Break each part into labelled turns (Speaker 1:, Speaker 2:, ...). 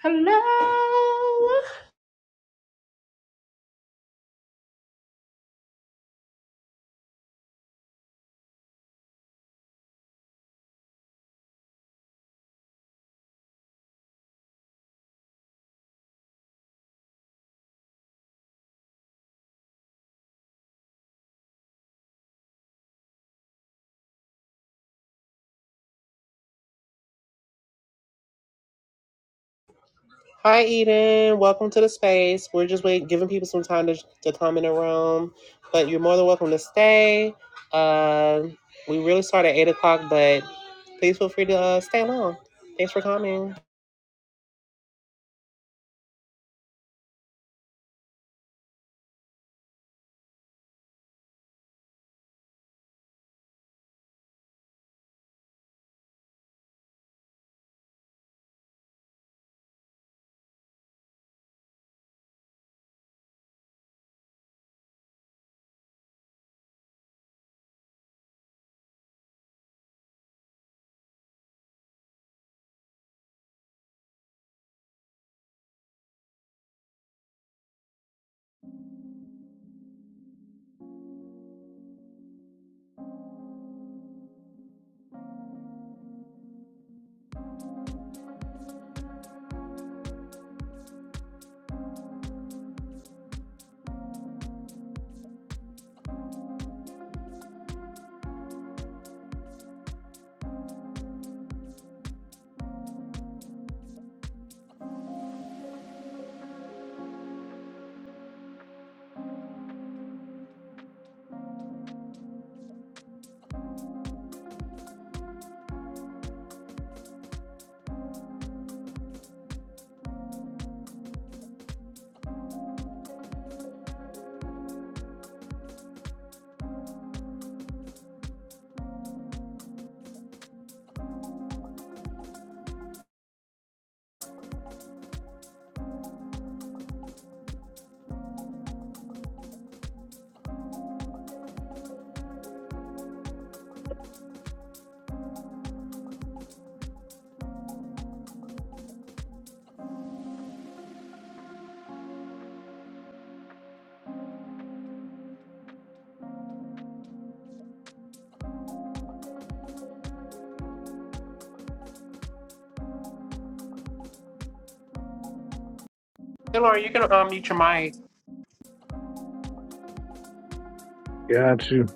Speaker 1: Hello. Hi, Eden. Welcome to the space. We're just waiting, giving people some time to, to come in the room, but you're more than welcome to stay. Uh, we really start at eight o'clock, but please feel free to uh, stay long. Thanks for coming. Hey, Laura, you can um, mute your mic.
Speaker 2: Got you.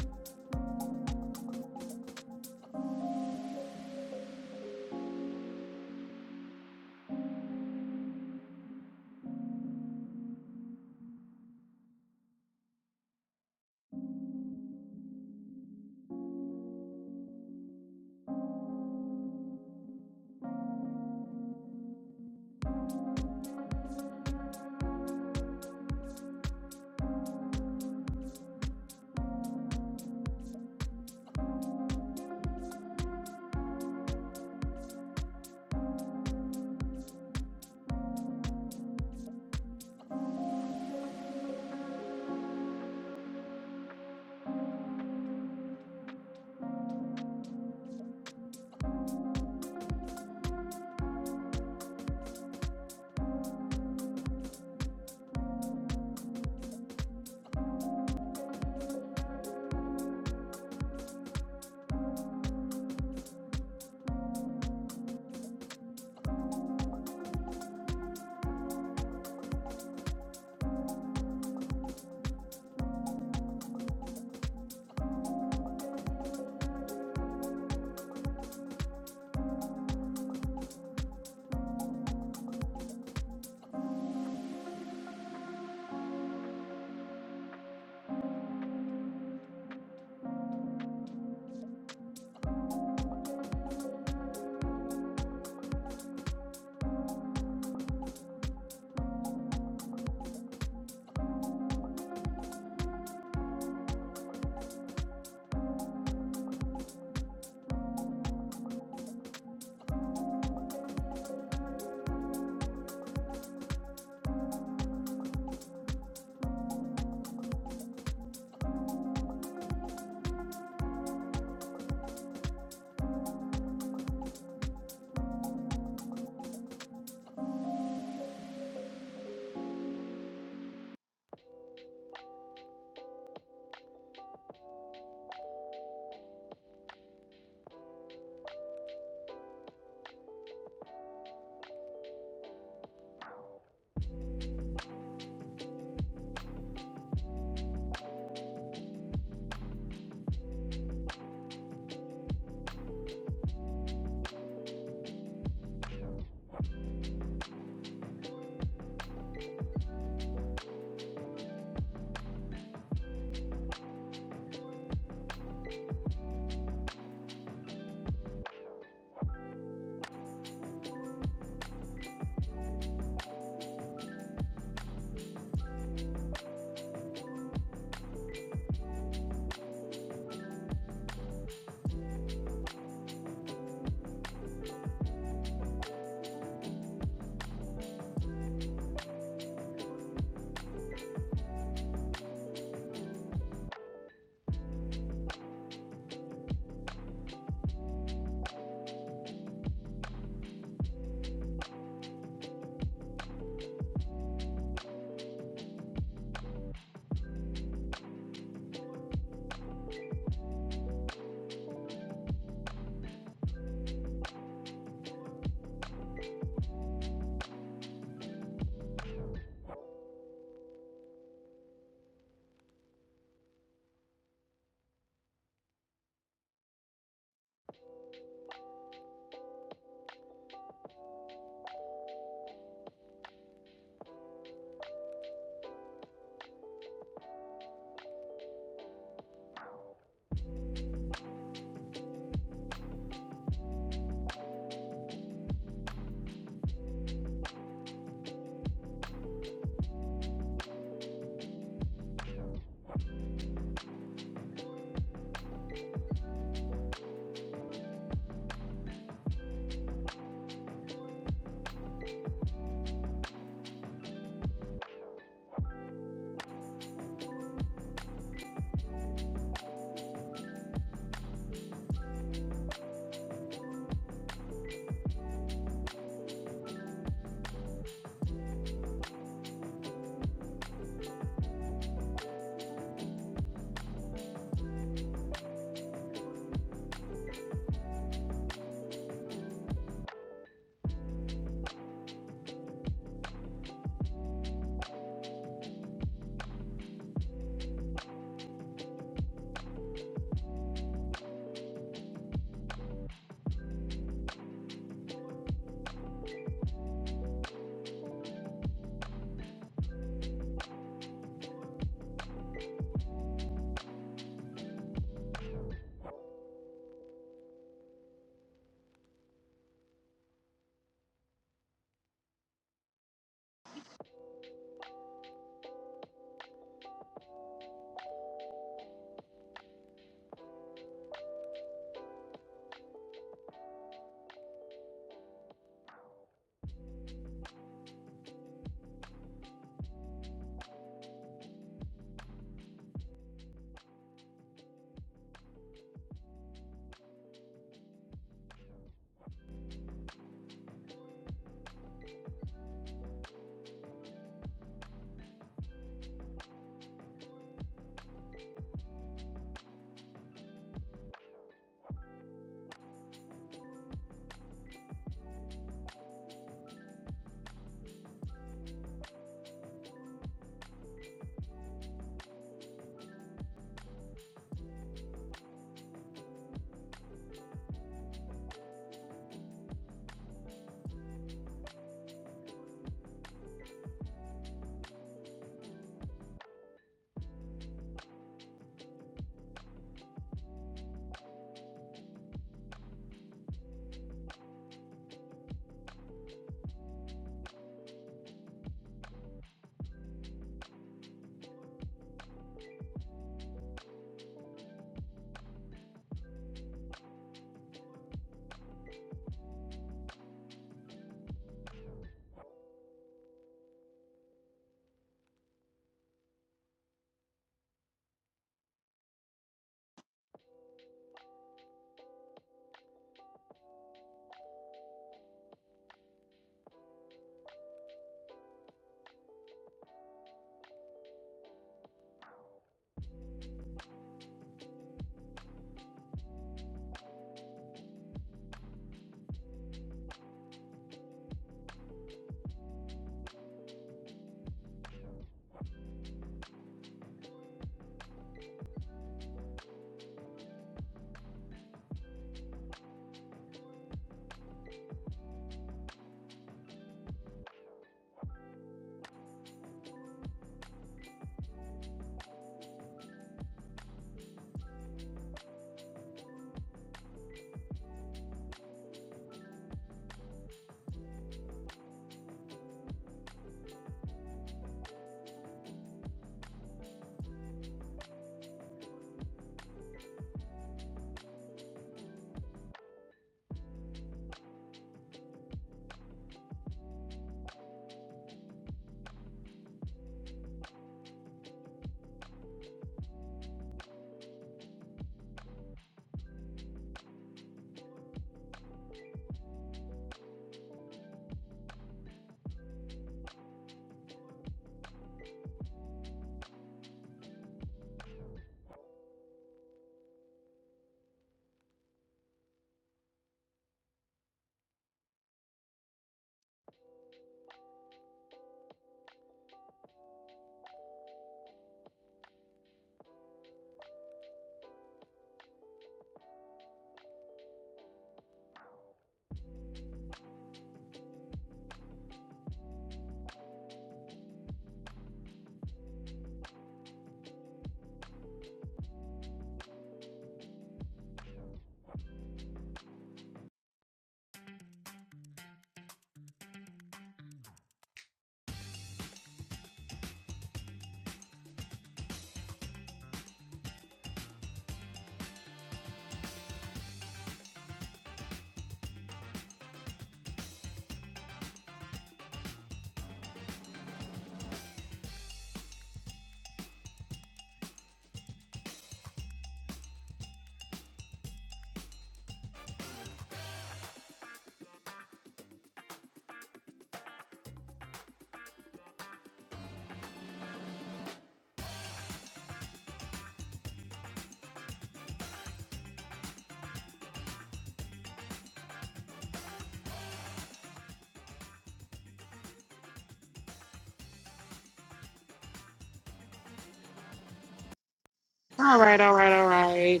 Speaker 1: All right, all right, all right.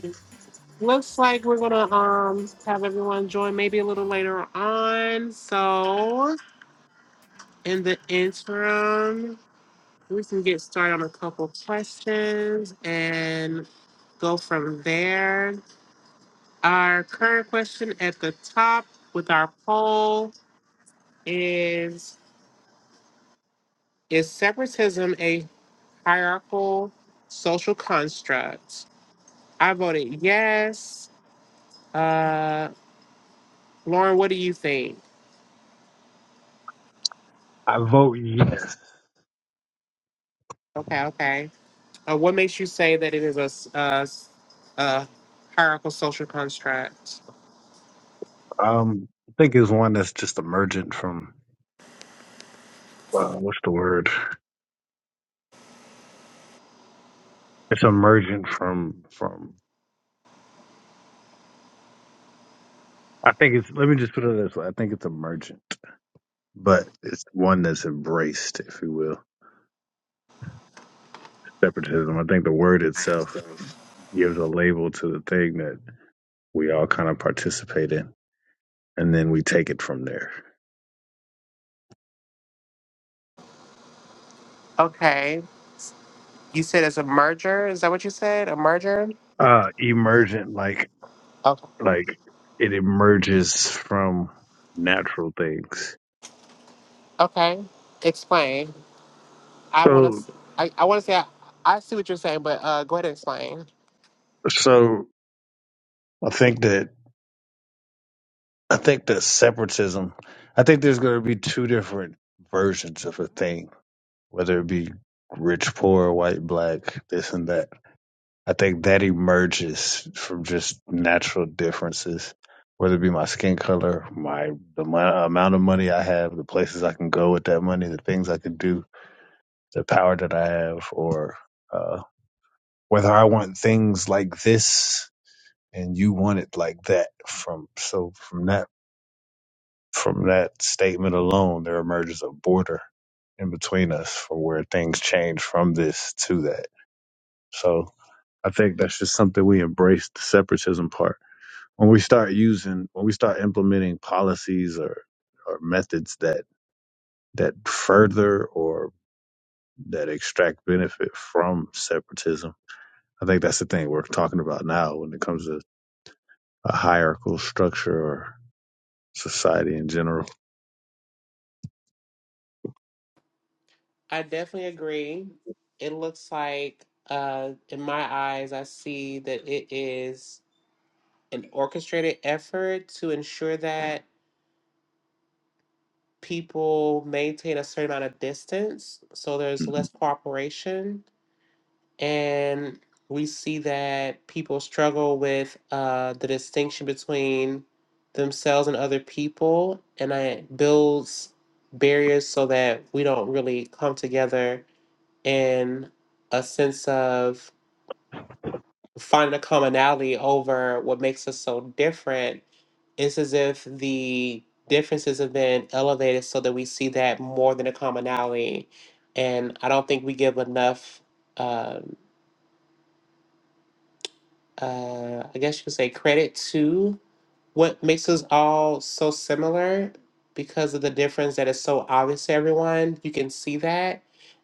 Speaker 1: Looks like we're gonna um have everyone join maybe a little later on. So in the interim. We can get started on a couple questions and go from there. Our current question at the top with our poll is Is separatism a hierarchical social construct? I voted yes. Uh, Lauren, what do you think?
Speaker 2: I vote yes.
Speaker 1: Okay, okay. Uh, what makes you say that it is a, s- a s- a hierarchical social construct?
Speaker 2: Um, I think it's one that's just emergent from uh, what's the word? It's emergent from from. I think it's. Let me just put it this way. I think it's emergent, but it's one that's embraced, if you will, separatism. I think the word itself gives a label to the thing that we all kind of participate in, and then we take it from there.
Speaker 1: Okay. You said it's a merger. Is that what you said? A merger?
Speaker 2: Uh, emergent, like
Speaker 1: Okay.
Speaker 2: like it emerges from natural things.
Speaker 1: Okay. Explain. I want
Speaker 2: So
Speaker 1: to. I, I want to say I, I see what you're saying, but uh, go ahead and explain.
Speaker 2: So I think that I think that separatism. I think there's going to be two different versions of a thing, whether it be rich, poor, white, black, this and that. I think that emerges from just natural differences, whether it be my skin color, my the mo- amount of money I have, the places I can go with that money, the things I can do, the power that I have, or uh, whether I want things like this and you want it like that from so from that from that statement alone, there emerges a border in between us for where things change from this to that. So I think that's just something we embrace the separatism part. When we start using, when we start implementing policies or, or methods that, that further or that extract benefit from separatism, I think that's the thing we're talking about now when it comes to a hierarchical structure or society in general.
Speaker 1: I definitely agree. It looks like, uh, in my eyes, I see that it is an orchestrated effort to ensure that people maintain a certain amount of distance, so there's
Speaker 2: Mhm.
Speaker 1: less cooperation and we see that people struggle with uh, the distinction between themselves and other people, and it builds barriers so that we don't really come together in a sense of finding a commonality over what makes us so different. It's as if the differences have been elevated so that we see that more than a commonality. And I don't think we give enough. um, uh, I guess you could say credit to what makes us all so similar because of the difference that is so obvious to everyone. You can see that.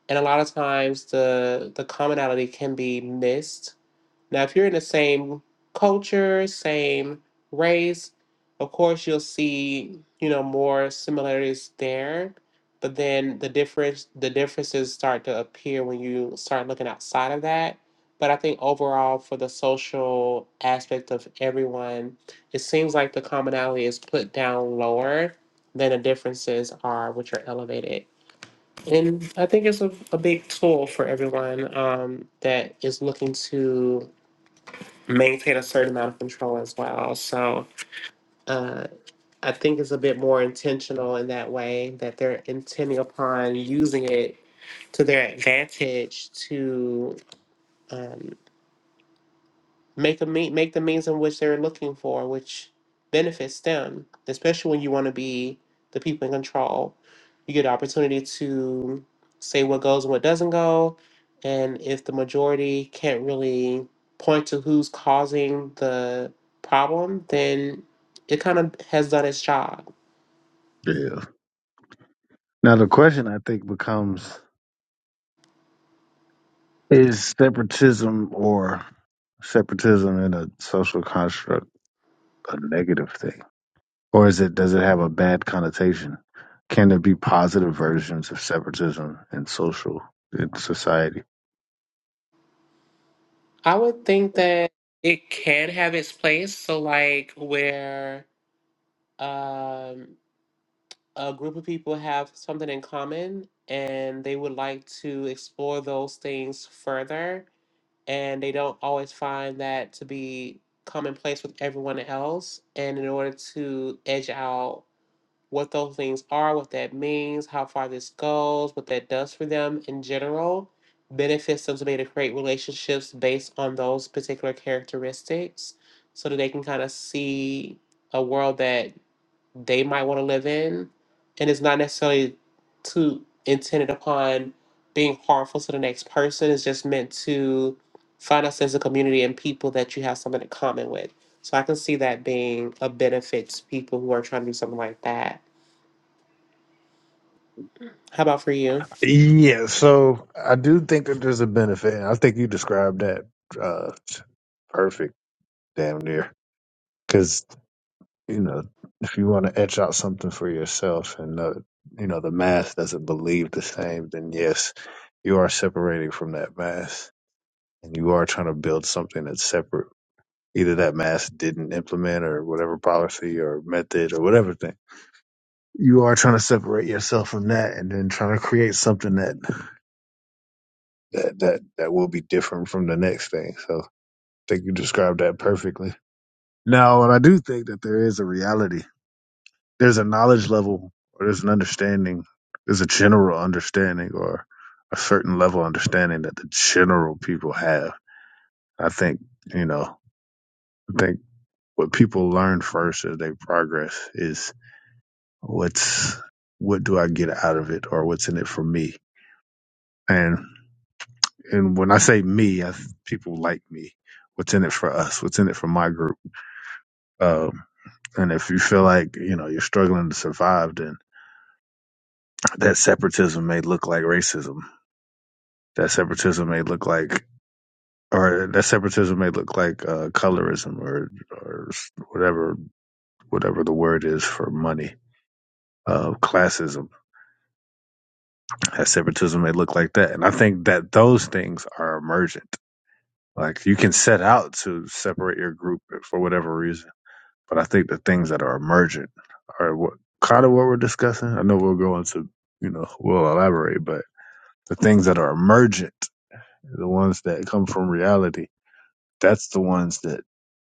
Speaker 1: And a lot of times the the commonality can be missed now, if you're in the same culture, same race, of course you'll see, you know, more similarities there. But then the difference the differences start to appear when you start looking outside of that. But I think overall for the social aspect of everyone, it seems like the commonality is put down lower than the differences are which are elevated. And I think it's a, a big tool for everyone um, that is looking to maintain a certain amount of control as well. So uh, I think it's a bit more intentional in that way that they're intending upon using it to their advantage to. um, make a me- make the means in which they're looking for, which benefits them. Especially when you want to be the people in control, you get an opportunity to say what goes and what doesn't go, and if the majority can't really point to who's causing the problem, then it kind of has done its job.
Speaker 2: Yeah. Now the question I think becomes: Is separatism or separatism in a social construct a negative thing, or is it does it have a bad connotation? Can there be positive versions of separatism in social in society?
Speaker 1: I would think that it can have its place. So like where. Um, a group of people have something in common and they would like to explore those things further and they don't always find that to be commonplace with everyone else and in order to edge out what those things are what that means how far this goes what that does for them in general benefits them to be able to create relationships based on those particular characteristics so that they can kind of see a world that they might want to live in, and it's not necessarily to intended upon being harmful to the next person. It's just meant to find a sense of community and people that you have something in common with. So I can see that being a benefit to people who are trying to do something like that. How about for you?
Speaker 2: Yeah, so I do think that there's a benefit. and I think you described that uh, perfect, damn near. Because you know, if you want to etch out something for yourself, and uh, you know the mass doesn't believe the same, then yes, you are separating from that mass. and you are trying to build something that's separate, either that mass didn't implement or whatever policy or method or whatever thing, you are trying to separate yourself from that and then trying to create something that that that, that will be different from the next thing. So I think you described that perfectly. Now, and I do think that there is a reality. There's a knowledge level or there's an understanding, there's a general understanding or a certain level of understanding that the general people have. I think, you know, I think. what people learn first as they progress is what's what do I get out of it or what's in it for me. And and when I say me, I, people like me. What's in it for us? What's in it for my group? Um, and if you feel like you know you're struggling to survive, then that separatism may look like racism. That separatism may look like or that separatism may look like uh, colorism or or whatever whatever the word is for money, uh, classism that separatism may look like that. And I think that those things are emergent. Like you can set out to separate your group for whatever reason, but I think the things that are emergent are what kind of what we're discussing. I know we'll go into, you know, we'll elaborate, but the things that are emergent, the ones that come from reality, that's the ones that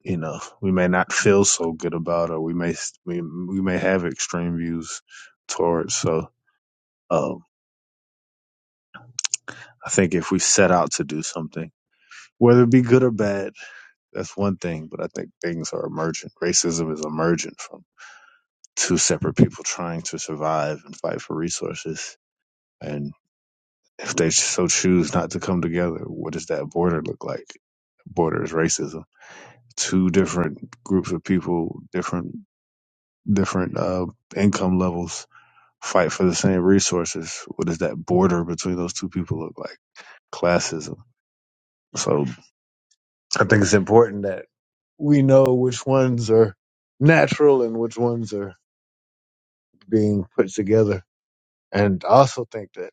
Speaker 2: you know we may not feel so good about, or we may we we may have extreme views towards. So um, I think if we set out to do something whether it be good or bad, that's one thing. But I think things are emergent. Racism is emergent from two separate people trying to survive and fight for resources. And if they so choose not to come together, what does that border look like? Border is racism. Two different groups of people, different different uh, income levels, fight for the same resources. What does that border between those two people look like? Classism. So I think it's important that we know which ones are natural and which ones are being put together. And I also think that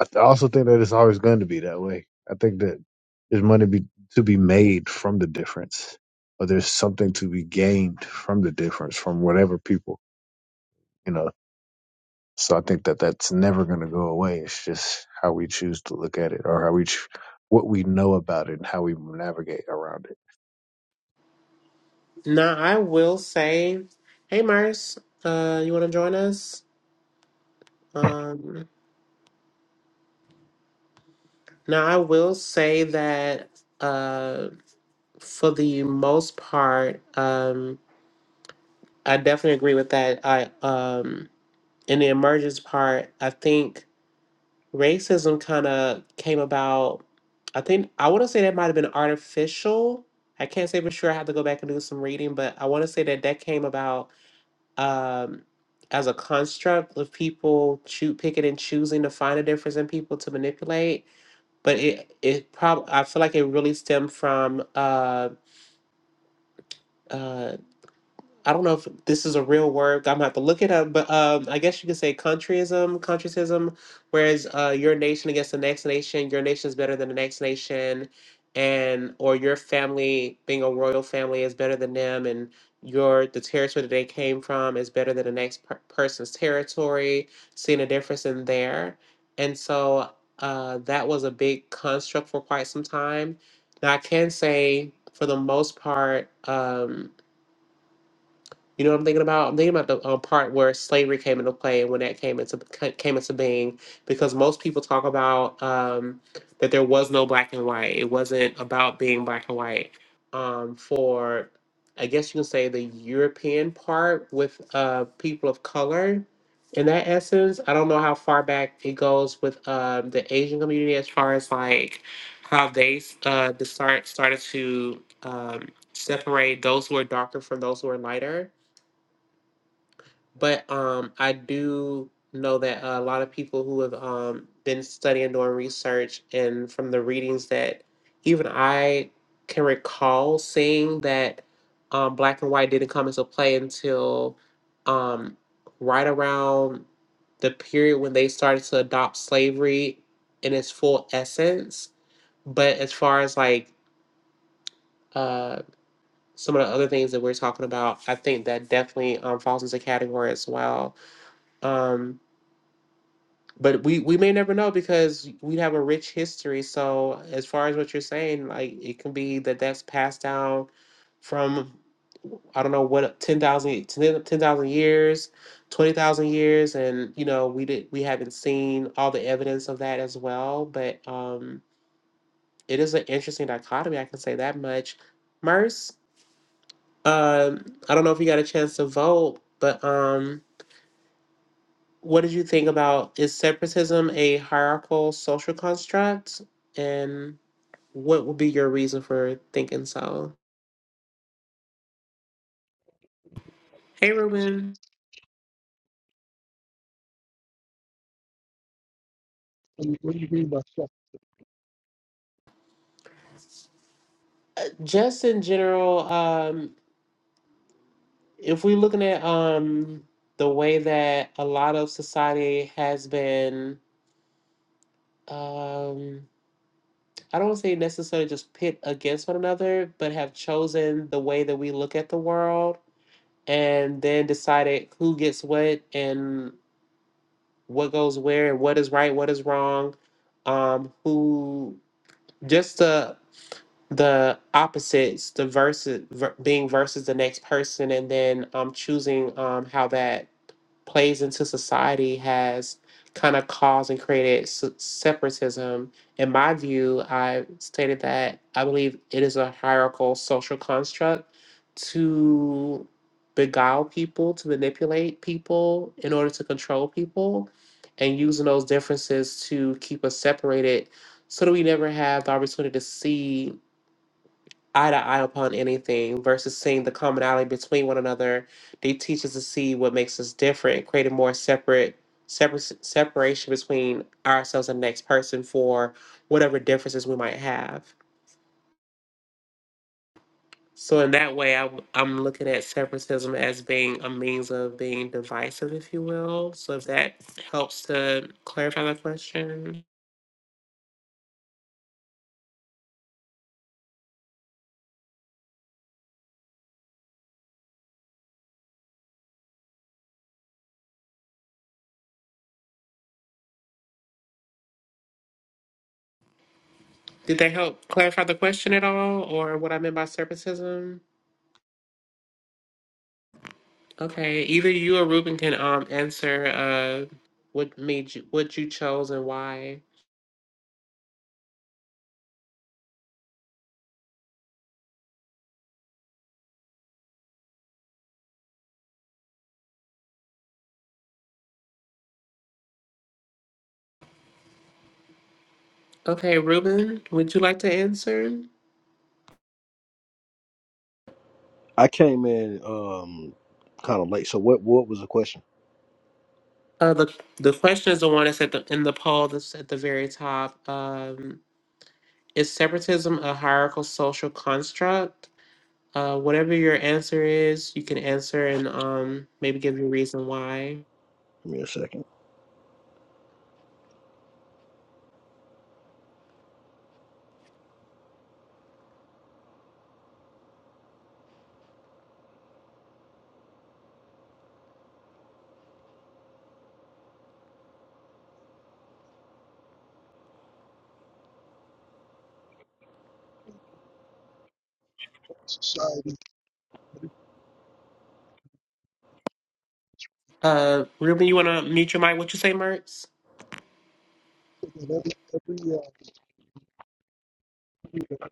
Speaker 2: I th- also think that it's always going to be that way. I think that there's money be, to be made from the difference, or there's something to be gained from the difference from whatever people, you know. So I think that that's never going to go away. It's just how we choose to look at it, or how we, ch- what we know about it, and how we navigate around it.
Speaker 1: Now I will say, hey Mars, uh, you want to join us? Um, now I will say that uh, for the most part. Um, I definitely agree with that. I um in the emergence part, I think racism kind of came about. I think I want to say that might have been artificial. I can't say for sure. I have to go back and do some reading, but I want to say that that came about um, as a construct of people choo- picking and choosing to find a difference in people to manipulate. But it it probably I feel like it really stemmed from uh, uh, I don't know if this is a real word. I'm gonna have to look it up, but um, I guess you could say countryism, countryism, whereas uh, your nation against the next nation, your nation is better than the next nation, and or your family being a royal family is better than them, and your the territory that they came from is better than the next per- person's territory. Seeing a difference in there, and so uh, that was a big construct for quite some time. Now I can say, for the most part. Um, you know what I'm thinking about? I'm thinking about the um, part where slavery came into play and when that came into ca- came into being, because most people talk about um, that there was no black and white. It wasn't about being black and white. Um, for I guess you can say the European part with uh, people of color. In that essence, I don't know how far back it goes with um, the Asian community as far as like how they uh, the start started to um, separate those who are darker from those who are lighter but um, I do know that a lot of people who have um, been studying, doing research, and from the readings that even I can recall seeing that um, black and white didn't come into play until um, right around the period when they started to adopt slavery in its full essence. But as far as like uh, some of the other things that we're talking about, I think that definitely um, falls into category as well. Um, but we we may never know because we have a rich history so as far as what you're saying like it can be that that's passed down from i don't know what 10,000 years 20,000 years and you know we did we haven't seen all the evidence of that as well but um it is an interesting dichotomy i can say that much merce um i don't know if you got a chance to vote but um What did you think about is separatism a hierarchical social construct? And what would be your reason for thinking so? Hey, Ruben.
Speaker 3: and we be by
Speaker 1: Uh, Just in general, um, if we're looking at um, the way that a lot of society has been, um, I don't want to say necessarily just pit against one another, but have chosen the way that we look at the world and then decided who gets what and. what goes where and what is right, what is wrong, um, who just the the opposites, the versus ver, being versus the next person, and then um, choosing um, how that plays into society has kind of caused and created se- separatism. In my view, I stated that I believe it is a hierarchical social construct to beguile people, to manipulate people in order to control people, and using those differences to keep us separated so that we never have the opportunity to see eye to eye upon anything versus seeing the commonality between one another. They teach us to see what makes us different, creating more separate, separate separation between ourselves and the next person for whatever differences we might have. So in that way, I, am looking at separatism as being a means of being divisive, if you will. So if that helps to clarify the question, did that help clarify the question at all, or what I meant by separatism? Okay, either you or Ruben can um answer uh what made you what you chose and why. Okay, Ruben, would you like to answer?
Speaker 4: I came in um kind of late. So what what was the question?
Speaker 1: Uh the the question is the one that's at the in the poll that's at the very top. Um is separatism a hierarchical social construct? Uh whatever your answer is, you can answer and um maybe give your reason why.
Speaker 4: Give me a second.
Speaker 3: society
Speaker 1: Uh Ruben, you wanna mute your mic? What you say, Mertz?
Speaker 3: so that every every uh, community that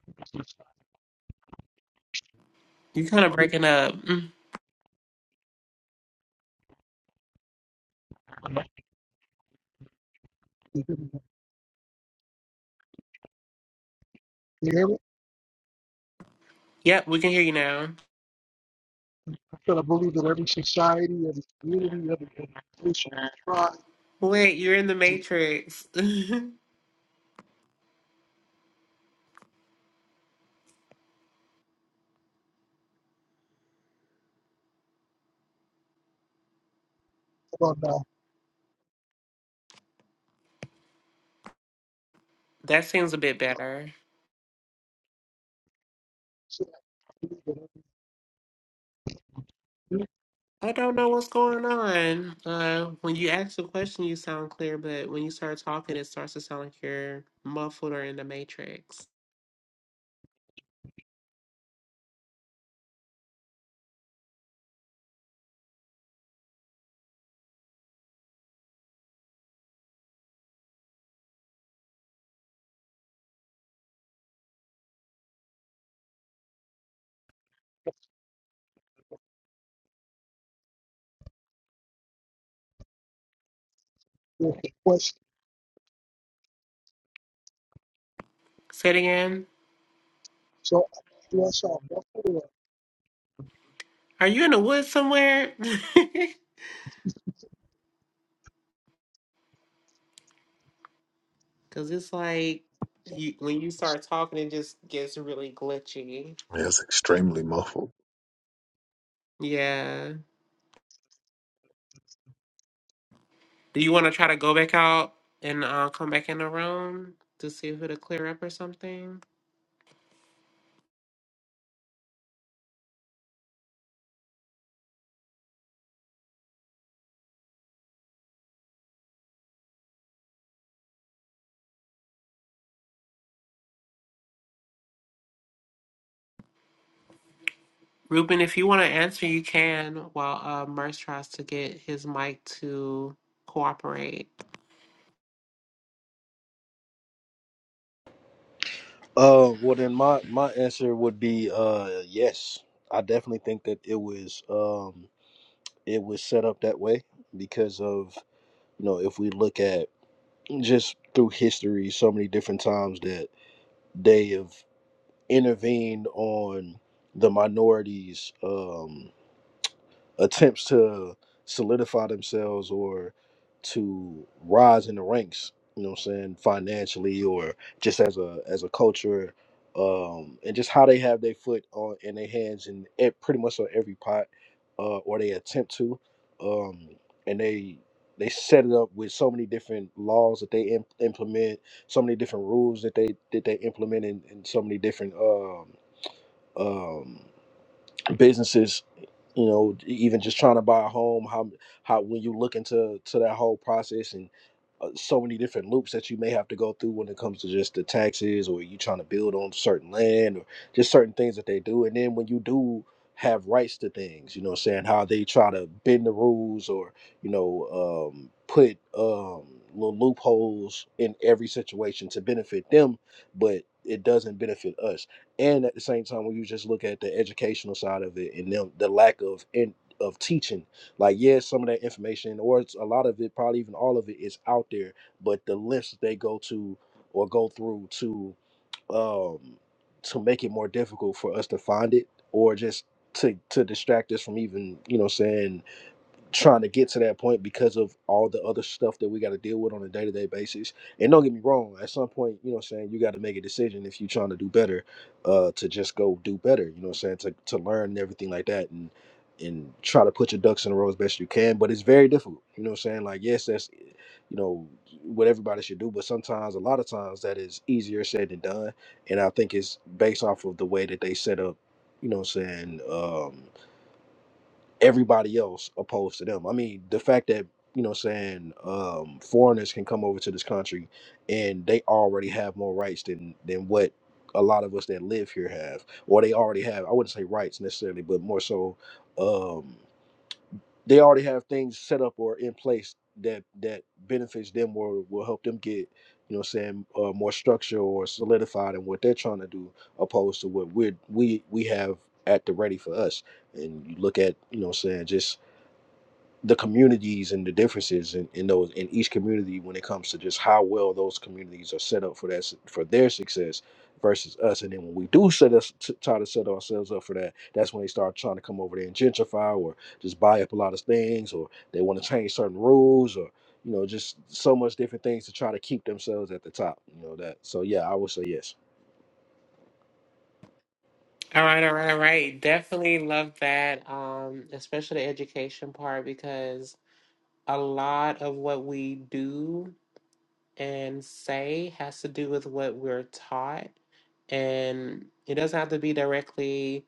Speaker 1: You kinda
Speaker 3: community
Speaker 1: breaking up. Mm.
Speaker 3: connected in there.
Speaker 1: Yep, we can hear you now.
Speaker 3: I feel I believe that every society, every community, every organization, tribe,
Speaker 1: Wait, you're in the Matrix.
Speaker 3: about now,
Speaker 1: That seems a bit better.
Speaker 3: so I believe that every youth
Speaker 1: I don't know what's going on. Uh, when you ask a question, you sound clear, but when you start talking, it starts to sound like you're muffled or in the Matrix.
Speaker 3: will request.
Speaker 1: Say it again.
Speaker 3: So bless our Buffalo.
Speaker 1: Are you in the woods somewhere? Because it's like you, when you start talking, it just gets really glitchy.
Speaker 2: Yeah, it's extremely muffled.
Speaker 1: Yeah. Do you want to try to go back out and uh, come back in the room to see if it'll clear up or something? Ruben, if you want to answer, you can while uh, Merce tries to get his mic to cooperate.
Speaker 4: Uh well then my my answer would be uh yes. I definitely think that it was um it was set up that way because of you know if we look at just through history so many different times that they have intervened on the minorities Um, attempts to solidify themselves or to rise in the ranks you know what i'm saying financially or just as a as a culture um and just how they have their foot on in their hands in e- pretty much on every pot uh or they attempt to um and they they set it up with so many different laws that they im- implement so many different rules that they that they implement and, and so many different um um, businesses you know even just trying to buy a home how how when you look into to that whole process and uh, so many different loops that you may have to go through when it comes to just the taxes or you trying to build on certain land or just certain things that they do and then when you do have rights to things you know what I'm saying how they try to bend the rules or you know um put um little loopholes in every situation to benefit them but it doesn't benefit us and at the same time when you just look at the educational side of it and them, the lack of in, of teaching like yes some of that information or it's a lot of it probably even all of it is out there but the lengths that they go to or go through to um to make it more difficult for us to find it or just to to distract us from even you know saying trying to get to that point because of all the other stuff that we got to deal with on a day-to-day basis and don't get me wrong at some point you know what i'm saying you got to make a decision if you're trying to do better uh to just go do better you know what i'm saying to, to learn and everything like that and and try to put your ducks in a row as best you can but it's very difficult you know what i'm saying like yes that's you know what everybody should do but sometimes a lot of times that is easier said than done and i think it's based off of the way that they set up you know what i'm saying um everybody else opposed to them. I mean, the fact that you know, what I'm saying um, foreigners can come over to this country and they already have more rights than than what a lot of us that live here have, or they already have. I wouldn't say rights necessarily, but more so, um, they already have things set up or in place that that benefits them or will help them get. You know, what I'm saying uh, more structure or solidified in what they're trying to do, opposed to what we we we have at the ready for us and you look at you know what I'm saying just the communities and the differences in, in those in each community when it comes to just how well those communities are set up for that s- for their success versus us and then when we do set us t- try to set ourselves up for that that's when they start trying to come over there and gentrify or just buy up a lot of things or they want to change certain rules or you know just so much different things to try to keep themselves at the top you know that so yeah i would say yes
Speaker 1: All right, all right, all right. Definitely love that, um, especially the education part, because a lot of what we do and say has to do with what we're taught. And it doesn't have to be directly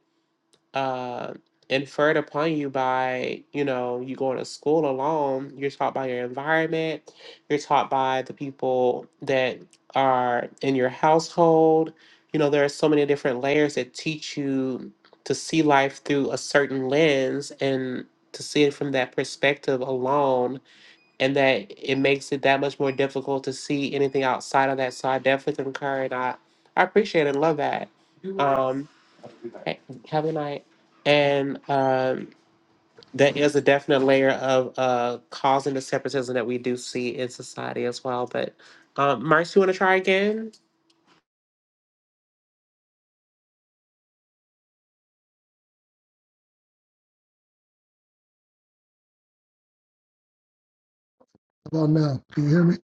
Speaker 1: uh, inferred upon you by you know you going to school alone you're taught by your environment you're taught by the people that are in your household you know there are so many different layers that teach you to see life through a certain lens and to see it from that perspective alone and that it makes it that much more difficult to see anything outside of that so i definitely concur and i, I appreciate and love that um haven't I? And um, there is a definite layer of uh, causing the separatism that we do see in society as well. But um, Marcy, you want to try again?
Speaker 3: About now, can you hear me?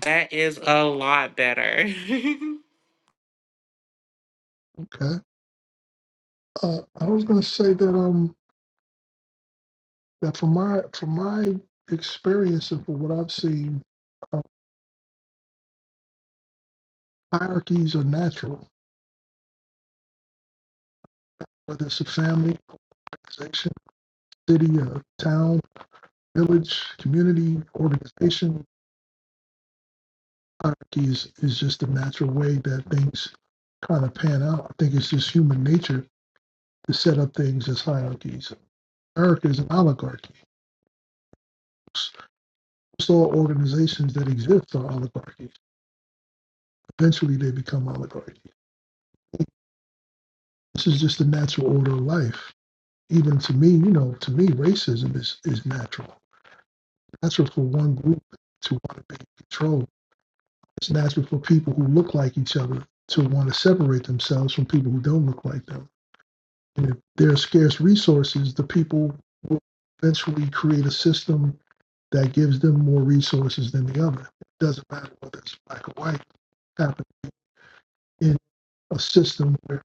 Speaker 1: That is a lot better.
Speaker 3: Okay. Uh, I was going to say that um that from my from my experience and from what I've seen, uh, hierarchies are natural, whether it's a family, organization, city, or town village, community, organization. Hierarchy is, is just the natural way that things kind of pan out. I think it's just human nature to set up things as hierarchies. America is an oligarchy. Most all organizations that exist are oligarchies. Eventually, they become oligarchies. This is just the natural order of life. Even to me, you know, to me, racism is, is natural. Natural for one group to want to be in control It's natural for people who look like each other to want to separate themselves from people who don't look like them. And if there are scarce resources, the people will eventually create a system that gives them more resources than the other. It doesn't matter whether it's black or white. It happened in a system where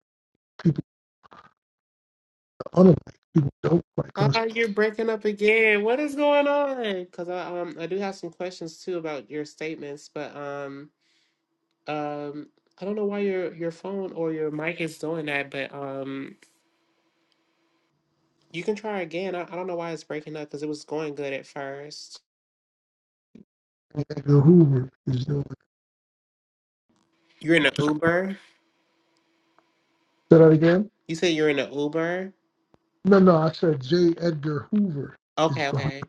Speaker 3: people are unlike, people don't like us.
Speaker 1: Ah, you're breaking up again. What is going on? Because I, um, I do have some questions too about your statements, but um, um, I don't know why your your phone or your mic is doing that. But um, you can try again. I, I don't know why it's breaking up because it was going good at first.
Speaker 3: J. Edgar Hoover is doing. it.
Speaker 1: You're in an Uber?
Speaker 3: Say that again?
Speaker 1: You said you're in an Uber?
Speaker 3: No, no, I said J. Edgar Hoover is
Speaker 1: Okay,
Speaker 3: behind.
Speaker 1: okay.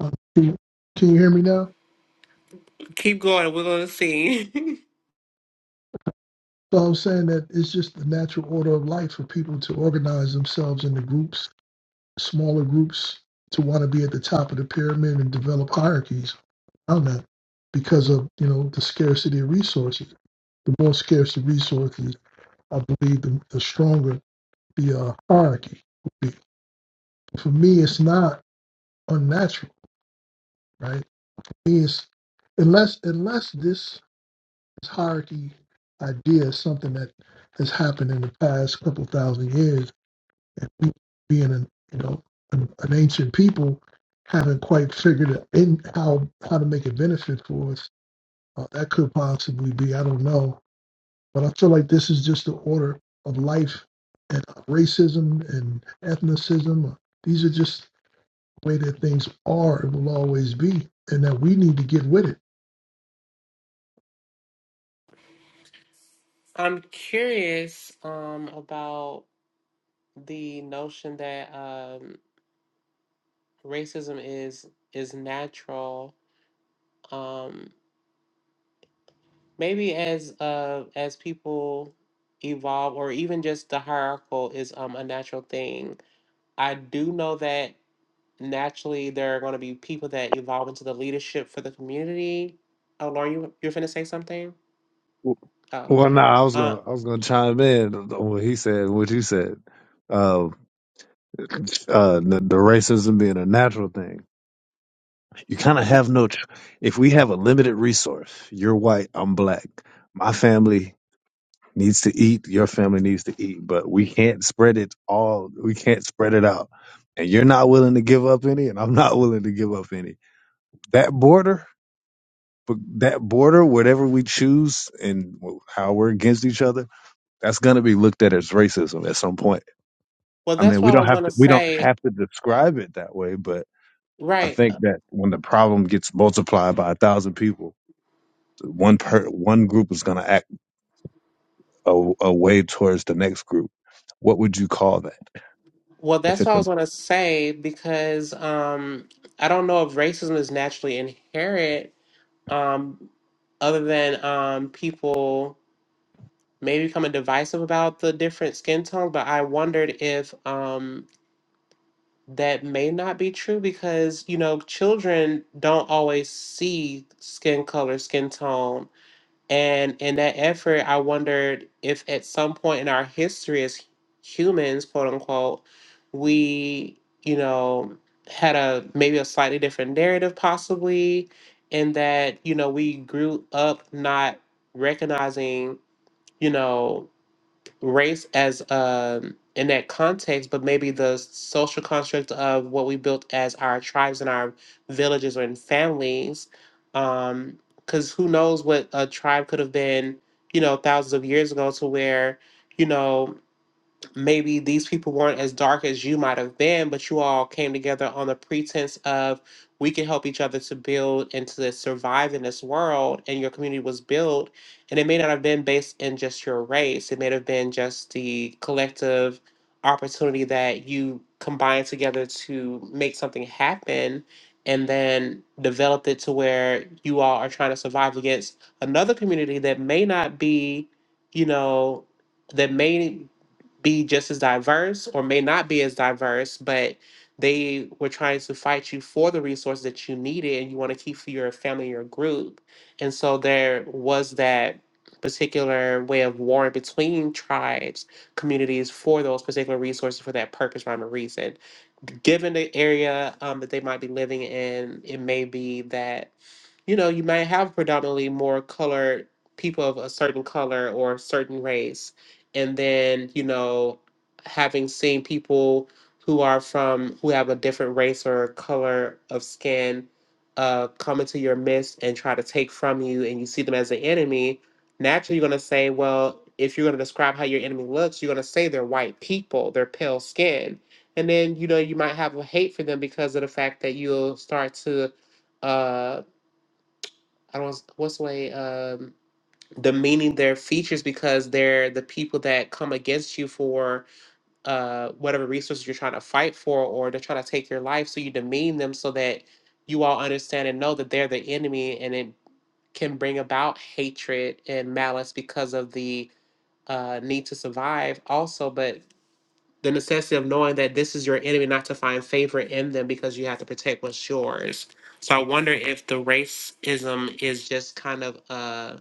Speaker 3: Can you, can you hear me now?
Speaker 1: Keep going. We're going to see.
Speaker 3: So I was saying that it's just the natural order of life for people to organize themselves into groups, smaller groups, to want to be at the top of the pyramid and develop hierarchies around that because of, you know, the scarcity of resources. The more scarce the resources, I believe the, the stronger the uh, hierarchy would be. For me, it's not unnatural, right? For me, it's, unless, unless this hierarchy idea is something that has happened in the past couple thousand years and being an you know an, an ancient people haven't quite figured it in how how to make it benefit for us. Uh, that could possibly be. I don't know, but I feel like this is just the order of life and racism and ethnicism. Uh, These are just the way that things are and will always be, and that we need to get with it.
Speaker 1: I'm curious um about the notion that um racism is is natural. Um maybe as uh as people evolve or even just the hierarchical is um a natural thing. I do know that naturally there are going to be people that evolve into the leadership for the community. Oh, Lauren, you you're finna say something? Oh.
Speaker 2: Well, no, I was
Speaker 1: Uh,
Speaker 2: gonna I was gonna chime in on what he said, what you said. Uh, uh, the, the racism being a natural thing. You kind of
Speaker 1: y-
Speaker 2: have no. Ch- if we have a limited resource, you're white, I'm black. My family needs to eat. Your family needs to eat, but we can't spread it all. We can't spread it out. And you're not willing to give up any, and I'm not willing to give up any. That border, that border, whatever we choose, and how we're against each other That's going to be looked at as racism at some point.
Speaker 1: well,
Speaker 2: I
Speaker 1: that's
Speaker 2: mean,
Speaker 1: what
Speaker 2: we
Speaker 1: I
Speaker 2: don't
Speaker 1: was
Speaker 2: have
Speaker 1: gonna
Speaker 2: to we don't
Speaker 1: say.
Speaker 2: have to describe it that way, but I
Speaker 1: Right.
Speaker 2: think
Speaker 1: uh,
Speaker 2: that when the problem gets multiplied by a thousand people, one per one group is going to act a, a way towards the next group. What would you call that?
Speaker 1: Well,
Speaker 2: If
Speaker 1: that's what
Speaker 2: it's
Speaker 1: I
Speaker 2: a,
Speaker 1: was gonna say because um, I don't know if racism is naturally inherent, um, other than um, people may become divisive about the different skin tones. But I wondered if um, that may not be true because you know children don't always see skin color, skin tone. And in that effort, I wondered if at some point in our history as humans, quote unquote, we, you know, had a maybe a slightly different narrative, possibly, in that, you know, we grew up not recognizing, you know, race as um in that context, but maybe the social construct of what we built as our tribes and our villages and families. Um, because who knows what a tribe could have been, you know, thousands of years ago to where, you know, maybe these people weren't as dark as you might have been, but you all came together on the pretense of we can help each other to build and to survive in this world. And your community was built. And it may not have been based in just your race, it may have been just the collective opportunity that you combined together to make something happen and then developed it to where you all are trying to survive against another community that may not be, you know, that may be just as diverse or may not be as diverse, but they were trying to fight you for the resources that you needed and you want to keep for your family, your group. And so there was that particular way of warring between tribes, communities for those particular resources for that purpose, rhyme, or reason. Given the area um, that they might be living in, it may be that you know, you might have predominantly more colored people of a certain color or certain race and then you know having seen people who are from who have a different race or color of skin uh, come into your midst and try to take from you and you see them as the enemy naturally you're going to say well if you're going to describe how your enemy looks you're going to say they're white people they're pale skin and then you know you might have a hate for them because of the fact that you'll start to uh i don't what's the way um the meaning their features because they're the people that come against you for uh, whatever resources you're trying to fight for or they're trying to take your life. So you demean them so that you all understand and know that they're the enemy and it can bring about hatred and malice because of the uh, need to survive, also. But the necessity of knowing that this is your enemy, not to find favor in them because you have to protect what's yours. So I wonder if the racism is just kind of. Uh,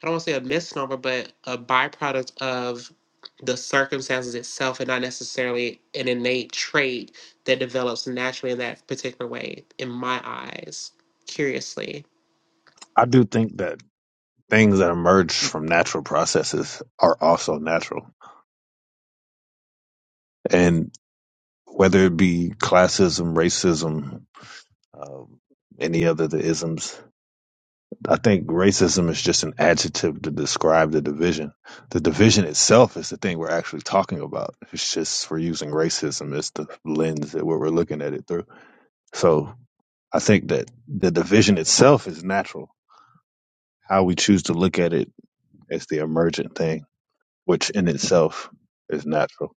Speaker 1: I don't want to say a misnomer, but a byproduct of the circumstances itself and not necessarily an innate trait that develops naturally in that particular way, in my eyes. Curiously.
Speaker 2: I do think that things that emerge from natural processes are also natural. And whether it be classism, racism, um, any other the isms, I think racism is just an adjective to describe the division. The division itself is the thing we're actually talking about. It's just we're using racism as the lens that we're we're looking at it through. So I think that the division itself is natural. How we choose to look at it is the emergent thing, which in itself is natural.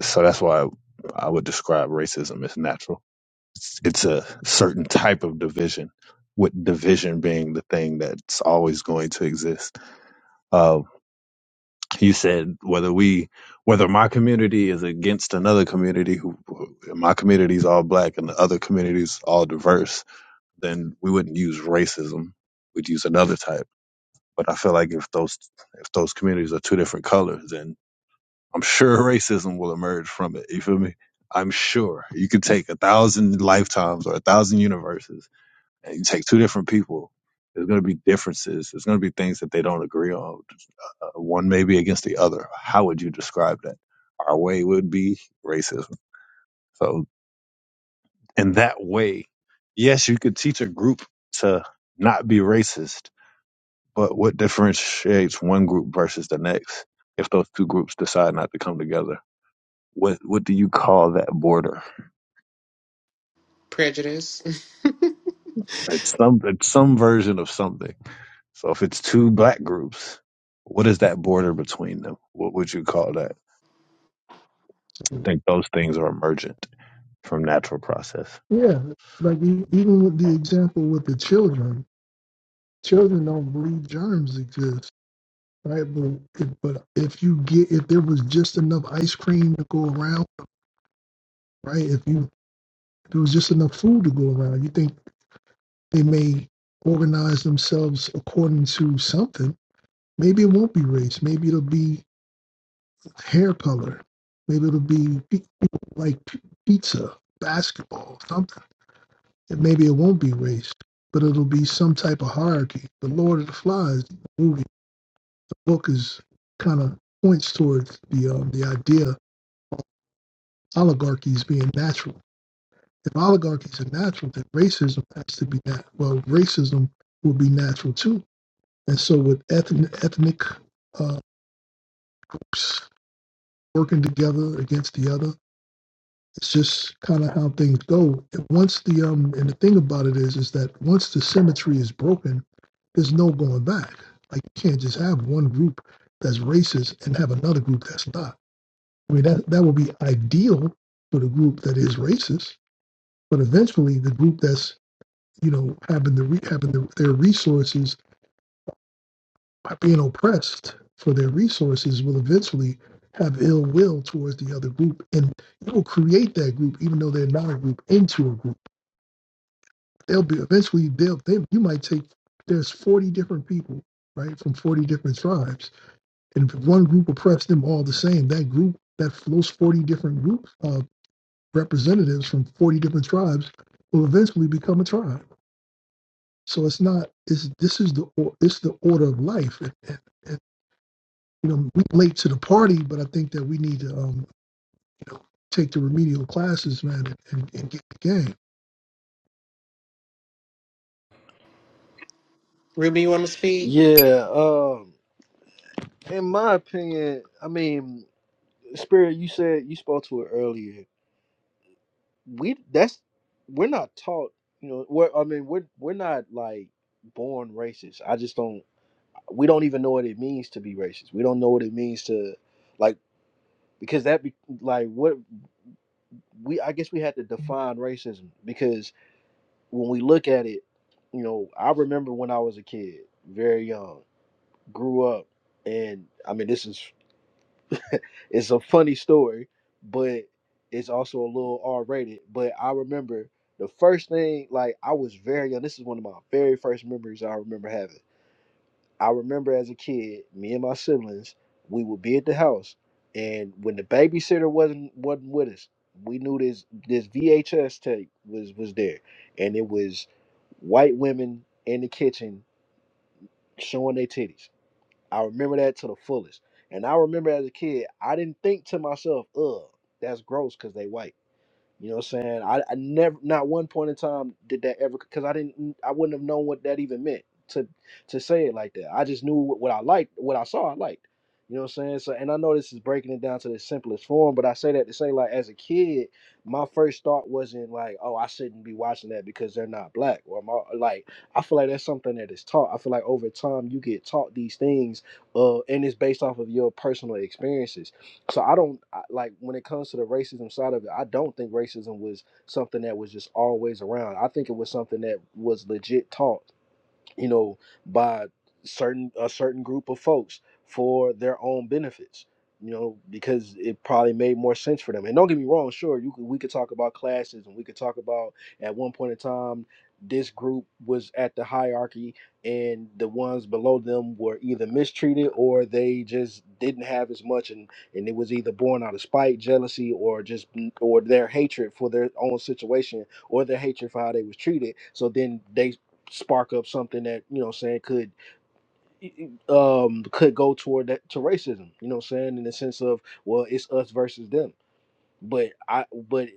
Speaker 2: So that's why I would describe racism as natural. It's, it's a certain type of division, with division being the thing that's always going to exist Uh, You said whether we, whether my community is against another community who, who- my community's all black and the other community is all diverse, then we wouldn't use racism. We'd use another type. But I feel like if those, if those communities are two different colors, then I'm sure racism will emerge from it. You feel me? I'm sure you could take a thousand lifetimes or a thousand universes and you take two different people. There's going to be differences. There's going to be things that they don't agree on uh, one may be against the other. How would you describe that? Our way would be racism. So, in that way, yes, you could teach a group to not be racist, but what differentiates one group versus the next if those two groups decide not to come together? What what do you call that border?
Speaker 1: Prejudice.
Speaker 2: It's some it's some version of something. So if it's two black groups, what is that border between them? What would you call that? I think those things are emergent from natural process.
Speaker 3: Yeah, like e- even with the example with the children, children don't believe germs exist right? But if, but if you get if there was just enough ice cream to go around, right? If you if there was just enough food to go around, you think they may organize themselves according to something. Maybe it won't be race. Maybe it'll be hair color. Maybe it'll be pi- like p- pizza, basketball, something. And maybe it won't be race, but it'll be some type of hierarchy. The Lord of the Flies movie, the book is kind of points towards the um, the idea oligarchies being natural. If oligarchies are natural, then racism has to be that. Well, racism will be natural too. And so, with ethnic, ethnic uh, working together against the other, it's just kind of how things go. And once the um, and the thing about it is, is that once the symmetry is broken, there's no going back. Like you can't just have one group that's racist and have another group that's not. I mean, that that would be ideal for the group that is racist, but eventually the group that's you know, having the re- having the, their resources by being oppressed for their resources will eventually have ill will towards the other group, and you will create that group, even though they're not a group, into a group. They'll be eventually. They'll they, you might take there's 40 different people, right, from 40 different tribes, and if one group oppressed them all the same, that group that those 40 different groups of representatives from 40 different tribes will eventually become a tribe So it's not. It's this is the or- it's the order of life. And, and, and, you know, we late to the party, but I think that we need to um, you know, take the remedial classes, man, and, and, get the game.
Speaker 1: Ruby, you want to speak?
Speaker 4: Yeah, um, in my opinion, I mean, Spirit, you said you spoke to it earlier. we that's we're not taught you know we're i mean we're we're not like born racist i just don't we don't even know what it means to be racist we don't know what it means to like because that be like what we i guess we had to define racism because when we look at it you know i remember when i was a kid very young grew up and i mean this is It's a funny story, but it's also a little R rated. But I remember the first thing, like I was very young. This is one of my very first memories I remember having. I remember as a kid, me and my siblings, we would be at the house, and when the babysitter wasn't wasn't with us, we knew this this VHS tape was was there, and it was white women in the kitchen showing their titties I remember that to the fullest. And I remember as a kid, I didn't think to myself, ugh, that's gross because they white. You know what I'm saying? I, I never, not one point in time did that ever, because I didn't, I wouldn't have known what that even meant to to say it like that. I just knew what, what I liked, what I saw, I liked. You know what I'm saying? So, and I know this is breaking it down to the simplest form, but I say that to say, like, as a kid, my first thought wasn't like, oh, I shouldn't be watching that because they're not black, or my like, I feel like that's something that is taught. I feel like over time you get taught these things, uh, and it's based off of your personal experiences so I don't I, like when it comes to the racism side of it. I don't think racism was something that was just always around. I think it was something that was legit taught you know, by certain a certain group of folks for their own benefits. You know, because it probably made more sense for them. And don't get me wrong, sure, you could, we could talk about classes, and we could talk about at one point in time this group was at the hierarchy, and the ones below them were either mistreated or they just didn't have as much, and and it was either born out of spite, jealousy, or just or their hatred for their own situation or their hatred for how they was treated. So then they spark up something that you know what I'm saying could e, e, um could go toward that to racism you know what I'm saying in the sense of well it's us versus them but I but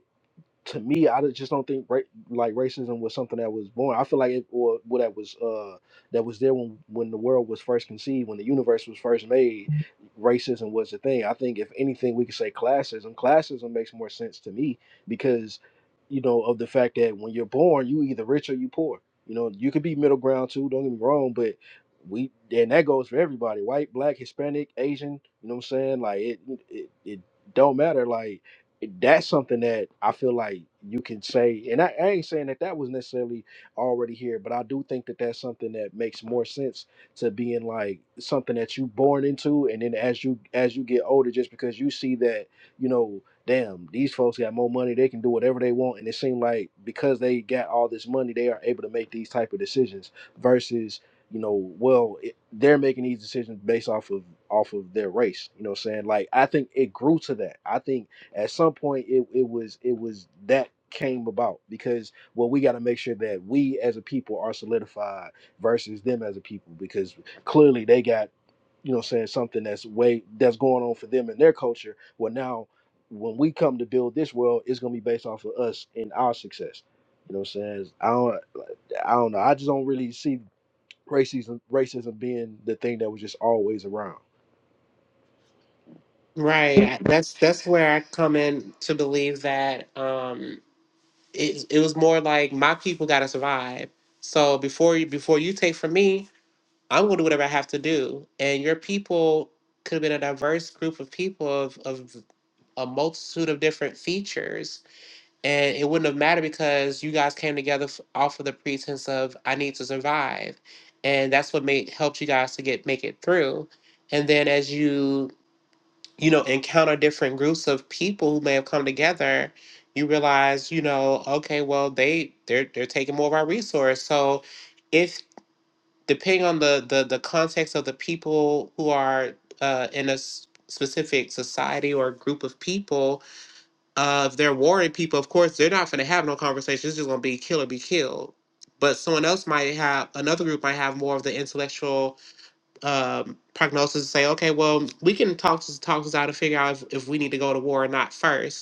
Speaker 4: to me, I just don't think ra- like racism was something that was born. I feel like it or what that was uh that was there when when the world was first conceived, when the universe was first made, racism was the thing. I think if anything, we could say classism. Classism makes more sense to me because you know of the fact that when you're born, you either rich or you poor. You know, you could be middle ground too. Don't get me wrong, but we and that goes for everybody: white, black, Hispanic, Asian. You know what I'm saying? Like it, it, it don't matter. Like that's something that I feel like you can say, and I, I ain't saying that that was necessarily already here, but I do think that that's something that makes more sense to being like something that you born into, and then as you as you get older, just because you see that you know, damn, these folks got more money, they can do whatever they want, and it seemed like because they got all this money, they are able to make these type of decisions versus you know, well, it, they're making these decisions based off of off of their race. You know, what I'm saying like I think it grew to that. I think at some point it, it was it was that came about because well we got to make sure that we as a people are solidified versus them as a people because clearly they got you know what I'm saying something that's way that's going on for them in their culture well now when we come to build this world it's going to be based off of us and our success you know what I'm saying I don't like, I don't know I just don't really see racism racism being the thing that was just always around.
Speaker 1: Right. I- That's that's where I come in to believe that um it it was more like my people got to survive. So before you before you take from me, I'm going to do whatever I have to do. And your people could have been a diverse group of people of, of a multitude of different features. And it wouldn't have mattered because you guys came together f- off of the pretense of, I need to survive. And that's what made helped you guys to get make it through. And then as you, you know, encounter different groups of people who may have come together, you realize, you know, okay, well, they they're they're taking more of our resource. So if depending on the the, the context of the people who are uh, in a s- specific society or group of people, uh, if they're warring people, of course, they're not going to have no conversation. It's just going to be kill or be killed. But someone else might have another group might have more of the intellectual um, prognosis to say, okay, well, we can talk this talk this out and figure out if, if we need to go to war or not first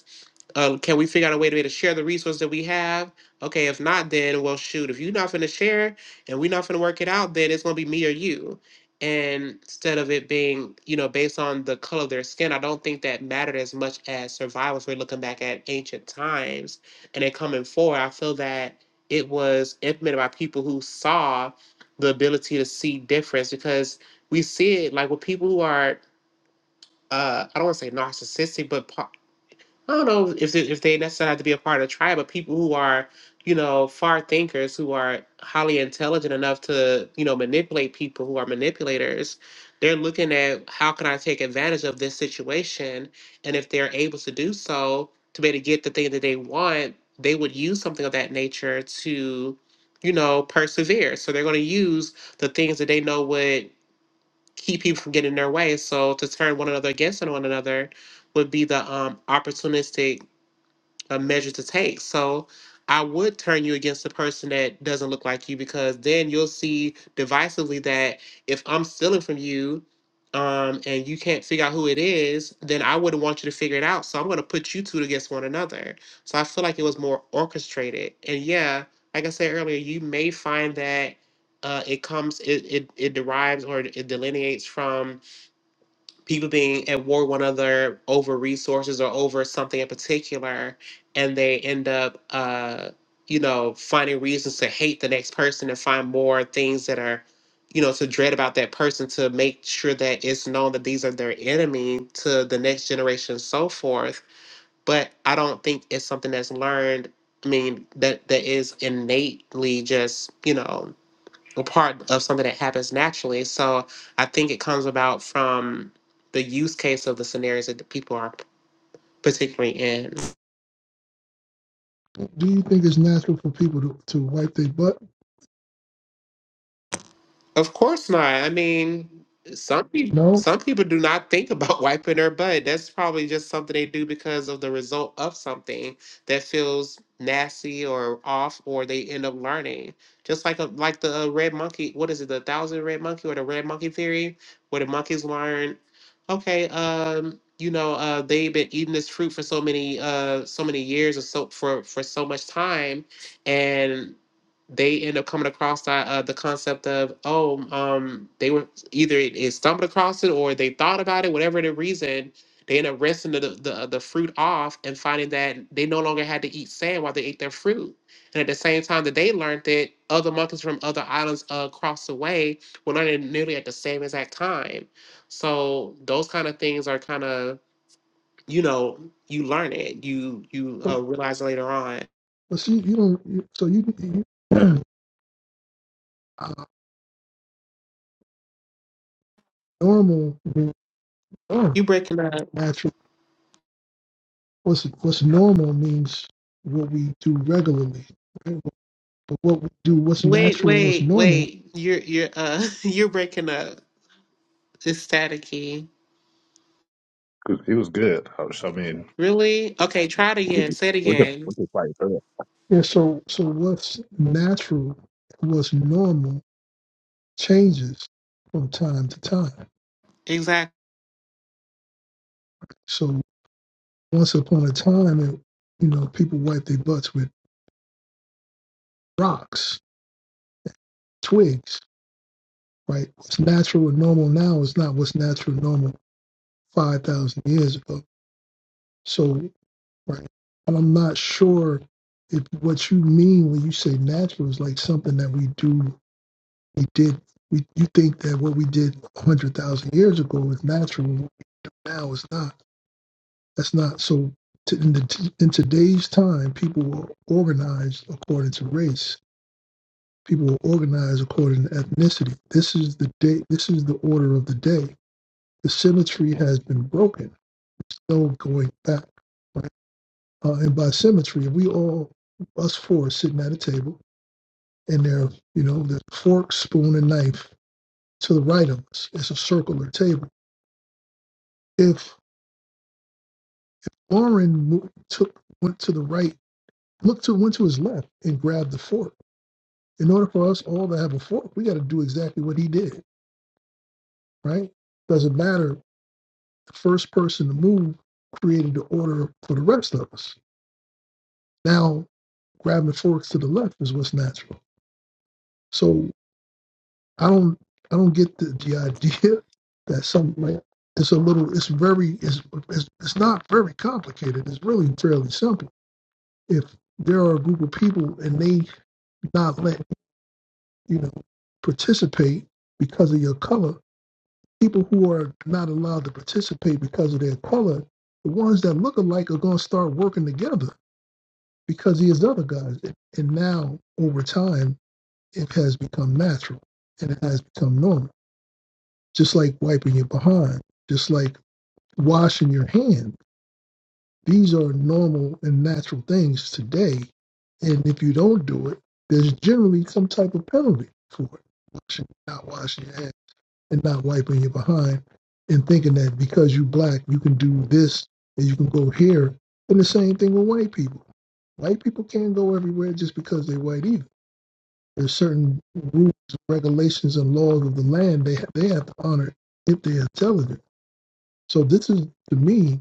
Speaker 1: um, can we figure out a way to, be able to share the resources that we have? Okay, if not, then well, shoot, if you're not going to share and we're not going to work it out, then it's gonna be me or you. And instead of it being, you know, based on the color of their skin, I don't think that mattered as much as survival. If we're looking back at ancient times and then coming forward, I feel that it was implemented by people who saw the ability to see difference because we see it like with people who are, uh, I don't want to say narcissistic, but po- I don't know if they, if they necessarily have to be a part of the tribe, but people who are, you know, far thinkers, who are highly intelligent enough to, you know, manipulate people who are manipulators, they're looking at how can I take advantage of this situation, and if they're able to do so to be able to get the thing that they want, they would use something of that nature to, you know, persevere. So they're going to use the things that they know would keep people from getting in their way. So to turn one another against one another would be the um, opportunistic a measure to take. So I would turn you against the person that doesn't look like you because then you'll see divisively that if I'm stealing from you um, and you can't figure out who it is, then I wouldn't want you to figure it out. So I'm going to put you two against one another. So I feel like it was more orchestrated. And yeah, like I said earlier, you may find that uh, it comes, it, it, it derives or it delineates from people being at war with one another over resources or over something in particular, and they end up, uh, you know, finding reasons to hate the next person and find more things that are, you know, to dread about that person to make sure that it's known that these are their enemy to the next generation and so forth. But I don't think it's something that's learned. I mean, that that is innately just, you know, a part of something that happens naturally. So I think it comes about from the use case of the scenarios that the people are particularly in.
Speaker 3: Do you think it's natural for people to, to wipe their butt?
Speaker 1: Of course not. I mean, some people
Speaker 3: No.
Speaker 1: some people do not think about wiping their butt. That's probably just something they do because of the result of something that feels nasty or off, or they end up learning. Just like a, like the uh, red monkey. What is it? The thousand red monkey or the red monkey theory, where the monkeys learn. Okay, um, you know, uh, they've been eating this fruit for so many uh so many years or so for for so much time, and they end up coming across that, uh, the concept of oh um they were either it, it stumbled across it or they thought about it whatever the reason they end up rinsing the, the uh, the fruit off and finding that they no longer had to eat sand while they ate their fruit and at the same time that they learned it other monkeys from other islands uh, across the way were learning nearly at the same exact time so those kind of things are kind of you know you learn it you you uh,
Speaker 3: But
Speaker 1: realize later on
Speaker 3: see, you don't. You, so you, you uh, normal, means- oh,
Speaker 1: you breaking up
Speaker 3: natural. What's what's normal means what we do regularly. right? But what we do, what's
Speaker 1: Wait,
Speaker 3: natural, and what's
Speaker 1: wait,
Speaker 3: normal
Speaker 1: wait. You're you're uh you're breaking up. It's staticky.
Speaker 2: 'Cause He was good. I was- I mean,
Speaker 1: Really? Okay, try it again.
Speaker 2: we
Speaker 1: Say it
Speaker 2: we could
Speaker 1: again.
Speaker 2: we could fight through it.
Speaker 3: Yeah, so so what's natural and what's normal changes from time to time.
Speaker 1: Exactly.
Speaker 3: So once upon a time, it, you know, people wipe their butts with rocks, twigs, right? What's natural and normal now is not what's natural and normal five thousand years ago. So right, and I'm not sure if what you mean when you say natural is like something that we do, we did. We, you think that what we did 100,000 years ago is natural, now is not That's not so. To, in, the, in today's time, people were organized according to race. People were organized according to ethnicity. This is the day. This is the order of the day. The symmetry has been broken. No going back. Right? Uh, and by symmetry, if we all us four sitting at a table, and there, you know, the fork, spoon, and knife to the right of us. It's a circular table. If Warren mo- took went to the right, looked to went to his left and grabbed the fork in order for us all to have a fork, we got to do exactly what he did, right? Doesn't matter. The first person to move created the order for the rest of us. Now grabbing the forks to the left is what's natural. So I don't I don't get the, the idea that some like it's a little it's very it's, it's it's not very complicated. It's really fairly simple. If there are a group of people and they not let you know participate because of your color people who are not allowed to participate because of their color, the ones that look alike are going to start working together because these other guys. And now, over time, it has become natural and it has become normal. Just like wiping your behind, just like washing your hand. These are normal and natural things today. And if you don't do it, there's generally some type of penalty for it. Washing, not washing your hands. and not wiping your behind and thinking that because you black you can do this and you can go here and the same thing with white people white people can't go everywhere just because they're white either there's certain rules regulations and laws of the land they they have to honor if they're intelligent so this is to me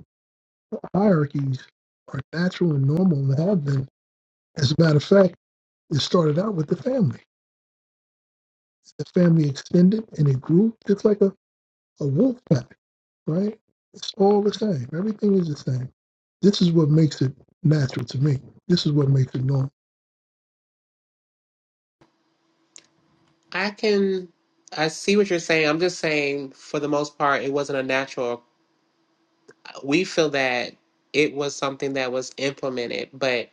Speaker 3: hierarchies are natural and normal and have been as a matter of fact it started out with the family the family extended and it grew just like a a wolf pack, right? It's all the same. Everything is the same. This is what makes it natural to me. This is what makes it normal.
Speaker 1: I can I see what you're saying. I'm just saying for the most part it wasn't a natural. We feel that it was something that was implemented, but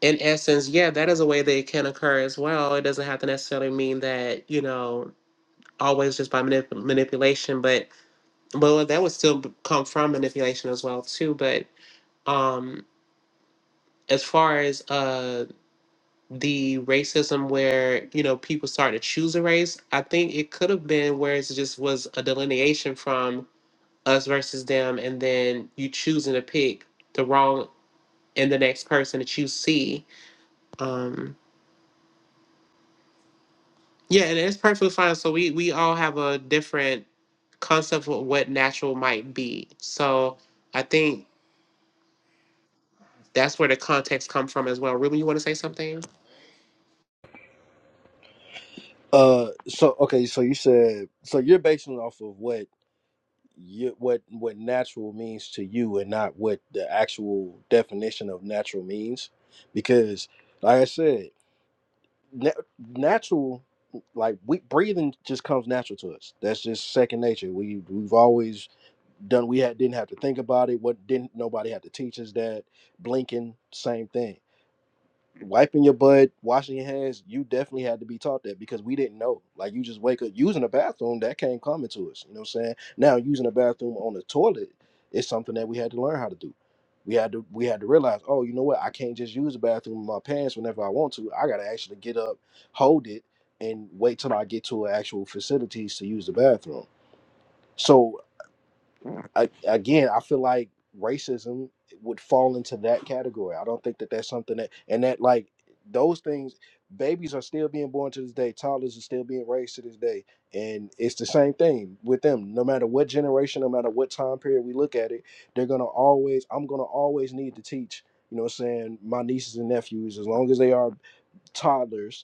Speaker 1: in essence, yeah, that is a way that it can occur as well. It doesn't have to necessarily mean that, you know, always just by manip- manipulation, but well, that would still b- come from manipulation as well too, but um as far as uh the racism where you know people start to choose a race i think it could have been where it just was a delineation from us versus them and then you choosing to pick the wrong and the next person that you see um yeah and it's perfectly fine so we we all have a different concept of what natural might be so i think that's where the context come from as well ruben you want to say something
Speaker 4: Uh, so okay, so you said so you're basing it off of what you what what natural means to you, and not what the actual definition of natural means, because like I said. na- natural like we breathing just comes natural to us that's just second nature we we've always done we had didn't have to think about it what didn't nobody had to teach us that blinking same thing wiping your butt, washing your hands, you definitely had to be taught that because we didn't know. Like you just wake up using a bathroom, that came common to us. You know what I'm saying? Now using a bathroom on the toilet is something that we had to learn how to do. We had to we had to realize, oh, you know what? I can't just use the bathroom in my pants whenever I want to. I gotta actually get up, hold it, and wait till I get to an actual facilities to use the bathroom. So I, again, I feel like racism would fall into that category. I don't think that that's something that, and that like those things, babies are still being born to this day. Toddlers are still being raised to this day, and it's the same thing with them. No matter what generation, no matter what time period we look at it, they're gonna always. I'm gonna always need to teach. You know, what I'm saying my nieces and nephews, as long as they are toddlers,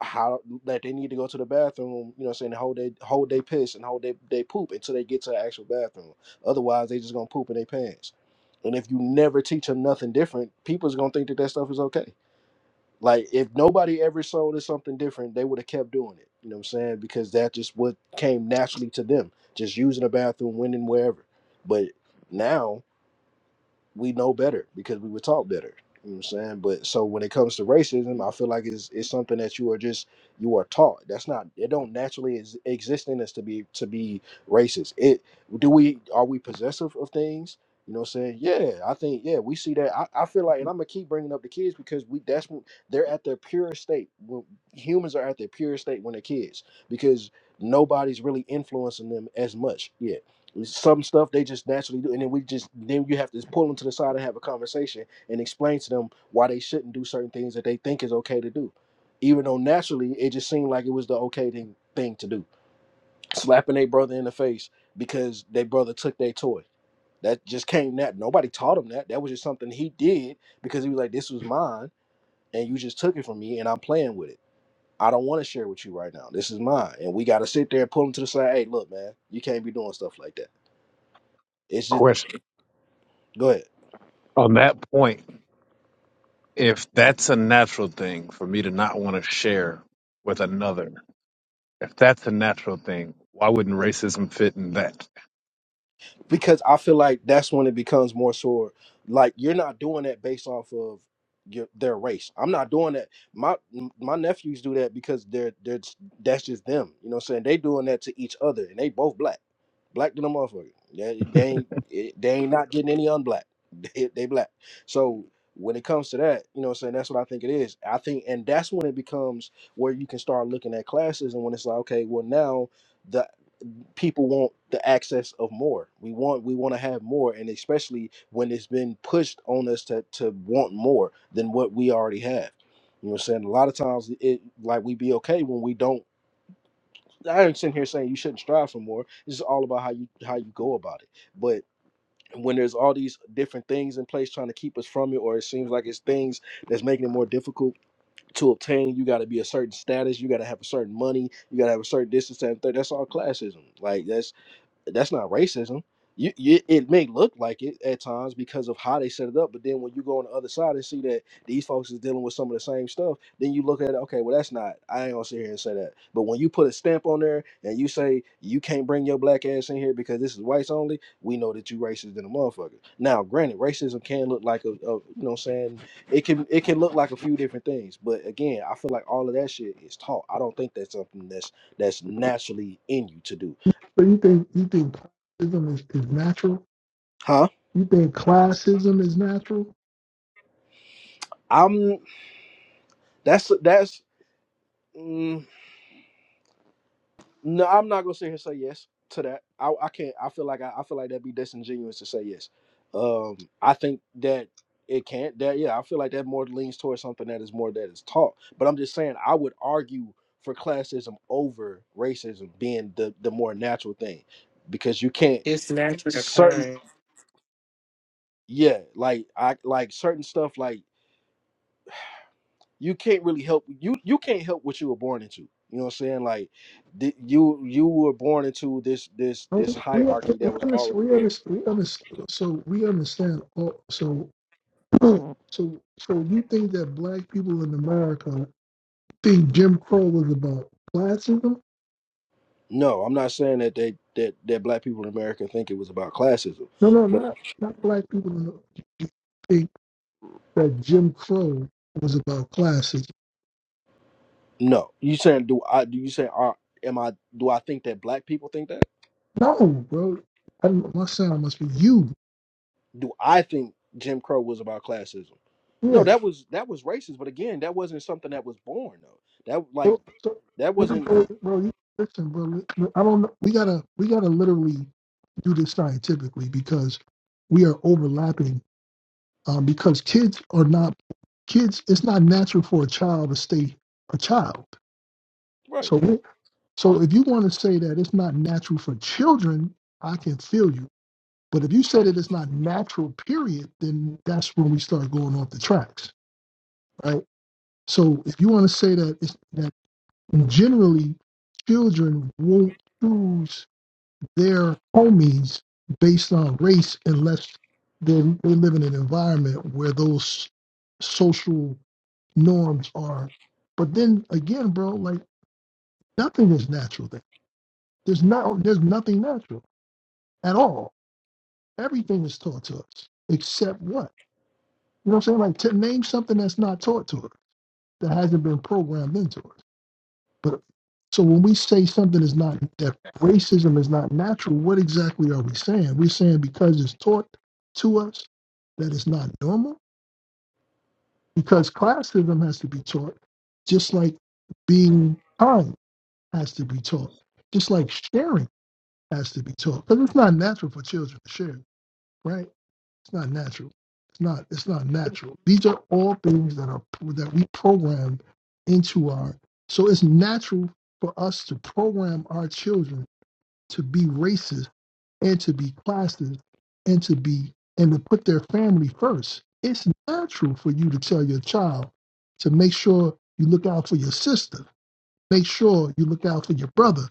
Speaker 4: how that they need to go to the bathroom, you know, what I'm saying hold they hold they piss and hold they they poop until they get to the actual bathroom. Otherwise, they just gonna poop in their pants. And if you never teach them nothing different, people's gonna think that that stuff is okay. Like if nobody ever sold us something different, they would have kept doing it. You know what I'm saying? Because that just what came naturally to them, just using the bathroom, when and wherever. But now we know better because we were taught better. You know what I'm saying? But so when it comes to racism, I feel like it's it's something that you are just you are taught. That's not it. Don't naturally ex- exist in us to be to be racist. It do we are we possessive of things? You know what I'm saying? Yeah, I think yeah we see that. I, I feel like, and I'm gonna keep bringing up the kids because we that's when they're at their pure state. When humans are at their pure state when they're kids because nobody's really influencing them as much. Yeah, some stuff they just naturally do and then we just then you have to pull them to the side and have a conversation and explain to them why they shouldn't do certain things that they think is okay to do even though naturally it just seemed like it was the okay thing, thing to do slapping a brother in the face because their brother took their toy that just came that nobody taught him that that was just something he did because he was like this was mine and you just took it from me and i'm playing with it i don't want to share with you right now this is mine and we got to sit there and pull him to the side hey look man you can't be doing stuff like that it's just
Speaker 2: Question
Speaker 4: go ahead
Speaker 2: on that point: If that's a natural thing for me to not want to share with another, If that's a natural thing, why wouldn't racism fit in that?
Speaker 4: because I feel like that's when it becomes more sure. Like you're not doing that based off of your their race. I'm not doing that. My my nephews do that because they're they're that's just them. You know what I'm saying? They doing that to each other, and they both black, black to the motherfucker. They, they ain't it- they ain't not getting any unblack. They, they black. So when it comes to that, you know what I'm saying? That's what I think it is. I think, and that's when it becomes where you can start looking at classes, and when it's like, okay, well now people want the access of more. We want we want to have more, and especially when it's been pushed on us to to want more than what we already have. You know what I'm saying? A lot of times it like we be okay when we don't I ain't sitting here saying you shouldn't strive for more. It's just all about how you how you go about it. But when there's all these different things in place trying to keep us from it, or it seems like it's things that's making it more difficult to obtain, you got to be a certain status, you got to have a certain money, you got to have a certain distance, and third. That's all classism. Like that's that's not racism. You, you, it may look like it at times because of how they set it up, but then when you go on the other side and see that these folks is dealing with some of the same stuff, then you look at it, okay, well that's not. I ain't gonna sit here and say that. But when you put a stamp on there and you say you can't bring your black ass in here because this is whites only, we know that you racist than a motherfucker. Now, granted, racism can look like a, a you know what I'm saying it can it can look like a few different things, but again, I feel like all of that shit is taught. I don't think that's something that's that's naturally in you to do,
Speaker 3: So you think you think classism is, is natural?
Speaker 4: huh?
Speaker 3: You think classism is natural?
Speaker 4: I'm that's that's mm, no, I'm not gonna sit here and say yes to that. I, I can't. I feel like I, I feel like that'd be disingenuous to say yes. Um, I think that it can't. That yeah, I feel like that more leans towards something that is more that is taught. But I'm just saying, I would argue for classism over racism being the the more natural thing because you can't
Speaker 1: It's naturally
Speaker 4: certain
Speaker 1: occurring.
Speaker 4: yeah like I like certain stuff like. you can't really help you you can't help what you were born into you know what i'm saying like th- you you were born into this this
Speaker 3: No,
Speaker 4: this
Speaker 3: We we
Speaker 4: hierarchy that was
Speaker 3: understand,
Speaker 4: already
Speaker 3: we
Speaker 4: there
Speaker 3: understand, we understand so we understand all, so so so you think that black people in America think Jim Crow was about classism?
Speaker 4: no i'm not saying that they that that black people in america think it was about classism
Speaker 3: No, no,
Speaker 4: but
Speaker 3: not not black people in, that Jim Crow was about classism.
Speaker 4: no you saying do i do you say are am i do i think that black people think that
Speaker 3: No, bro. I, don't- my sound must be you.
Speaker 4: do i think jim crow was about classism no
Speaker 3: Yeah.
Speaker 4: that was that was racist but again that wasn't something that was born though that like
Speaker 3: So, so,
Speaker 4: that
Speaker 3: hey,
Speaker 4: wasn't
Speaker 3: bro, bro, you- listen, bro. li- li- I don't know. We gotta, we gotta literally do this scientifically because we are overlapping. Um, because kids are not kids. It's not natural for a child to stay a child.
Speaker 4: right
Speaker 3: So, we, so if you want to say that it's not natural for children, I can feel you But if you say that it's not natural, period, then that's when we start going off the tracks, right? So if you want to say that it's that generally children won't choose their homies based on race unless they they live in an environment where those social norms are. But then again, bro, like nothing is natural there. There's not there's nothing natural at all. Everything is taught to us except what? You know what I'm saying? Like to name something that's not taught to her, that hasn't been programmed into her. But so when we say something is not that racism is not natural, what exactly are we saying? We're saying because it's taught to us that it's not normal. Because classism has to be taught, just like being kind has to be taught, just like sharing has to be taught. Because it's not natural for children to share, right? It's not natural. It's not. It's not natural. These are all things that are that we program into our. So it's natural for us to program our children to be racist and to be classist and to be and to put their family first. It's natural for you to tell your child to make sure you look out for your sister. Make sure you look out for your brother.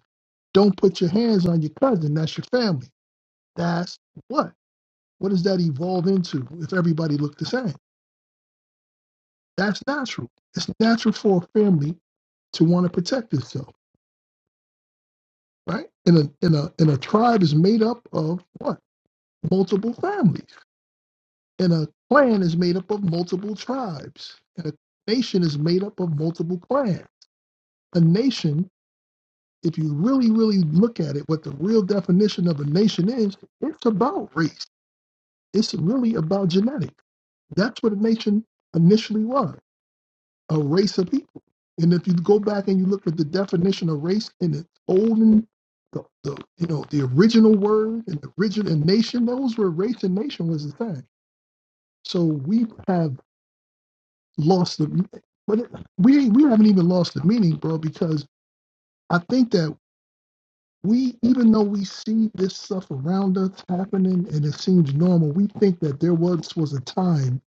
Speaker 3: Don't put your hands on your cousin. That's your family. That's what? What does that evolve into if everybody looked the same? That's natural. It's natural for a family to want to protect itself, right? And a and a and a tribe is made up of what? Multiple families. And a clan is made up of multiple tribes. And a nation is made up of multiple clans. A nation, if you really, really look at it, what the real definition of a nation is, it's about race. It's really about genetics. That's what a nation initially was. a race of people. And if you go back and you look at the definition of race in the olden, the, the you know the original word and the original and nation, those were race and nation was the thing. So we have lost the, but it, we we haven't even lost the meaning, bro. Because I think that we, even though we see this stuff around us happening and it seems normal, we think that there was was a time,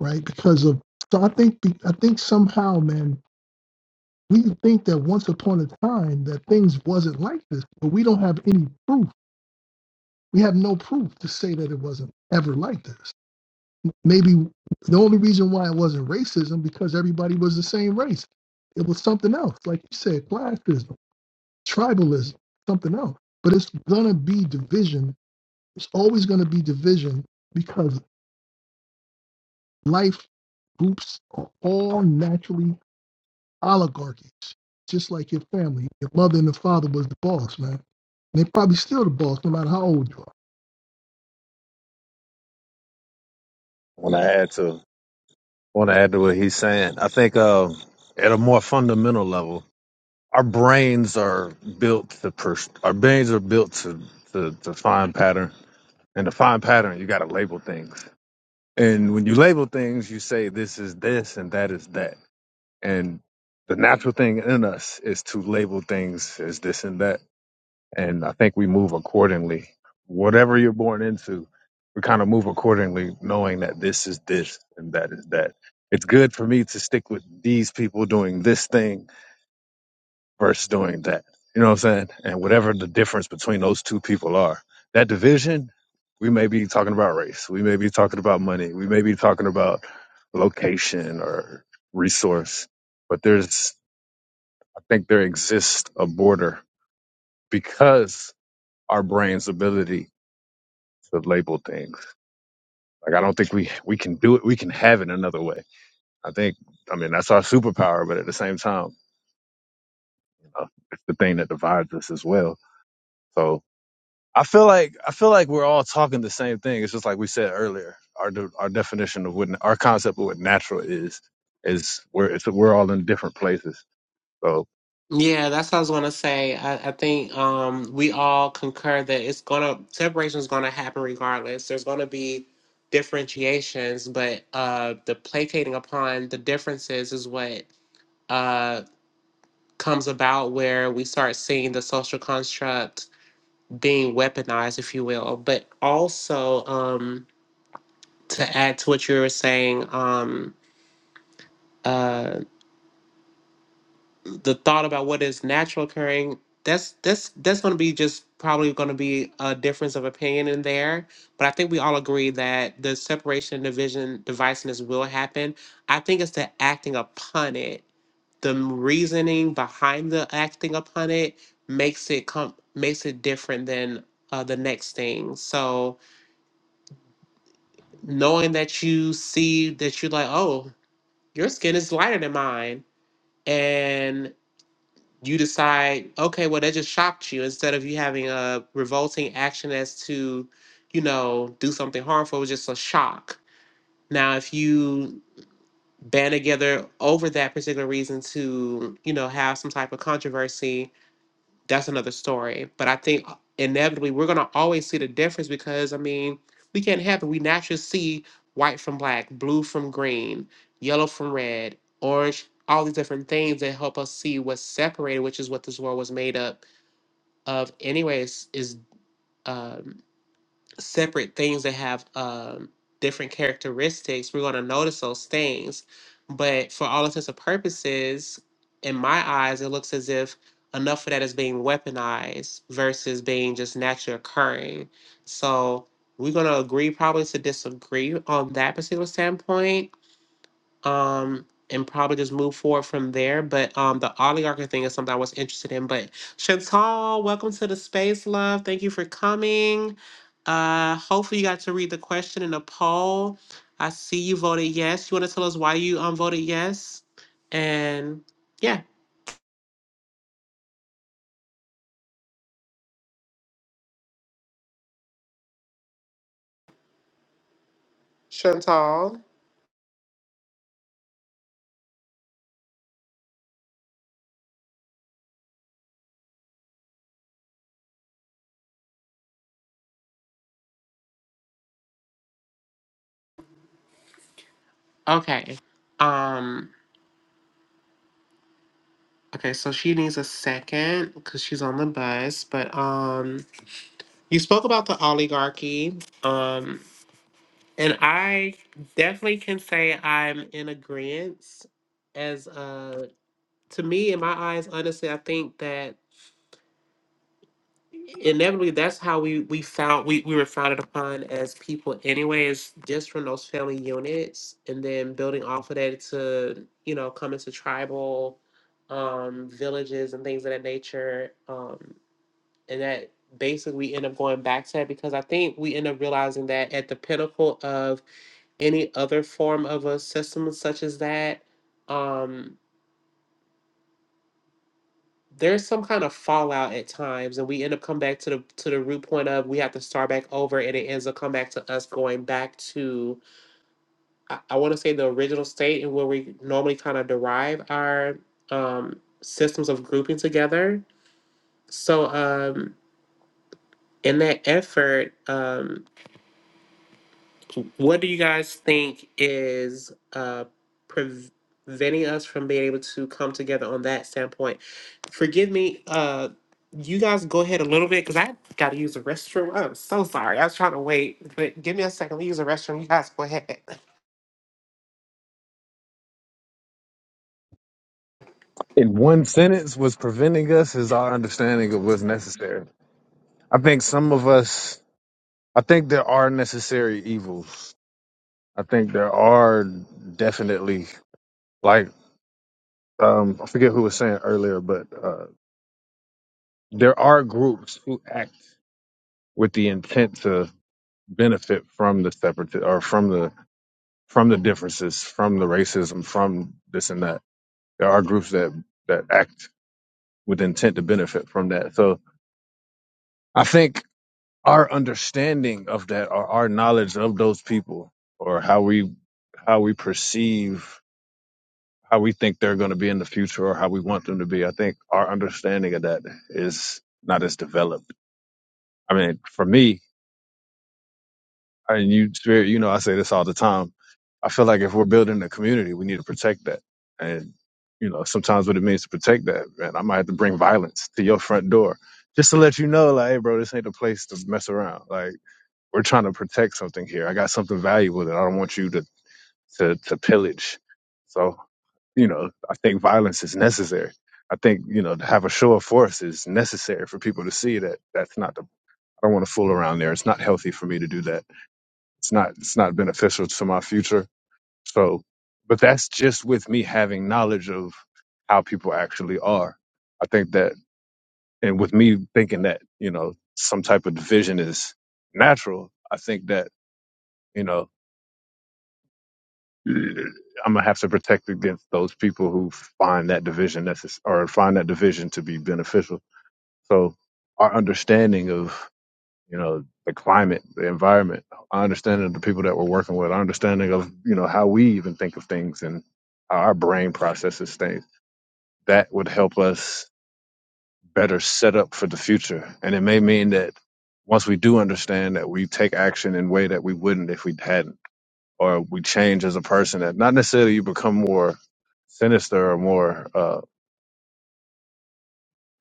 Speaker 3: right? Because of so I think I think somehow, man, we think that once upon a time that things wasn't like this, but we don't have any proof. We have no proof to say that it wasn't ever like this. Maybe the only reason why it wasn't racism because everybody was the same race. It was something else, like you said, classism, tribalism, something else. But it's gonna be division. It's always gonna be division because life groups are all naturally oligarchies, just like your family. Your mother and the father was the boss, man. And they probably still the boss, no matter how old you are.
Speaker 2: Want to add to want to add to what he's saying. I think uh, at a more fundamental level, our brains are built to pers- our brains are built to, to to find pattern, and to find pattern, you got to label things. And when you label things, you say this is this and that is that. And the natural thing in us is to label things as this and that. And I think we move accordingly. Whatever you're born into, we kind of move accordingly, knowing that this is this and that is that. It's good for me to stick with these people doing this thing versus doing that. You know what I'm saying? And whatever the difference between those two people are, that division, we may be talking about race, we may be talking about money, we may be talking about location or resource, but there's think there exists a border because our brain's ability to label things. Like I don't think we we can do it. We can have it another way. I think. I mean, that's our superpower, but at the same time, you know, it's the thing that divides us as well. So I feel like I feel like we're all talking the same thing. It's just like we said earlier. Our de- our definition of what our concept of what natural is is we're it's, we're all in different places. So
Speaker 1: Yeah, that's what I was gonna say. I, I think um, we all concur that it's gonna separation is gonna happen regardless. There's gonna be differentiations, but uh, the placating upon the differences is what uh, comes about where we start seeing the social construct being weaponized, if you will. But also um, to add to what you were saying. Um, uh, the thought about what is natural occurring that's that's that's going to be just probably going to be a difference of opinion in there but i think we all agree that the separation division divisiveness will happen i think it's the acting upon it the reasoning behind the acting upon it makes it come makes it different than uh, the next thing. So knowing that you see that you're like, oh, your skin is lighter than mine, you decide, okay, well, that just shocked you. Instead of you having a revolting action as to, you know, do something harmful, it was just a shock. Now, if you band together over that particular reason to, you know, have some type of controversy, that's another story. But I think uh, inevitably we're gonna always see the difference because I mean we can't help it. We naturally see white from black, blue from green, yellow from red, orange, all these different things that help us see what's separated, which is what this world was made up of. Anyways, is um, separate things that have um, different characteristics, we're going to notice those things. But for all intents and purposes, in my eyes, it looks as if enough of that is being weaponized versus being just naturally occurring. So we're going to agree probably to disagree on that particular standpoint um and probably just move forward from there. But um the oligarchy thing is something I was interested in. But Chantal, welcome to the space, love. Thank you for coming. Uh hopefully you got to read the question in the poll. I see you voted yes. You want to tell us why you um voted yes? And yeah. Chantal. Okay. Um okay, so she needs a second because she's on the bus. But um you spoke about the oligarchy. Um And I definitely can say I'm in agreement as uh to me in my eyes, honestly, I think that inevitably that's how we we found we, we were founded upon as people anyways, just from those family units and then building off of that to, you know, come into tribal um villages and things of that nature. Um, and that basically we end up going back to that because I think we end up realizing that at the pinnacle of any other form of a system such as that, um, there's some kind of fallout at times, and we end up come back to the to the root point of we have to start back over, and it ends up come back to us going back to I, I want to say the original state and where we normally kind of derive our um, systems of grouping together. So um, in that effort. Um, what do you guys think is uh, preventing us from being able to come together on that standpoint? Forgive me, uh, you guys go ahead a little bit because I got to use the restroom. I'm so sorry. I was trying to wait, but give me a second. Let me use the restroom. You guys go ahead.
Speaker 2: in one sentence, what's preventing us is our understanding of what's necessary I think some of us, I think there are necessary evils. I think there are definitely, like, um, I forget who was saying earlier, but uh, there are groups who act with the intent to benefit from the separate or from the from the differences, from the racism, from this and that. There are groups that that act with intent to benefit from that. So I think our understanding of that or our knowledge of those people or how we how we perceive how we think they're going to be in the future or how we want them to be i think our understanding of that is not as developed i mean for me and you spirit you know i say this all the time i feel like if we're building a community we need to protect that and you know sometimes what it means to protect that man i might have to bring violence to your front door just to let you know like hey bro this ain't the place to mess around like we're trying to protect something here. I got something valuable that I don't want you to to, to pillage. So, you know, I think violence is necessary. I think you know to have a show of force is necessary for people to see that that's not the. I don't want to fool around there. It's not healthy for me to do that. It's not. It's not beneficial to my future. So, but that's just with me having knowledge of how people actually are. I think that, and with me thinking that you know some type of division is natural. I think that you know I'm gonna have to protect against those people who find that division necess- or find that division to be beneficial. So our understanding of you know the climate, the environment, our understanding of the people that we're working with, our understanding of you know how we even think of things and how our brain processes things, that would help us better set up for the future. And it may mean that once we do understand that, we take action in a way that we wouldn't if we hadn't or we change as a person that not necessarily you become more sinister or more uh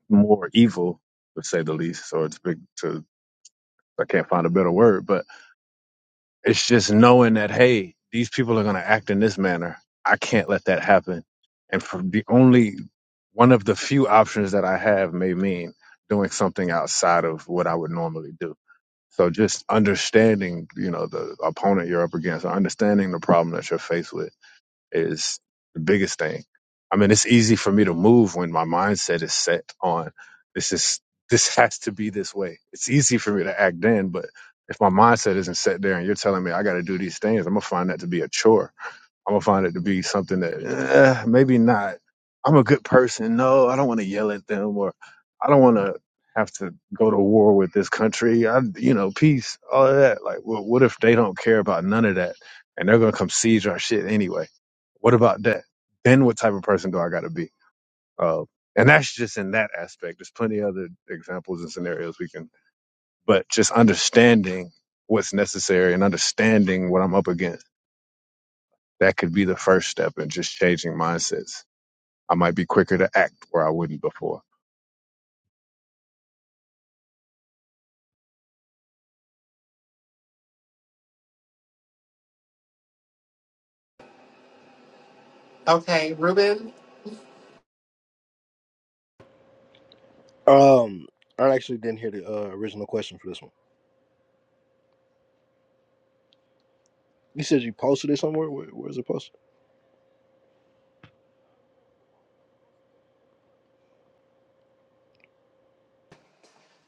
Speaker 2: more evil to say the least or it's big to i can't find a better word but it's just knowing that hey these people are going to act in this manner i can't let that happen and for the only one of the few options that i have may mean doing something outside of what i would normally do so just understanding you know the opponent you're up against or understanding the problem that you're faced with is the biggest thing. I mean, it's easy for me to move when my mindset is set on this is this has to be this way. It's easy for me to act then, but if my mindset isn't set there and you're telling me I got to do these things, I'm gonna find that to be a chore I'm gonna find it to be something that eh, maybe not. I'm a good person. No, I don't want to yell at them, or I don't want to have to go to war with this country. I, you know, peace, all of that. Like, well, what if they don't care about none of that, and they're gonna come siege our shit anyway? What about that? Then what type of person do I gotta be? Uh, and that's just in that aspect. There's plenty of other examples and scenarios we can, but just understanding what's necessary and understanding what I'm up against that could be the first step in just changing mindsets. I might be quicker to act where I wouldn't before.
Speaker 1: Okay, Ruben.
Speaker 4: um i actually didn't hear the uh, original question for this one You said you posted it somewhere. Where, where's it posted?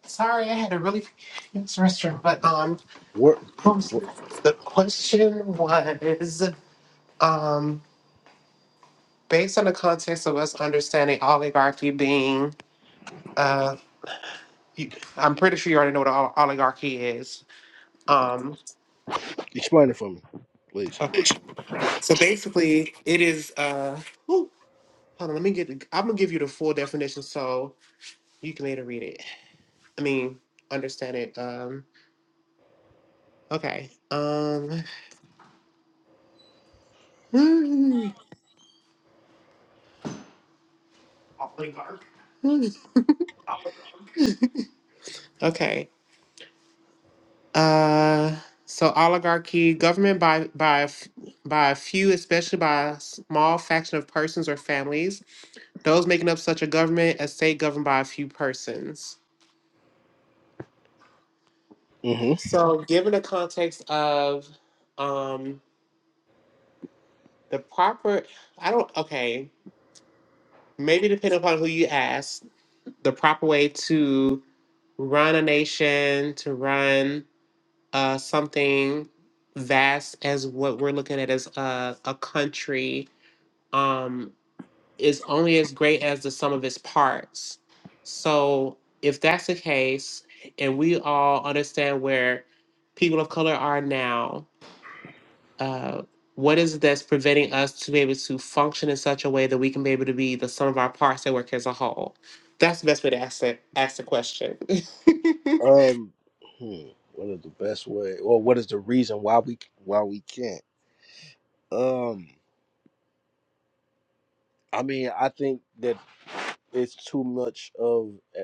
Speaker 1: Sorry, I had to really use the restroom, but um,
Speaker 4: What,
Speaker 1: what was
Speaker 4: what?
Speaker 1: the question was um, based on the context of us understanding oligarchy being uh you, I'm pretty sure you already know what an oligarchy is. Um,
Speaker 4: Explain it for me, please.
Speaker 1: okay. So basically, it is. Uh, ooh, hold on, let me get. the- I'm gonna give you the full definition so you can later read it. I mean, understand it. Um, okay. Um, okay. Uh, so oligarchy, government by by a f- by a few, especially by a small faction of persons or families. Those making up such a government, a state governed by a few persons.
Speaker 4: hmm
Speaker 1: So, given the context of um, the proper, I don't, okay, maybe depending upon who you ask, the proper way to run a nation, to run uh, something vast as what we're looking at as a, a country um, is only as great as the sum of its parts. So, if that's the case, and we all understand where people of color are now, uh, what is it that's preventing us to be able to function in such a way that we can be able to be the sum of our parts that work as a whole? That's the best way to ask that ask the question.
Speaker 4: Um, hmm, what is the best way, or what is the reason why we why we can't? Um, I mean, I think that it's too much of e,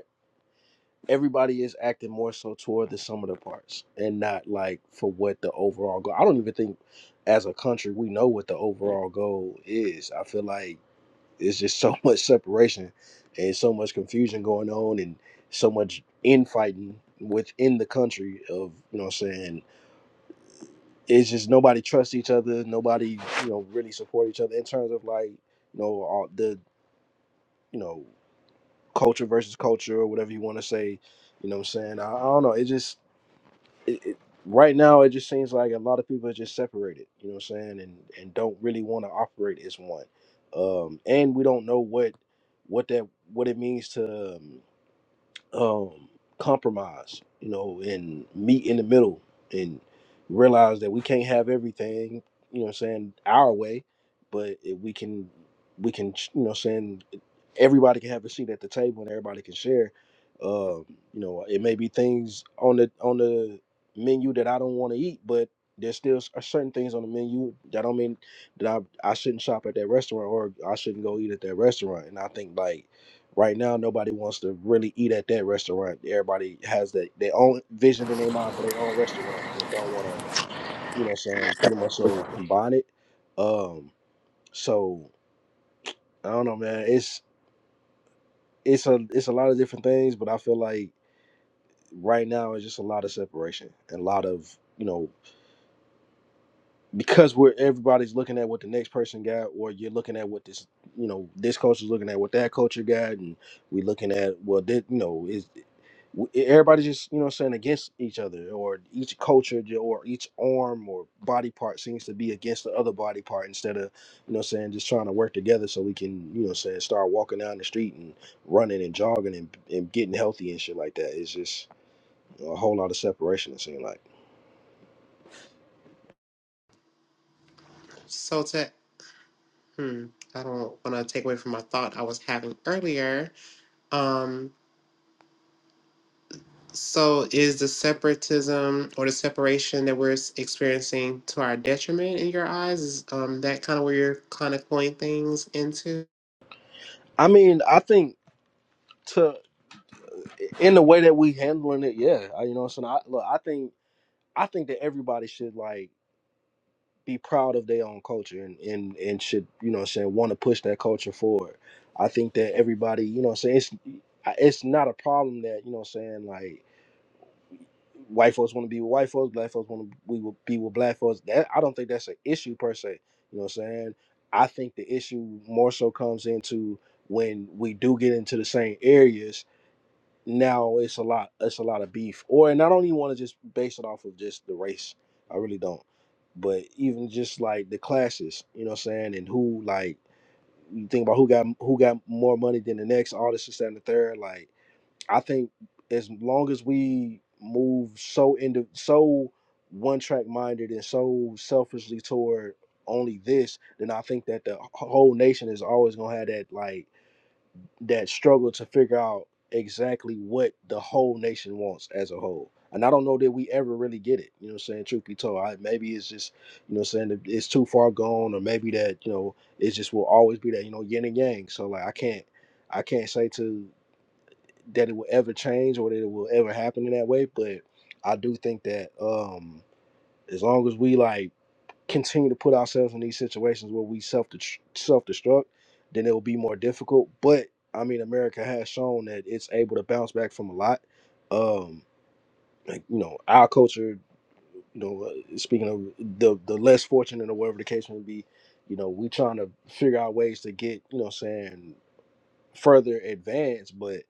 Speaker 4: everybody is acting more so toward the sum of the parts and not like for what the overall goal. I don't even think as a country we know what the overall goal is. I feel like it's just so much separation and so much confusion going on and so much infighting within the country of you know what I'm saying it's just nobody trusts each other nobody you know really support each other in terms of like you know all the you know culture versus culture or whatever you want to say you know what I'm saying I, I don't know it just it, it, right now it just seems like a lot of people are just separated you know what i'm saying and and don't really want to operate as one um and we don't know what what that what it means to um, um, compromise, you know, and meet in the middle and realize that we can't have everything, you know what I'm saying, our way, but if we can we can you know what I'm saying everybody can have a seat at the table and everybody can share. Um, you know, it may be things on the on the menu that I don't want to eat, but there's still s- uh, certain things on the menu that don't mean that I I shouldn't shop at that restaurant or I shouldn't go eat at that restaurant. And I think like Right now, nobody wants to really eat at that restaurant. Everybody has that their own vision in their mind for their own restaurant and don't want to, you know, what I'm saying pretty much so combine it. Um, so I don't know, man. It's it's a it's a lot of different things, but I feel like right now it's just a lot of separation and a lot of you know because we're everybody's looking at what the next person got, or you're looking at what this you know this culture's looking at what that culture got, and we looking at well, that you know is w- everybody just you know what I'm saying against each other or each culture j- or each arm or body part seems to be against the other body part instead of you know what I'm saying just trying to work together so we can you know what I'm saying start walking down the street and running and jogging and, and getting healthy and shit like that it's just a whole lot of separation it seems like
Speaker 1: so to hmm, I don't want to take away from my thought I was having earlier. Um, so is the separatism or the separation that we're s- experiencing to our detriment in your eyes? Is um, that kind of where you're kind of pulling things into?
Speaker 4: I mean I think to in the way that we handling it yeah I, you know what I'm saying I, look I think I think that everybody should like be proud of their own culture and, and, and should, you know what I'm saying, want to push that culture forward. I think that everybody, you know what I'm saying, it's, I- it's not a problem that, you know what I'm saying, like white folks want to be with white folks, black folks want to we will be with black folks. That I don't think that's an issue per se. You know what I'm saying? I think the issue more so comes into when we do get into the same areas now it's a lot it's a lot of beef or and i don't even want to just base it off of just the race i really don't but even just like the classes you know what i'm saying and who like you think about who got who got more money than the next all this this, that, and the third like i think as long as we move so into so one track minded and so selfishly toward only this then i think that the whole nation is always gonna have that like that struggle to figure out exactly what the whole nation wants as a whole. And I don't know that we ever really get it. You know what I'm saying? Truth be told, I, maybe it's just, you know what I'm saying, it's too far gone, or maybe that, you know, it just will always be that, you know, yin and yang. So like I can't I can't say to that it will ever change or that it will ever happen in that way, but I do think that um as long as we like continue to put ourselves in these situations where we self self destruct, then it will be more difficult. But I mean, America has shown that it's able to bounce back from a lot. Um, like, you know, our culture, you know, uh, speaking of the the less fortunate or whatever the case may be, you know, we trying to figure out ways to get, you know, what I'm saying further advanced, but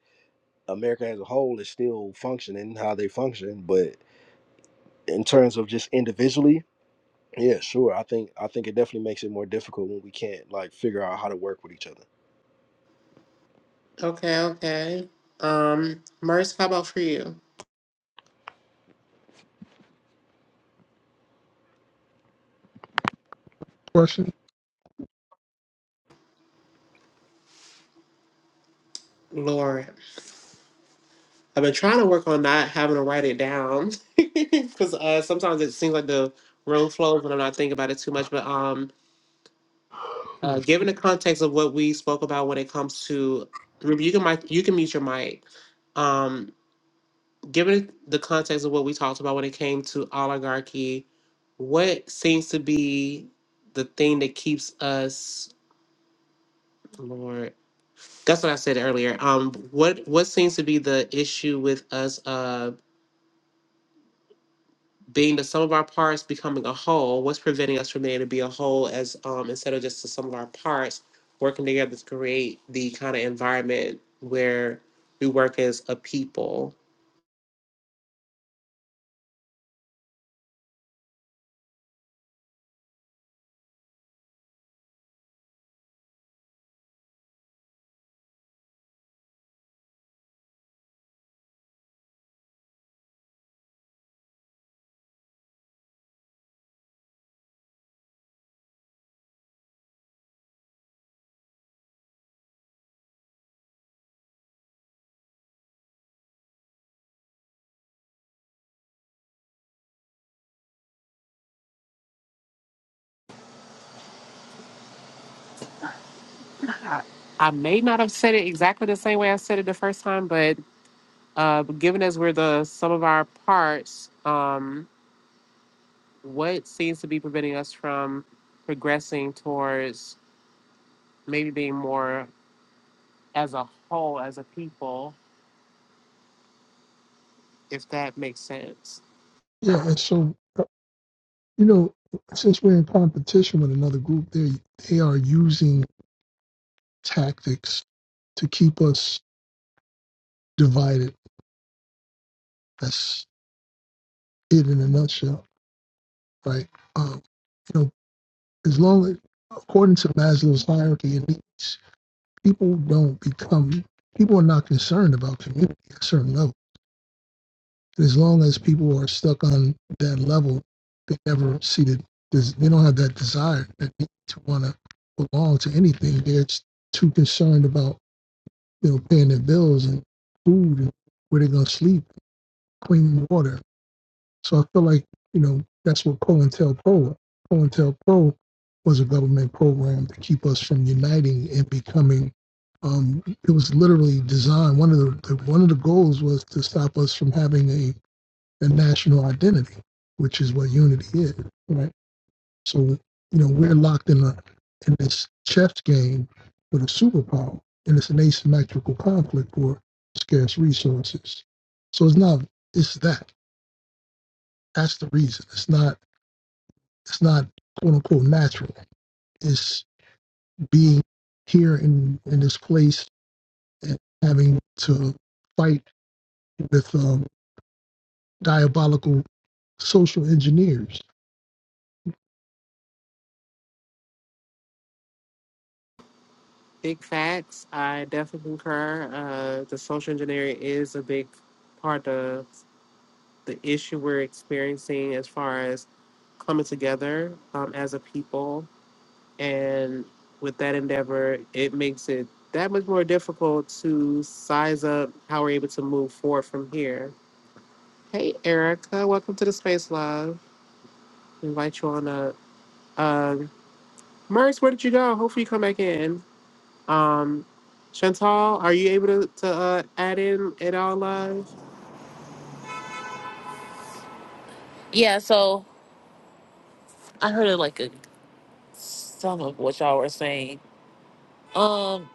Speaker 4: America as a whole is still functioning how they function, but in terms of just individually Yeah, sure. I think I think it definitely makes it more difficult when we can't like figure out how to work with each
Speaker 1: Okay, okay. Um, Merce, how about for you?
Speaker 3: Question.
Speaker 1: Lord, I've been trying to work on not having to write it down because uh, sometimes it seems like the room flows when I'm not thinking about it too much. But um,
Speaker 4: other.
Speaker 1: uh, given the context of what we spoke about when it comes to Ruby, you can mic, you can mute your mic. Um, given the context of what we talked about when it came to oligarchy, what seems to be the thing that keeps us, Lord? That's what I said earlier. Um, what what seems to be the issue with us? Um. being the sum of our parts becoming a whole, what's preventing us from being able to be a whole as um, instead of just the sum of our parts working together to create the kind of environment where we work as a people? I may not have said it exactly the same way I said it the first time, but uh, given as we're the sum of our parts, um, what seems to be preventing us from progressing towards maybe being more as a whole, as a people, if that makes sense?
Speaker 3: Yeah, and so uh, you know, since we're in competition with another group, they they are using tactics to keep us divided. That's it in a nutshell, right? Um, you know, as long as according to Maslow's hierarchy of needs, people don't become people are not concerned about community at a certain level as long as people are stuck on that level, they never see that this, they don't have that desire that they to want to belong to anything. They're just too concerned about you know paying their bills and food and where they're gonna sleep, clean water. So I feel like you know that's what COINTELPRO. COINTELPRO was a government program to keep us from uniting and becoming. Um, it was literally designed. One of the, the one of the goals was to stop us from having a the national identity, which is what unity is, right? So, you know, we're locked in a in this chess game with a superpower, and it's an asymmetrical conflict for scarce resources. So it's not it's that. That's the reason. It's not it's not quote unquote natural. It's being here in in this place and having to fight with um, diabolical social engineers
Speaker 1: Big facts. I definitely concur. Uh, the social engineering is a big part of the issue we're experiencing as far as coming together um, as a people. And with that endeavor, it makes it that much more difficult to size up how we're able to move forward from here. Hey, Erica, welcome to the space, love. Invite you on up. Um, Merce, where did you go? Hopefully, you come back in. Um, Chantal, are you able to, to uh, add in it all live?
Speaker 5: Yeah, so I heard of like a some of what y'all were saying. Um,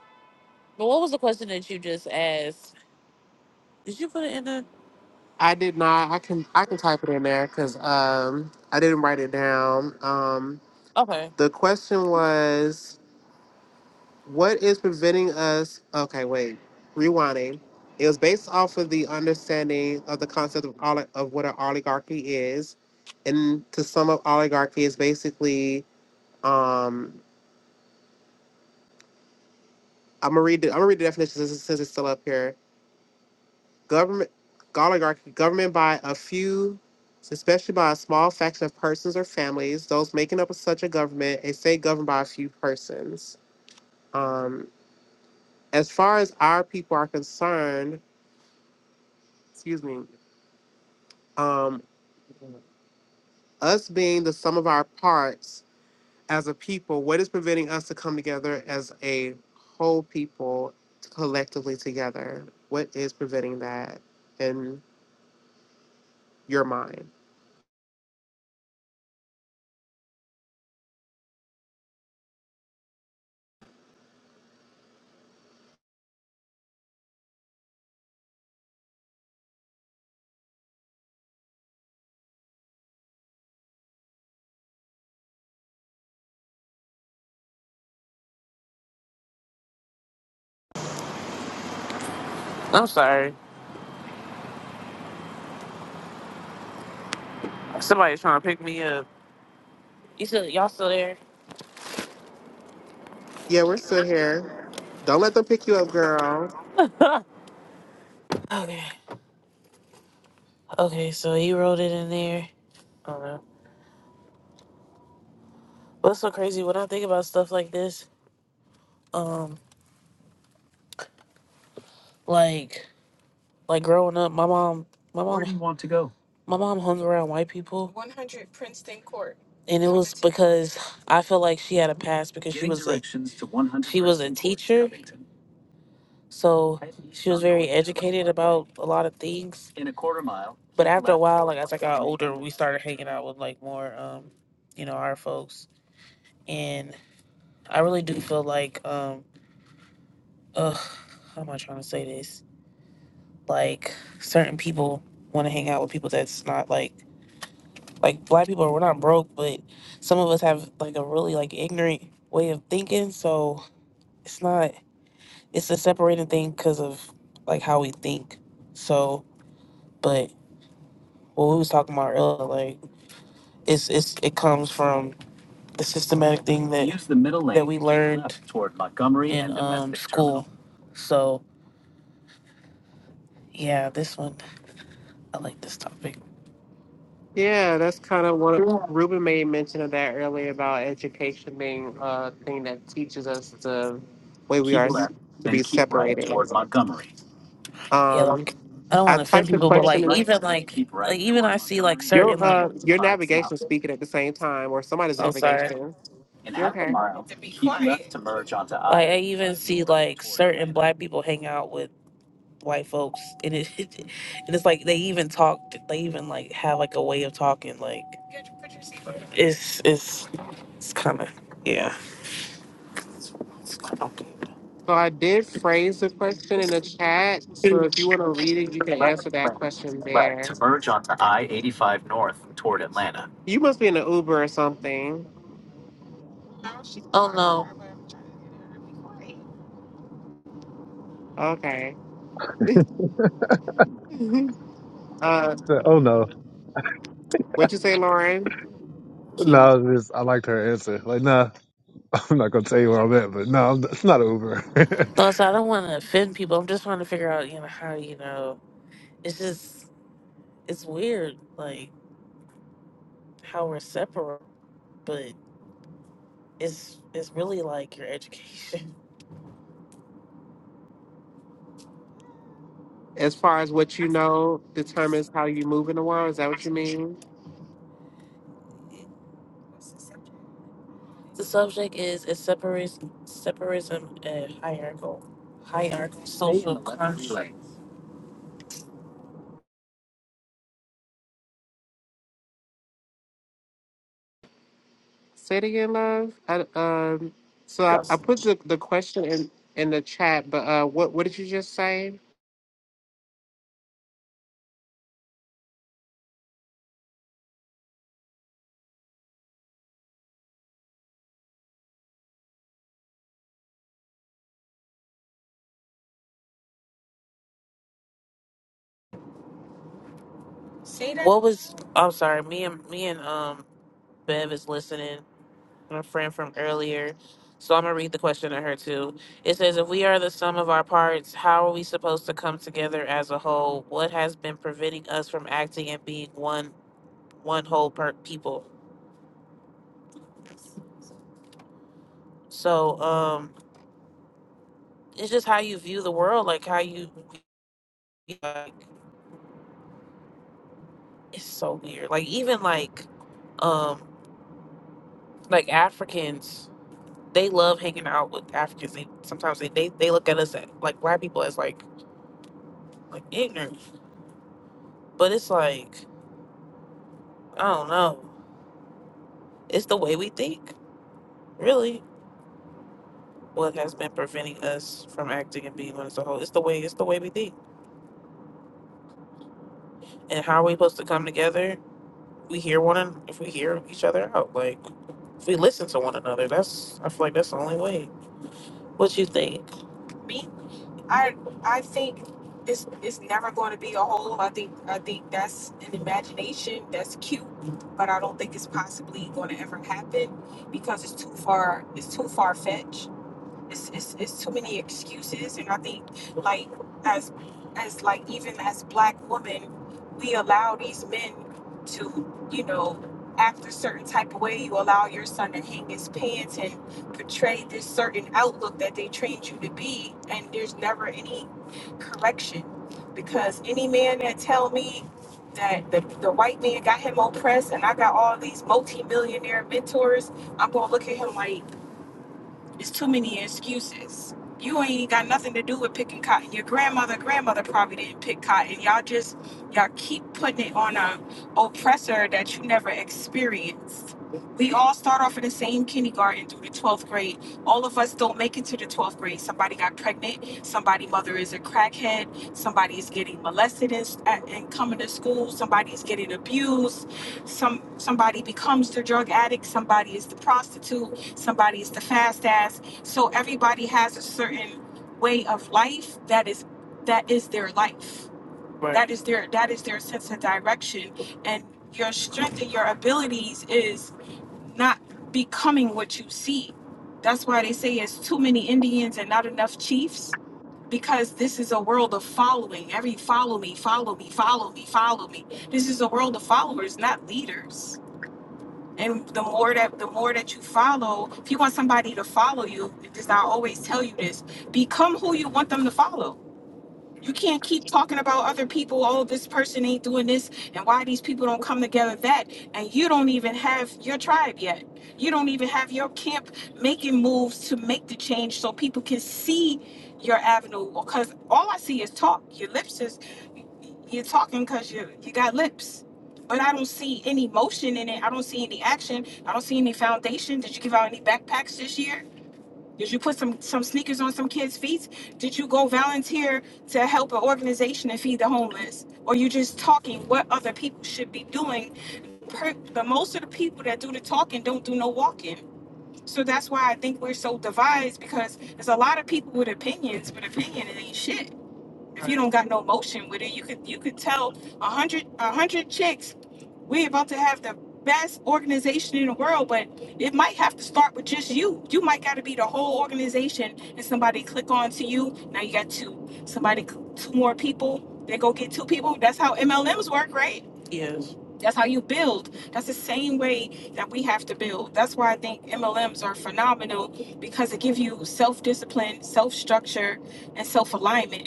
Speaker 5: but what was the question that you just asked? Did you put it in the?
Speaker 1: I did not. I can I can type it in there because um I didn't write it down. Um,
Speaker 5: Okay,
Speaker 1: the question was, what is preventing us? Okay, wait, rewinding. It was based off of the understanding of the concept of oli- of what an oligarchy is, and to sum up, oligarchy is basically um I'm gonna read the, I'm gonna read the definition since, since it's still up here. government oligarchy government by a few especially by a small faction of persons or families those making up such a government a state governed by a few persons um, as far as our people are concerned excuse me um, us being the sum of our parts as a people what is preventing us to come together as a whole people collectively together what is preventing that in your mind
Speaker 5: I'm sorry. Somebody's trying to pick me up. You still, y'all still there?
Speaker 1: yeah we're still here don't let them pick you up girl
Speaker 5: okay, okay. So he wrote it in there. I don't know. What's so crazy when I think about stuff like this? Um, like. Like growing up, my mom, my Where mom, Where do you want to go? my mom hung around white people. One hundred Princeton Court, And it was because I feel like she had a past because she Getting was a directions to 100 she was a Preston Court, teacher, Abington. so Head east she was on very North Adams educated about a lot of things. In a quarter mile, But keep after a left while, toward like as I got 100 older, Avenue. we started hanging out with like more, um, you know, our folks. And I really do feel like, um, ugh, how am I trying to say this? Like certain people want to hang out with people that's not like like black people we're not broke but some of us have like a really like ignorant way of thinking so it's not it's a separating thing because of like how we think so but what we was talking about earlier like it's it's it comes from the systematic thing that Use the middle lane that we learned left toward Montgomery in and um, domestic school terminal. so yeah this one i like this topic
Speaker 1: Yeah, that's kind of what Ruben made mention of that earlier about education being a thing that teaches us the way we
Speaker 5: keep
Speaker 1: are s-
Speaker 5: left
Speaker 1: to
Speaker 5: then
Speaker 1: be
Speaker 5: keep right
Speaker 1: separated.
Speaker 5: toward montgomery Yeah,
Speaker 1: Um,
Speaker 5: like I don't
Speaker 1: I
Speaker 5: want to offend
Speaker 1: typed the
Speaker 5: people, but
Speaker 1: question
Speaker 5: like
Speaker 1: in
Speaker 5: even like like even I see like certain
Speaker 1: your
Speaker 5: like
Speaker 1: uh your navigation speaking at the same time or somebody's
Speaker 5: oh sorry
Speaker 1: navigation.
Speaker 5: like
Speaker 1: You're okay.
Speaker 5: I even see like certain black people hang out with white folks and it and it's like they even talk they even like have like a way of talking like it's it's it's kind of yeah it's kind
Speaker 1: So I did phrase the question in the chat. So if you want to read it, you can answer that question there. You must be in an Uber or something. Okay. Uh,
Speaker 2: Oh no,
Speaker 1: what'd you say, Lauren?
Speaker 5: of
Speaker 2: no! It's, I liked her answer. Like, nah, I'm not gonna tell you where I'm at, but no, I'm- it's not over.
Speaker 5: No, so I don't want to offend people. I'm just trying to figure out, you know, how you know. It's just it's weird, like how we're separate, but it's it's really like your education.
Speaker 1: As far as what you know determines how you move in the world, is that what you mean?
Speaker 5: The subject is is separates separatism and hierarchical hierarchical social construct.
Speaker 1: Say it again, love. I, um, so I, I put the, the question in, in the chat, but uh, what what did you just say?
Speaker 5: What was I'm sorry, me and me and um Bev is listening my friend from earlier. So I'm gonna read the question to her too. It says, "If we are the sum of our parts, how are we supposed to come together as a whole? What has been preventing us from acting and being one one whole per people?" So um, it's just how you view the world, like how you like. It's so weird. Like even like um like Africans, they love hanging out with Africans. They sometimes they they, they look at us at, like black people as like like ignorant, but it's like I don't know. It's the way we think, really. What has been preventing us from acting and being one as a whole? It's the way. It's the way we think. And how are we supposed to come together? We hear one an- if we hear each other out. Like if we listen to one another. That's I feel like that's the only way. What you think? me, I I think it's it's never going to be a whole. I think I think that's an imagination. That's cute, but I don't think it's possibly going to ever happen because it's too far. It's too far fetched. it's, it's, it's too many excuses and i think like as as like even as black women we allow these men to you know act a certain type of way you allow your son to hang his pants and portray this certain outlook that they trained you to be and there's never any correction because any man that tell me that the, the white man got him oppressed and i got all these multi-millionaire mentors i'm gonna look at him like it's too many excuses. You ain't got nothing to do with picking cotton. Your grandmother, grandmother probably didn't pick cotton. Y'all just y'all keep putting it on a oppressor that you never experienced. We all start off in the same kindergarten through the 12th grade. All of us don't make it to the 12th grade. Somebody got pregnant. Somebody mother is a crackhead. Somebody is getting molested and, and coming to school. Somebody is getting abused. Some somebody becomes the drug addict. Somebody is the prostitute somebody's the fast ass. So everybody has a certain way of life that is that is their life. Right. That is their that is their sense of direction. And your strength and your abilities is not becoming what you see. That's why they say it's too many Indians and not enough chiefs because this is a world of following. Every follow me, follow me, follow me, follow me. This is a world of followers, not leaders and the more that the more that you follow if you want somebody to follow you because i always tell you this become who you want them to follow you can't keep talking about other people. Oh, this person ain't doing this, and why these people don't come together. That, and you don't even have your tribe yet. You don't even have your camp making moves to make the change so people can see your avenue. Because all I see is talk. Your lips is you're talking because you you got lips, but I don't see any motion in it. I don't see any action. I don't see any foundation. Did you give out any backpacks this year? Did you put some some sneakers on some kids' feet? Did you go volunteer to help an organization and feed the homeless? Or you just talking what other people should be doing? Per, but most of the people that do the talking don't do no walking. So that's why I think we're so divided because there's a lot of people with opinions, but opinion ain't shit if you don't got no motion with it, you could you could tell a hundred a hundred chicks we about to have the best organization in the world, but it might have to start with just you. You might got to be the whole organization, and somebody click on to you. Now you got two, somebody cl- two more people. They go get two people. That's how MLMs work, right? Yes. That's how you build. That's the same way that we have to build. That's why I think MLMs are phenomenal because it gives you self discipline, self structure, and self alignment.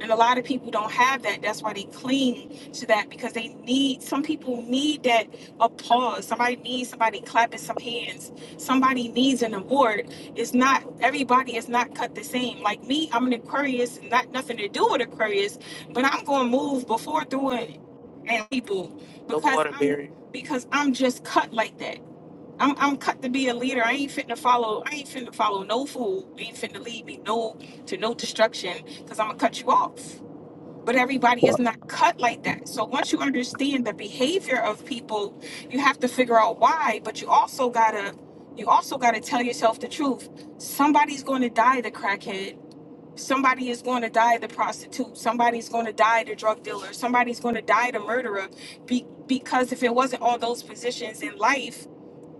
Speaker 5: And a lot of people don't have that. That's why they cling to that because they need, some people need that applause. Somebody needs somebody clapping some hands. Somebody needs an award. It's not, everybody is not cut the same. Like me, I'm an Aquarius, not nothing to do with Aquarius, but I'm going to move before, through, and, and people The because water I'm, barrier. because I'm just cut like that. I'm I'm cut to be a leader. I ain't fitting to follow. I ain't fitting to follow no fool. Ain't fitting to lead me no to no destruction because I'm gonna cut you off. But everybody is not cut like that. So once you understand the behavior of people, you have to figure out why. But you also gotta you also gotta tell yourself the truth. Somebody's going to die the crackhead. Somebody is going to die the prostitute. Somebody's going to die the drug dealer. Somebody's going to die the murderer. Be, because if it wasn't all those positions in life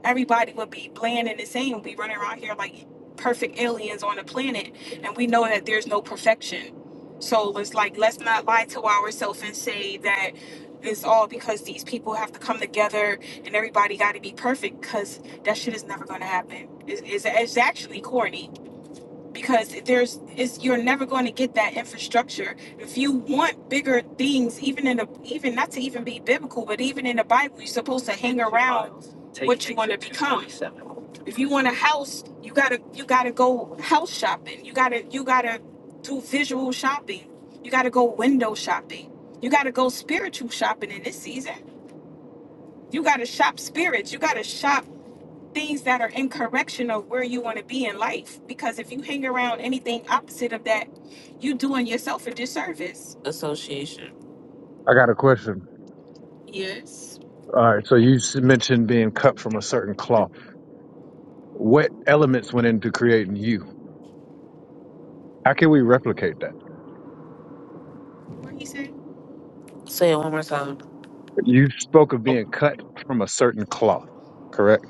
Speaker 5: everybody would be bland and the same. We running around here like perfect aliens on the planet, and we know that there's no perfection. So it's like let's not lie to ourselves and say that it's all because these people have to come together and everybody got to be perfect because that shit is never going to happen. It's, it's, it's actually corny because there's is you're never going to get that infrastructure if you want bigger things even in the even not to even be biblical but even in the bible you're supposed to hang around what you want to become if you want a house you gotta you gotta go house shopping you gotta you gotta do visual shopping you gotta go window shopping you gotta go spiritual shopping in this season you gotta shop spirits you gotta shop things that are in correction of where you want to be in life. Because if you hang around anything opposite of that, you doing yourself a disservice. Association.
Speaker 2: I got a question.
Speaker 5: Yes.
Speaker 2: All right, so you s- mentioned being cut from a certain cloth. What elements went into creating you? How can we replicate that?
Speaker 5: What he said? Say it one more time.
Speaker 2: You spoke of being cut from a certain cloth, correct?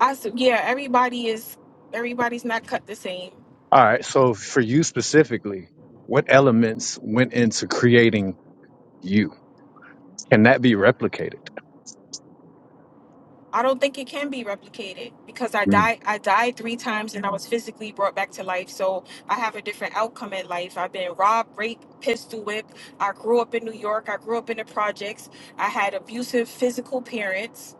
Speaker 5: I said, yeah. Everybody is. Everybody's not cut the same.
Speaker 2: All right, so for you specifically, what elements went into creating you? Can that be replicated?
Speaker 5: I don't think it can be replicated because I died I died three times and I was physically brought back to life. So I have a different outcome in life. I've been robbed, raped, pistol whipped. I grew up in New York. I grew up in the projects. I had abusive physical parents.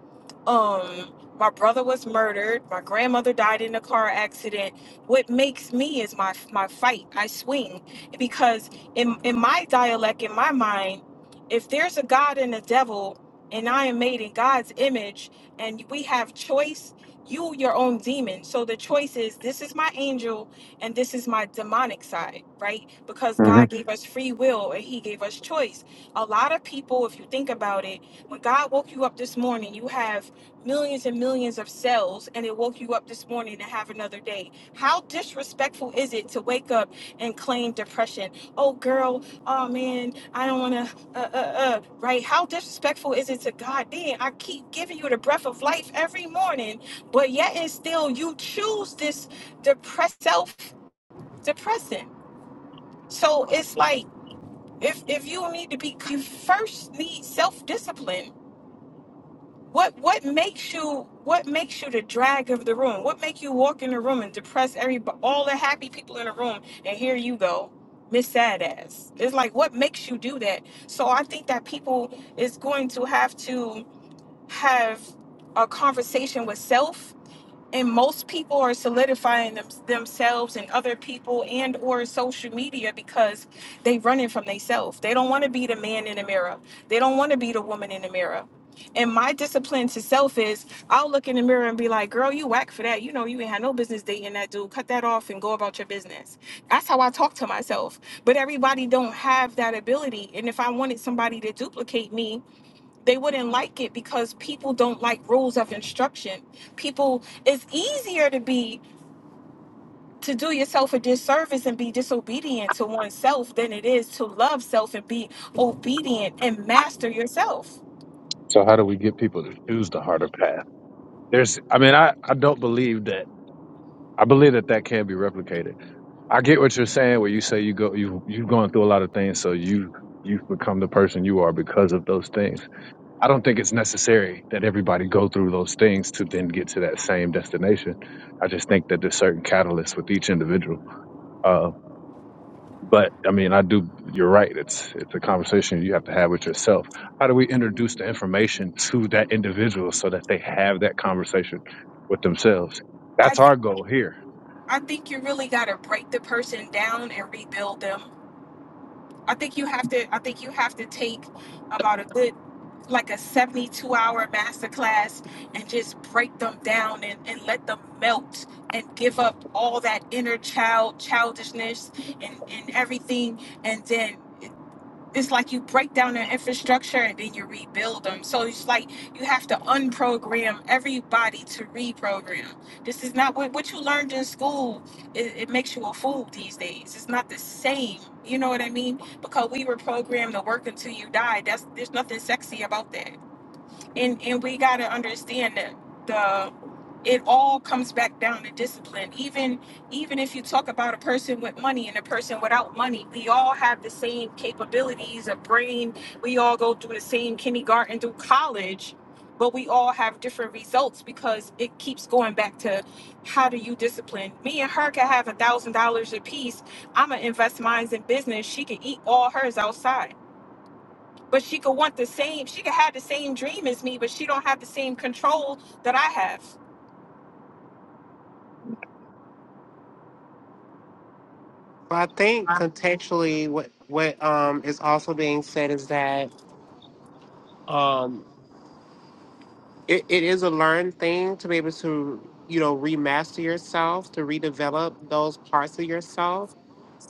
Speaker 5: Um my brother was murdered. My grandmother died in a car accident. What makes me is my my fight. I swing because in in my dialect in my mind, if there's a god and a devil and I am made in God's image, and we have choice you your own demon so the choice is this is my angel and this is my demonic side right because
Speaker 2: Mm-hmm.
Speaker 5: god gave us free will and he gave us choice a lot of people if you think about it when god woke you up this morning you have millions and millions of cells and it woke you up this morning to have another day how disrespectful is it to wake up and claim depression oh girl oh man i don't want to uh, uh, uh, right? How disrespectful is it to God? Then I keep giving you the breath of life every morning, but yet and still you choose this depressed self depressant. So it's like if if you need to be, you first need self discipline what what makes you what makes you the drag of the room? What make you walk in the room and depress everybody, all the happy people in the room, and here you go, Miss Sad Ass. It's like what makes you do that? So I think that people is going to have to have a conversation with self and most people are solidifying them, themselves and other people and or social media because they running from themselves they don't want to be the man in the mirror they don't want to be the woman in the mirror and my discipline to self is i'll look in the mirror and be like girl you whack for that you know you ain't had no business dating that dude cut that off and go about your business that's how i talk to myself but everybody don't have that ability and if i wanted somebody to duplicate me they wouldn't like it because people don't like rules of instruction people it's easier to be to do yourself a disservice and be disobedient to oneself than it is to love self and be obedient and master yourself
Speaker 2: So how do we get people to choose the harder path? There's, I mean, I, I don't believe that. I believe that that can be replicated. I get what you're saying, where you say you go, you you've gone through a lot of things, so you you've become the person you are because of those things. I don't think it's necessary that everybody go through those things to then get to that same destination. I just think that there's certain catalysts with each individual. Uh, But I mean, I do. You're right. It's it's a conversation you have to have with yourself. How do we introduce the information to that individual so that they have that conversation with themselves?
Speaker 5: i
Speaker 2: That's our
Speaker 5: think
Speaker 2: goal here.
Speaker 5: i think you really got to break the person down and rebuild them i think you have to i think you have to take about a good. like a 72 hour masterclass and just break them down and, and let them melt and give up all that inner child childishness and, and everything and then it's like you break down the infrastructure and then you rebuild them so it's like you have to unprogram everybody to reprogram this is not what, what you learned in school it, it makes you a fool these days it's not the same you know what i mean because we were programmed to work until you die that's there's nothing sexy about that and and we got to understand that the it all comes back down to discipline even even if you talk about a person with money and a person without money we all have the same capabilities of brain we all go through the same kindergarten through college but we all have different results because it keeps going back to how do you discipline me and her could have a thousand dollars a piece i'ma invest mine in business she could eat all hers outside but she could want the same she could have the same dream as me but she don't have the same control that i have
Speaker 1: Well, I think contextually, what what um is also being said is that um it, it is a learned thing to be able to you know remaster yourself to redevelop those parts of yourself,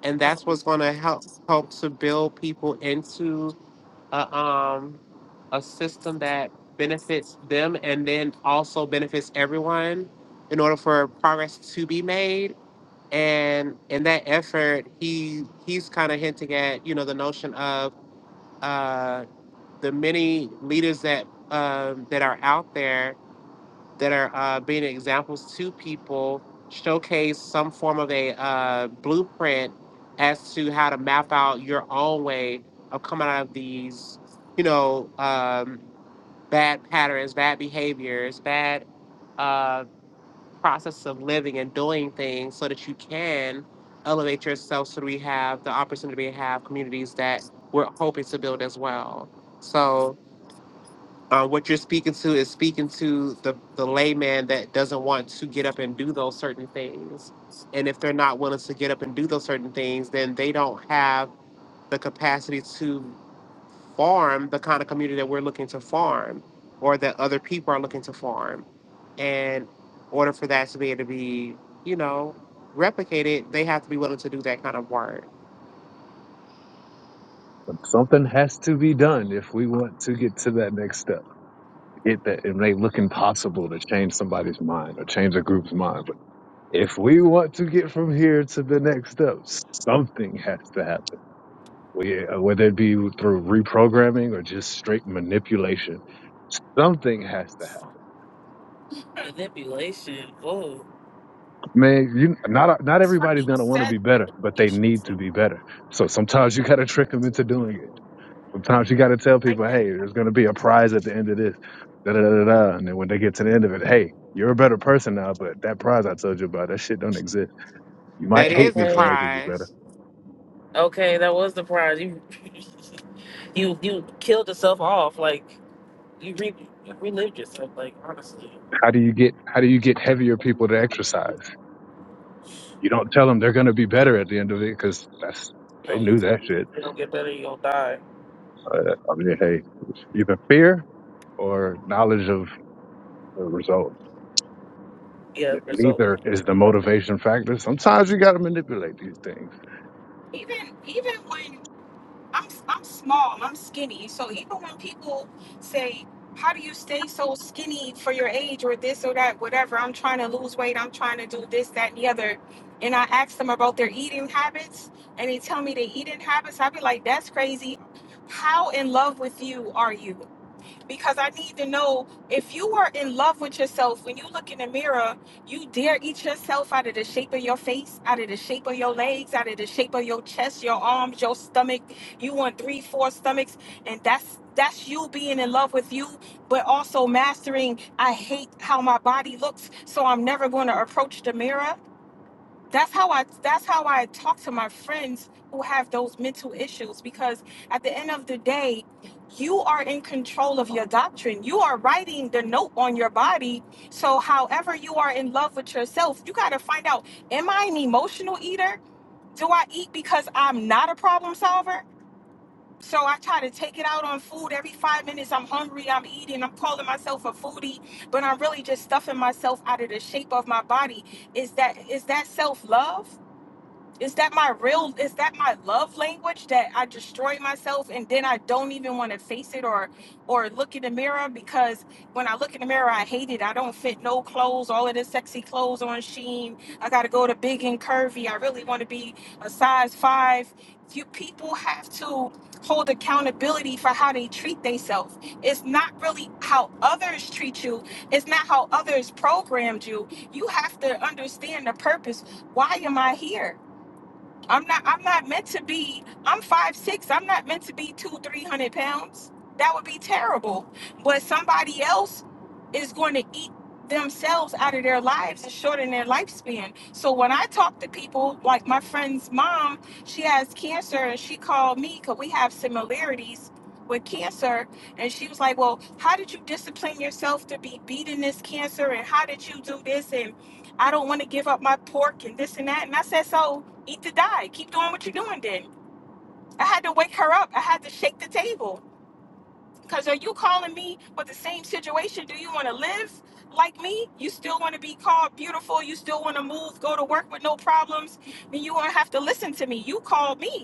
Speaker 1: and that's
Speaker 5: Oh,
Speaker 1: what's going to help help to build people into a um a system that benefits them and then also benefits everyone in order for progress to be made and in that effort he he's kind of hinting at you know the notion of uh the many leaders that um that are out there that are uh, being examples to people, showcase some form of a uh, blueprint as to how to map out your own way of coming out of these, you know, um, bad patterns, bad behaviors, bad uh, process of living and doing things so that you can elevate yourself so that we have the opportunity to have communities that we're hoping to build as well. So uh, what you're speaking to is speaking to the, the layman that doesn't want to get up and do those certain things. And if they're not willing to get up and do those certain things, then they don't have the capacity to farm the kind of community that we're looking to farm or that other people are looking to farm. And in order for that to be able to be, you know, replicated, they have to be willing to do that kind of work.
Speaker 2: Something has to be done if we want to get to that next step. It that it may look impossible to change somebody's mind or change a group's mind, but if we want to get from here to the next step, something has to happen. We, uh, whether it be through reprogramming or just straight manipulation Something has to happen.
Speaker 5: manipulation. Oh.
Speaker 2: Man, you not not
Speaker 5: it's funny
Speaker 2: everybody's
Speaker 5: you
Speaker 2: gonna want to
Speaker 5: said
Speaker 2: be better, but they need to be better. So sometimes you gotta trick them into doing it. Sometimes you gotta tell
Speaker 5: like
Speaker 2: people,
Speaker 5: that
Speaker 2: hey, there's gonna be a prize at the end of this, da da da da. da. And then when they get to the end of it, hey, you're a better person now, but that prize I told you about, that shit don't exist. You
Speaker 1: That
Speaker 2: might hate
Speaker 1: is
Speaker 2: me
Speaker 1: the
Speaker 2: for
Speaker 5: Okay.
Speaker 2: making you
Speaker 1: prize.
Speaker 2: better.
Speaker 5: Okay, that was the prize. You you you killed yourself off. Like you re you relived yourself, like honestly.
Speaker 2: How do you get how do you get heavier people to exercise? You don't tell them they're going to be better at the end of it because that's they
Speaker 5: No, you
Speaker 2: knew that
Speaker 5: don't,
Speaker 2: shit.
Speaker 5: you don't get better, you don't die.
Speaker 2: Uh, I mean, hey, either fear or knowledge of the result.
Speaker 5: Yeah,
Speaker 2: If neither
Speaker 5: result.
Speaker 2: is the motivation factor, sometimes you got to manipulate these things.
Speaker 5: even even when I'm I'm small. I'm skinny. So even when people say, "How do you stay so skinny for your age?" or this or that, whatever, I'm trying to lose weight. I'm trying to do this, that, and the other. And I ask them about their eating habits, and they tell me their eating habits. I'd be like, "That's crazy. How in love with you are you? because I need to know if you are in love with yourself, when you look in the mirror, you dare eat yourself out of the shape of your face, out of the shape of your legs, out of the shape of your chest, your arms, your stomach. You want three, four stomachs, and that's that's you being in love with you, but also mastering. I hate how my body looks, so I'm never going to approach the mirror that's how I that's how I talk to my friends who have those mental issues because at the end of the day, you are in control of your doctrine. You are writing the note on your body. So however you are in love with yourself, you got to find out am I an emotional eater? Do I eat because I'm not a problem solver? So I try to take it out on food every 5 minutes. I'm hungry, I'm eating, I'm calling myself a foodie, but I'm really just stuffing myself out of the shape of my body. Is that is that self-love? Is that my real is that my love language that I destroy myself and then I don't even want to face it or or look in the mirror because when I look in the mirror I hate it. I don't fit no clothes, all of this sexy clothes on Sheen. I gotta go to big and curvy. I really wanna be a size five. You people have to hold accountability for how they treat themselves. It's not really how others treat you, it's not how others programmed you. You have to understand the purpose. Why am I here? I'm not I'm not meant to be I'm five six. I'm not meant to be two, three hundred pounds. That would be terrible. But somebody else is going to eat themselves out of their lives and shorten their lifespan. So when I talk to people, like my friend's mom, she has cancer and she called me because we have similarities with cancer. And she was like, Well, how did you discipline yourself to be beating this cancer? And how did you do this? And I don't want to give up my pork and this and that. And I said, So eat to die. Keep doing what you're doing then. I had to wake her up. I had to shake the table. Because are you calling me with the same situation? Do you want to live like me? You still want to be called beautiful? You still want to move, go to work with no problems? Then you won't have to listen to me. You called me.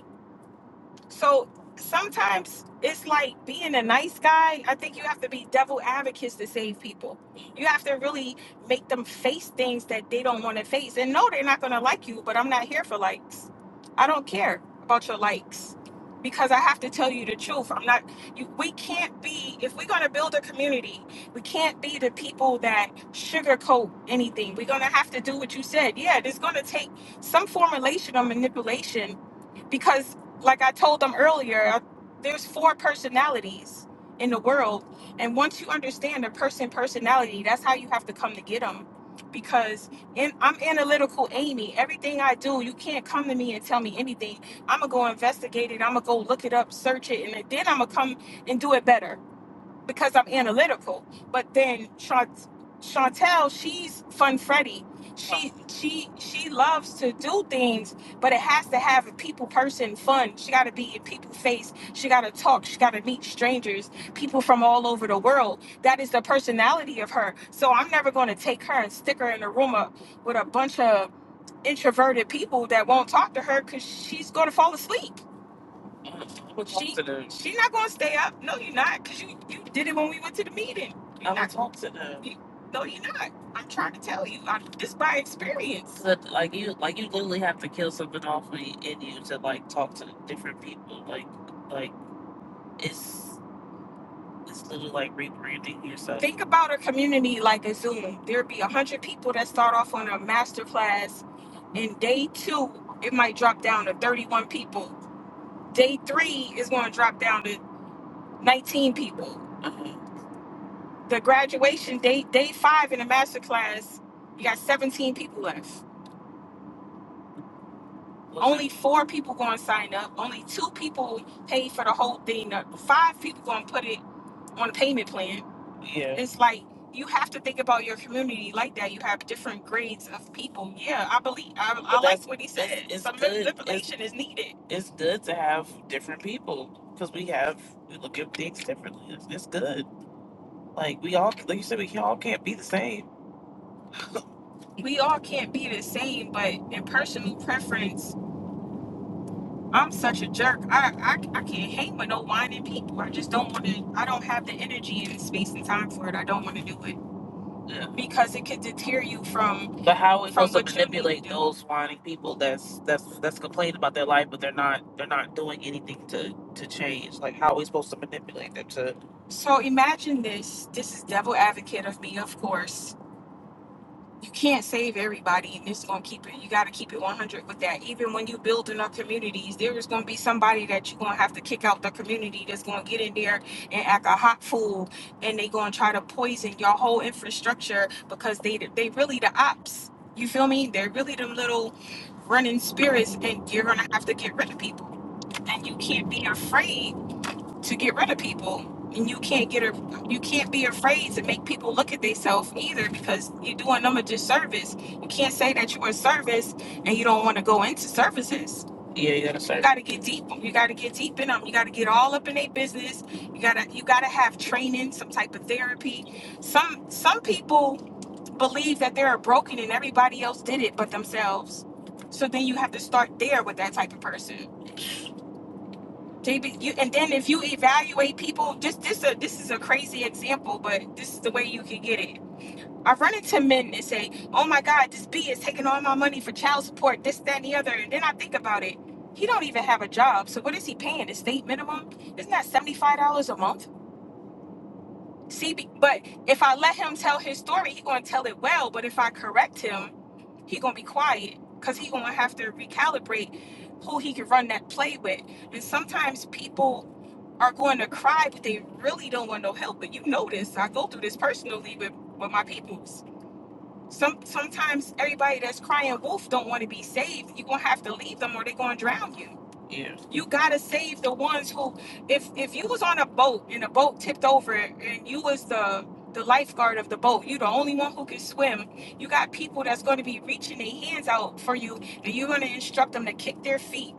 Speaker 5: So sometimes it's like being a nice guy. I think you have to be devil advocates to save people. You have to really make them face things that they don't want to face. And no, they're not going to like you, but I'm not here for likes. I don't care about your likes because I have to tell you the truth. I'm not, you, we can't be, if we're going to build a community, we can't be the people that sugarcoat anything. We're going to have to do what you said. Yeah, there's going to take some form of relation or manipulation because like I told them earlier, I- there's four personalities in the world, and once you understand a person personality, that's how you have to come to get them. Because in, I'm analytical, Amy. Everything I do, you can't come to me and tell me anything. I'm gonna go investigate it. I'm gonna go look it up, search it, and then I'm gonna come and do it better because I'm analytical. But then Chant- Chantel, she's fun Freddy. She she she loves to do things, but it has to have a people person fun. She got to be in people face. She got to talk. She got to meet strangers, people from all over the world. That is the personality of her. So I'm never going to take her and stick her in a room up with a bunch of introverted people that won't talk to her because she's going to fall asleep. Well, she she not gonna stay up. No, you're not, cause you you did it when we went to the meeting. You're I'm not talk to them. You, no, you're not. I'm trying to tell you. I, this by experience. But like you, like you literally have to kill something off in in you to like talk to different people. Like like it's it's literally like rebranding yourself. Think about a community like a Zoom. There'd be a hundred people that start off on a master class, and day two it might drop down to 31 people. Day three is going to drop down to 19 people. Uh-huh. The graduation day, day five in the master class, you got 17 people left. Okay. Only four people going to sign up. Only two people paid for the whole thing. Uh, Five people going to put it on a payment plan. Yeah. It's like you have to think about your community like that. You have different grades of people. Yeah, I believe. I, But I like that's- what he said. It's, it's Some good. manipulation is needed. It's good to have different people because we have we look at things differently. It's, it's good. Like we all, like you said, we all can't be the same. we all can't be the same, but in personal preference, I'm such a jerk. I, I, I can't hang with no whining people. I just don't want to, I don't have the energy and the space and time for it. I don't want to do it Yeah. because it could deter you from, But how are we supposed to manipulate those whining people that's that's that's complaining about their life, but they're not they're not doing anything to to change? Like how are we supposed to manipulate them to? So imagine this. This is devil advocate of me, of course. you can't save everybody and it's going to keep it you got to keep it 100 with that even when you building up communities there is going to be somebody that you're going to have to kick out the community that's going to get in there and act a hot fool and they going to try to poison your whole infrastructure because they they really the ops you feel me they're really them little running spirits and you're going to have to get rid of people and you can't be afraid to get rid of people and you can't get a, you can't be afraid to make people look at themselves either because you're doing them a disservice you can't say that you're a service and you don't want to go into services yeah you gotta, say. You gotta get deep you gotta get deep in them you gotta get all up in their business you gotta you gotta have training some type of therapy some some people believe that they're broken and everybody else did it but themselves so then you have to start there with that type of person JB, you, and then if you evaluate people, this this a this is a crazy example, but this is the way you can get it. I run into men that say, "Oh my God, this B is taking all my money for child support, this, that, and the other," and then I think about it. He don't even have a job, so what is he paying? The state minimum? Isn't that seventy five dollars a month? See, be- but if I let him tell his story, he gonna tell it well. But if I correct him, he gonna be quiet because he gonna have to recalibrate who he can run that play with. And sometimes people are going to cry, but they really don't want no help. But you know this. I go through this personally with, with my peoples some sometimes everybody that's crying wolf don't want to be saved. You're gonna have to leave them or they're gonna drown you. Yeah. You gotta save the ones who if if you was on a boat and the boat tipped over and you was the the lifeguard of the boat, you the only one who can swim. You got people that's gonna be reaching their hands out for you and you're gonna instruct them to kick their feet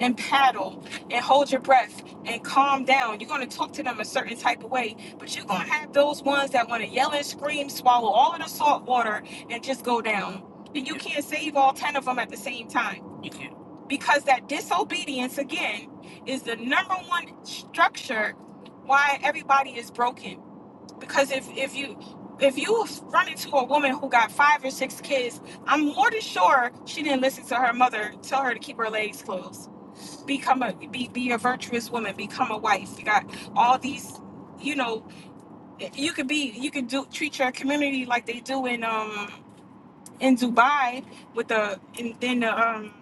Speaker 5: and paddle and hold your breath and calm down. You're going to talk to them a certain type of way, but you're going to have those ones that want to yell and scream, swallow all of the salt water, and just go down. And you Yeah. can't save all 10 of them at the same time. You can't. Because that disobedience, again, is the number one structure why everybody is broken. Because if, if you if you run into a woman who got five or six kids, I'm more than sure she didn't listen to her mother tell her to keep her legs closed become a be be a virtuous woman become a wife you got all these you know you could be you could do treat your community like they do in um in dubai with the in then the um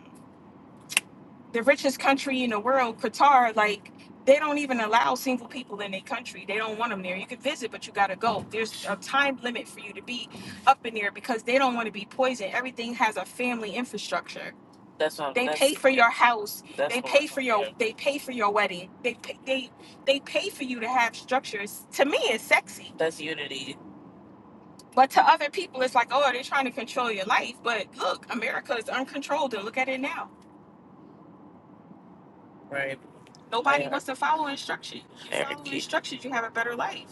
Speaker 5: the richest country in the world, Qatar, like they don't even allow single people in their country. They don't want them there. You can visit, but you got to go. There's a time limit for you to be up in there because they don't want to be poisoned. Everything has a family infrastructure. That's what. They pay That's for your house. that's They what. pay for your. Yeah. They pay for your wedding. They pay, they they pay for you to have structures. To me, it's sexy. That's unity. But to other people, it's like, oh, they're trying to control your life. But look, America is uncontrolled, and look at it now. Right. Nobody I, wants to follow instruction. You I follow keep instructions, you have a better life.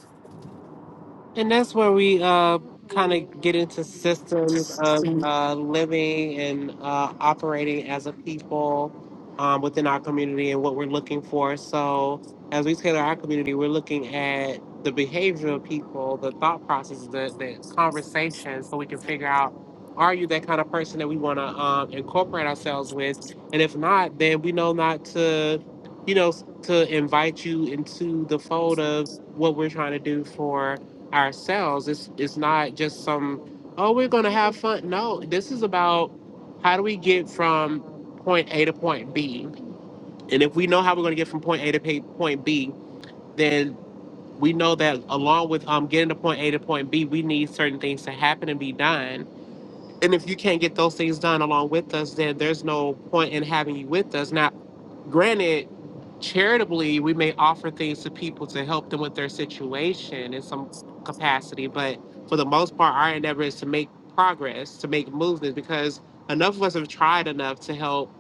Speaker 1: And that's where we uh, kind of get into systems of uh, living and uh, operating as a people um, within our community and what we're looking for. So, as we tailor our community, we're looking at the behavior of people, the thought processes, the, the conversations, so we can figure out are you that kind of person that we want to um, incorporate ourselves with? And if not, then we know not to, you know, to invite you into the fold of what we're trying to do for ourselves. It's it's not just some oh we're gonna have fun. No, this is about how do we get from point A to point B, and if we know how we're gonna get from point A to pa- point B, then we know that along with um getting to point A to point B, we need certain things to happen and be done. And if you can't get those things done along with us, then there's no point in having you with us. Now granted, charitably, we may offer things to people to help them with their situation in some capacity, but for the most part, our endeavor is to make progress, to make movements, because enough of us have tried enough to help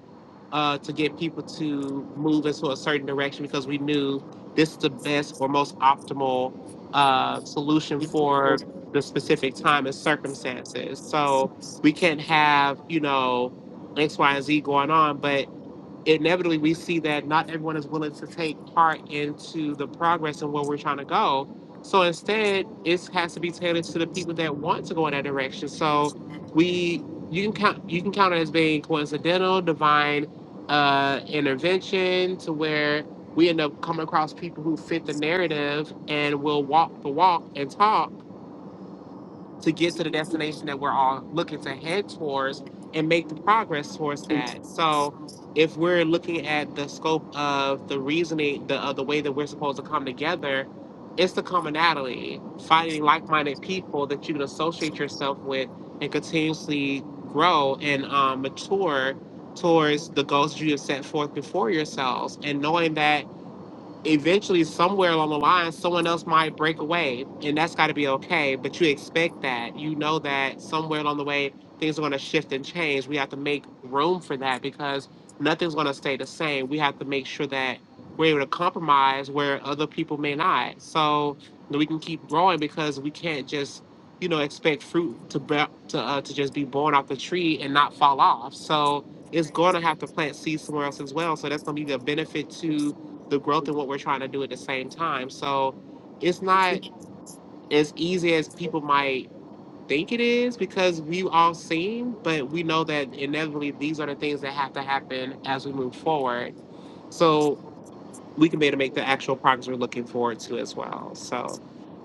Speaker 1: uh, to get people to move into a certain direction because we knew this is the best or most optimal uh, solution for the specific time and circumstances. So we can't have, you know, X, Y, and Z going on, but inevitably we see that not everyone is willing to take part into the progress and where we're trying to go. So instead, it has to be tailored to the people that want to go in that direction. So we you can count you can count it as being coincidental, divine uh, intervention to where we end up coming across people who fit the narrative and will walk the walk and talk to get to the destination that we're all looking to head towards and make the progress towards that. So if we're looking at the scope of the reasoning, the uh, the way that we're supposed to come together, it's the commonality, finding like-minded people that you can associate yourself with and continuously grow and um, mature towards the goals you have set forth before yourselves, and knowing that eventually somewhere along the line someone else might break away and that's got to be okay but you expect that you know that somewhere along the way things are going to shift and change we have to make room for that because nothing's going to stay the same we have to make sure that we're able to compromise where other people may not so that we can keep growing because we can't just you know expect fruit to be, to, uh, to just be born off the tree and not fall off so it's going to have to plant seeds somewhere else as well so that's going to be the benefit to the growth and what we're trying to do at the same time. So it's not as easy as people might think it is because we have all seen, but we know that inevitably these are the things that have to happen as we move forward. So we can be able to make the actual progress we're looking forward to as well. So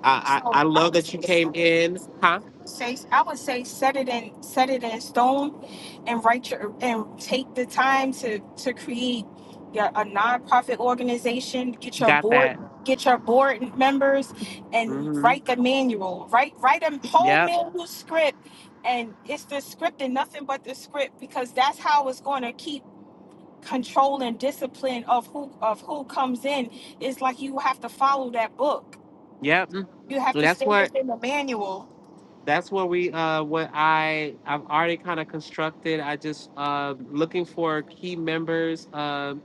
Speaker 1: I I, I love that you came in, huh?
Speaker 5: Say, I would say, set it in, set it in stone, and write your and take the time to to create your a nonprofit organization. Get your
Speaker 1: Got
Speaker 5: board,
Speaker 1: that.
Speaker 5: get your board members, and
Speaker 1: Mm-hmm.
Speaker 5: write the manual. Write write a whole
Speaker 1: Yep.
Speaker 5: manual script, and it's the script and nothing but the script because that's how it's going to keep control and discipline of who of who comes in it's like you have to follow that book
Speaker 1: Yep. Mm.
Speaker 5: you have to
Speaker 1: That's
Speaker 5: stay
Speaker 1: what
Speaker 5: within the manual
Speaker 1: that's what we uh what i i've already kind of constructed i just uh looking for key members um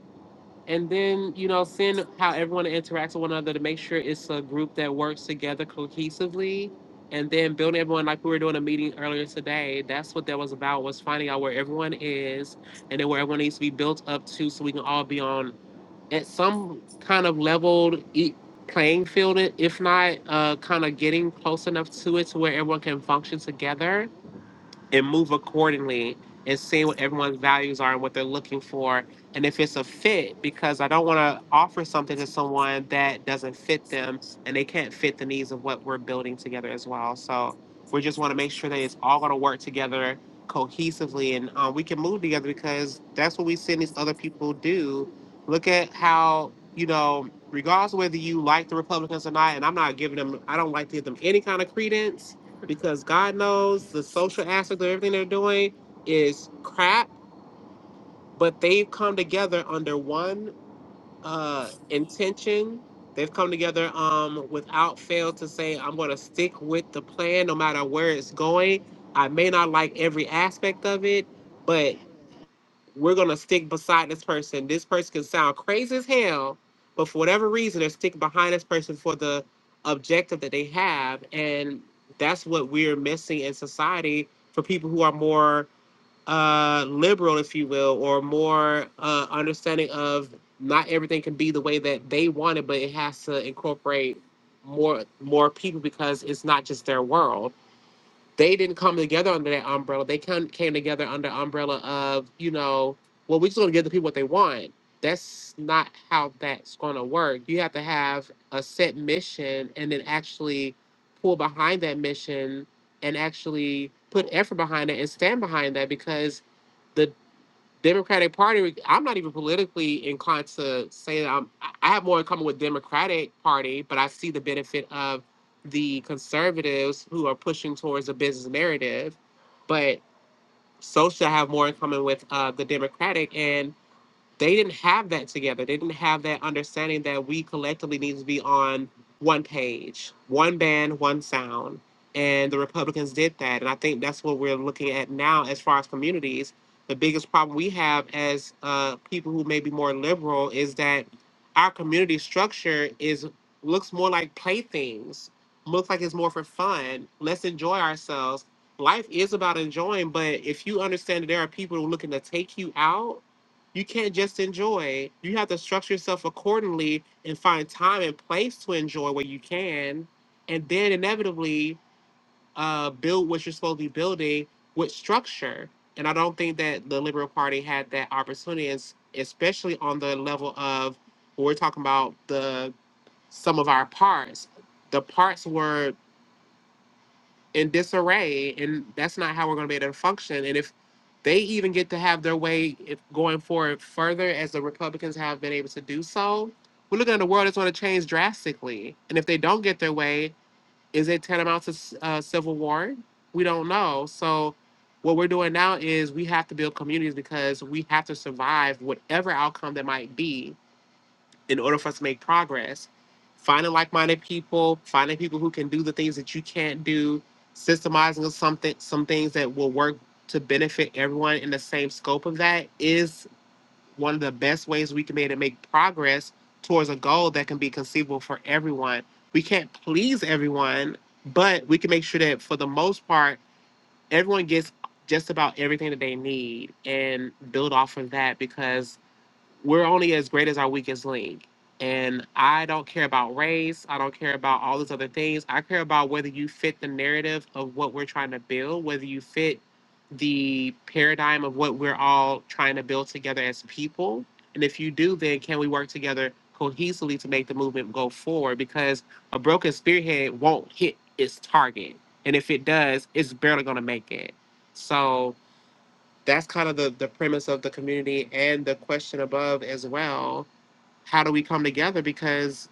Speaker 1: and then you know seeing how everyone interacts with one another to make sure it's a group that works together cohesively and then building everyone like we were doing a meeting earlier today that's what that was about was finding out where everyone is and then where everyone needs to be built up to so we can all be on at some kind of level e- playing field, if not uh, kind of getting close enough to it to where everyone can function together and move accordingly and see what everyone's values are and what they're looking for and if it's a fit because i don't want to offer something to someone that doesn't fit them and they can't fit the needs of what we're building together as well so we just want to make sure that it's all going to work together cohesively and uh, we can move together because that's what we seen these other people do look at how you know regardless of whether you like the republicans or not and i'm not giving them i don't like to give them any kind of credence because God knows the social aspect of everything they're doing is crap, but they've come together under one uh intention. They've come together um without fail to say, I'm gonna stick with the plan no matter where it's going. I may not like every aspect of it, but we're gonna stick beside this person. This person can sound crazy as hell, but for whatever reason, they're sticking behind this person for the objective that they have, and that's what we're missing in society for people who are more uh, liberal, if you will, or more uh, understanding of not everything can be the way that they want it, but it has to incorporate more more people because it's not just their world they didn't come together under that umbrella. They came came together under umbrella of, you know, well, we're just going to give the people what they want. That's not how that's going to work. You have to have a set mission and then actually pull behind that mission and actually put effort behind it and stand behind that because the Democratic Party. I'm not even politically inclined to say that I'm. I I have more in common with Democratic Party, but I see the benefit of the conservatives who are pushing towards a business narrative. But social, I have more in common with uh, the Democratic, and they didn't have that together. They didn't have that understanding that we collectively need to be on one page, one band, one sound. And the Republicans did that. And I think that's what we're looking at now as far as communities. The biggest problem we have as uh, people who may be more liberal is that our community structure is looks more like playthings, looks like it's more for fun. Let's enjoy ourselves life is about enjoying, but if you understand that there are people who are looking to take you out you can't just enjoy. You have to structure yourself accordingly and find time and place to enjoy where you can, and then inevitably uh, build what you're supposed to be building with structure. And I don't think that the Liberal Party had that opportunity, es- especially on the level of we're talking about the sum of our parts. The parts were in disarray and that's not how we're going to be able to function and if they even get to have their way if going forward further as the republicans have been able to do so we're looking at a world that's going to change drastically and if they don't get their way is it tantamount to s- uh, civil war we don't know so what we're doing now is we have to build communities because we have to survive whatever outcome that might be in order for us to make progress. Finding like minded people, finding people who can do the things that you can't do, systemizing something some things that will work to benefit everyone in the same scope of that is one of the best ways we can be able to make progress towards a goal that can be conceivable for everyone. We can't please everyone, but we can make sure that for the most part, everyone gets just about everything that they need and build off of that because we're only as great as our weakest link. And I don't care about race. I don't care about all these other things. I care about whether you fit the narrative of what we're trying to build, whether you fit the paradigm of what we're all trying to build together as people. And if you do, then can we work together cohesively to make the movement go forward? Because a broken spearhead won't hit its target. And if it does, it's barely going to make it. So, that's kind of the the premise of the community and the question above as well how do we come together because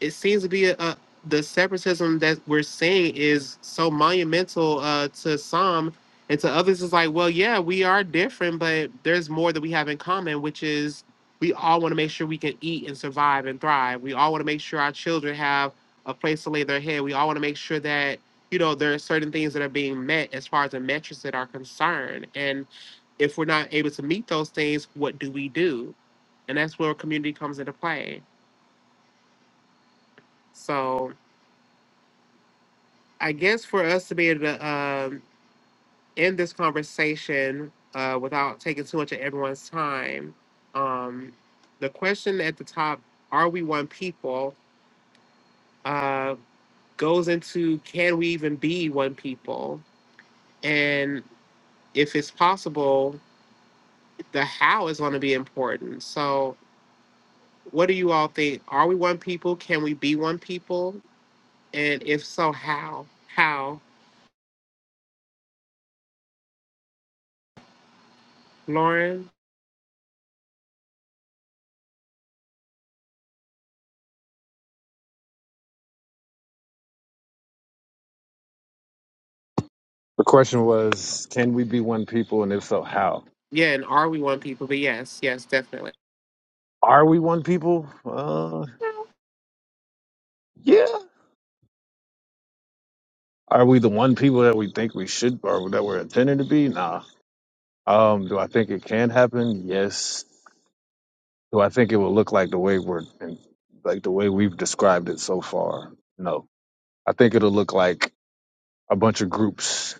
Speaker 1: it seems to be a, a the separatism that we're seeing is so monumental uh, to some and to others is like well yeah we are different but there's more that we have in common which is we all want to make sure we can eat and survive and thrive we all want to make sure our children have a place to lay their head we all want to make sure that you know there are certain things that are being met as far as the metrics that are concerned and if we're not able to meet those things what do we do and that's where community comes into play so I guess for us to be able to um, end this conversation uh, without taking too much of everyone's time, um, the question at the top, are we one people, uh, goes into can we even be one people? And if it's possible, the how is going to be important. So, what do you all think? Are we one people? Can we be one people? And if so, how? How? Lauren?
Speaker 2: The question was, can we be one people, and if so, how?
Speaker 1: Yeah, and are we one people? But yes, yes, definitely.
Speaker 2: Are we one people? Uh, yeah. Are we the one people that we think we should, or that we're intended to be? Nah. Um, do I think it can happen? Yes. Do I think it will look like the way we're like the way we've described it so far. No, I think it'll look like a bunch of groups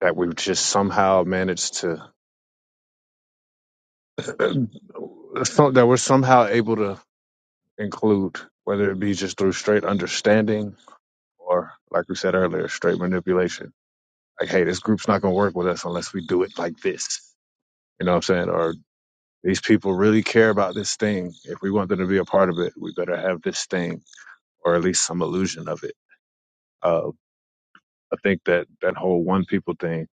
Speaker 2: that we've just somehow managed to that we're somehow able to include, whether it be just through straight understanding or, like we said earlier, straight manipulation. Like, hey, this group's not gonna work with us unless we do it like this. You know what I'm saying? Or these people really care about this thing. If we want them to be a part of it, we better have this thing or at least some illusion of it Uh, I think that that whole one people thing,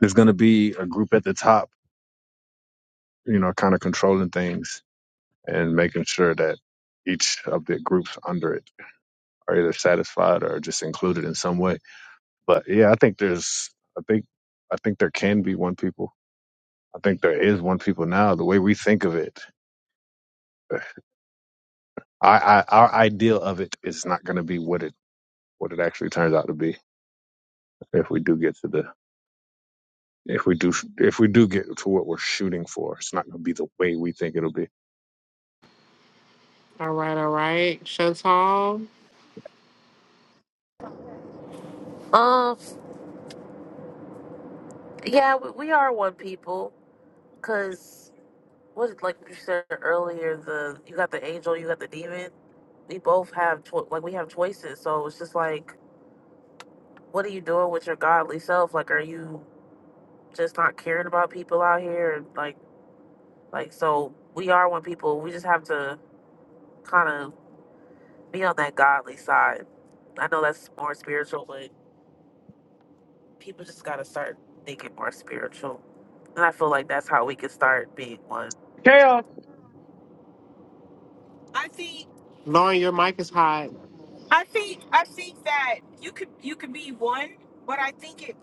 Speaker 2: there's going to be a group at the top, you know, kind of controlling things and making sure that each of the groups under it are either satisfied or just included in some way. But yeah, I think there's, I think, I think there can be one people. I think there is one people now. The way we think of it, I, I our ideal of it is not going to be what it what it actually turns out to be if we do get to the if we do if we do get to what we're shooting for. It's not going to be the way we think it'll be.
Speaker 1: All right, all right. Chantal,
Speaker 5: Well, what like you said earlier, the you got the angel, you got the demon. We both have cho- like we have choices, so it's just like, what are you doing with your godly self? Like, are you just not caring about people out here? Like, like so we are one people. We just have to kind of be on that godly side. I know that's more spiritual, but. people just gotta start thinking more spiritual. And I feel like that's how we can start being one.
Speaker 2: Chaos.
Speaker 5: I think
Speaker 1: Lauren, your mic is hot.
Speaker 5: I think I think that you could you could be one, but I think it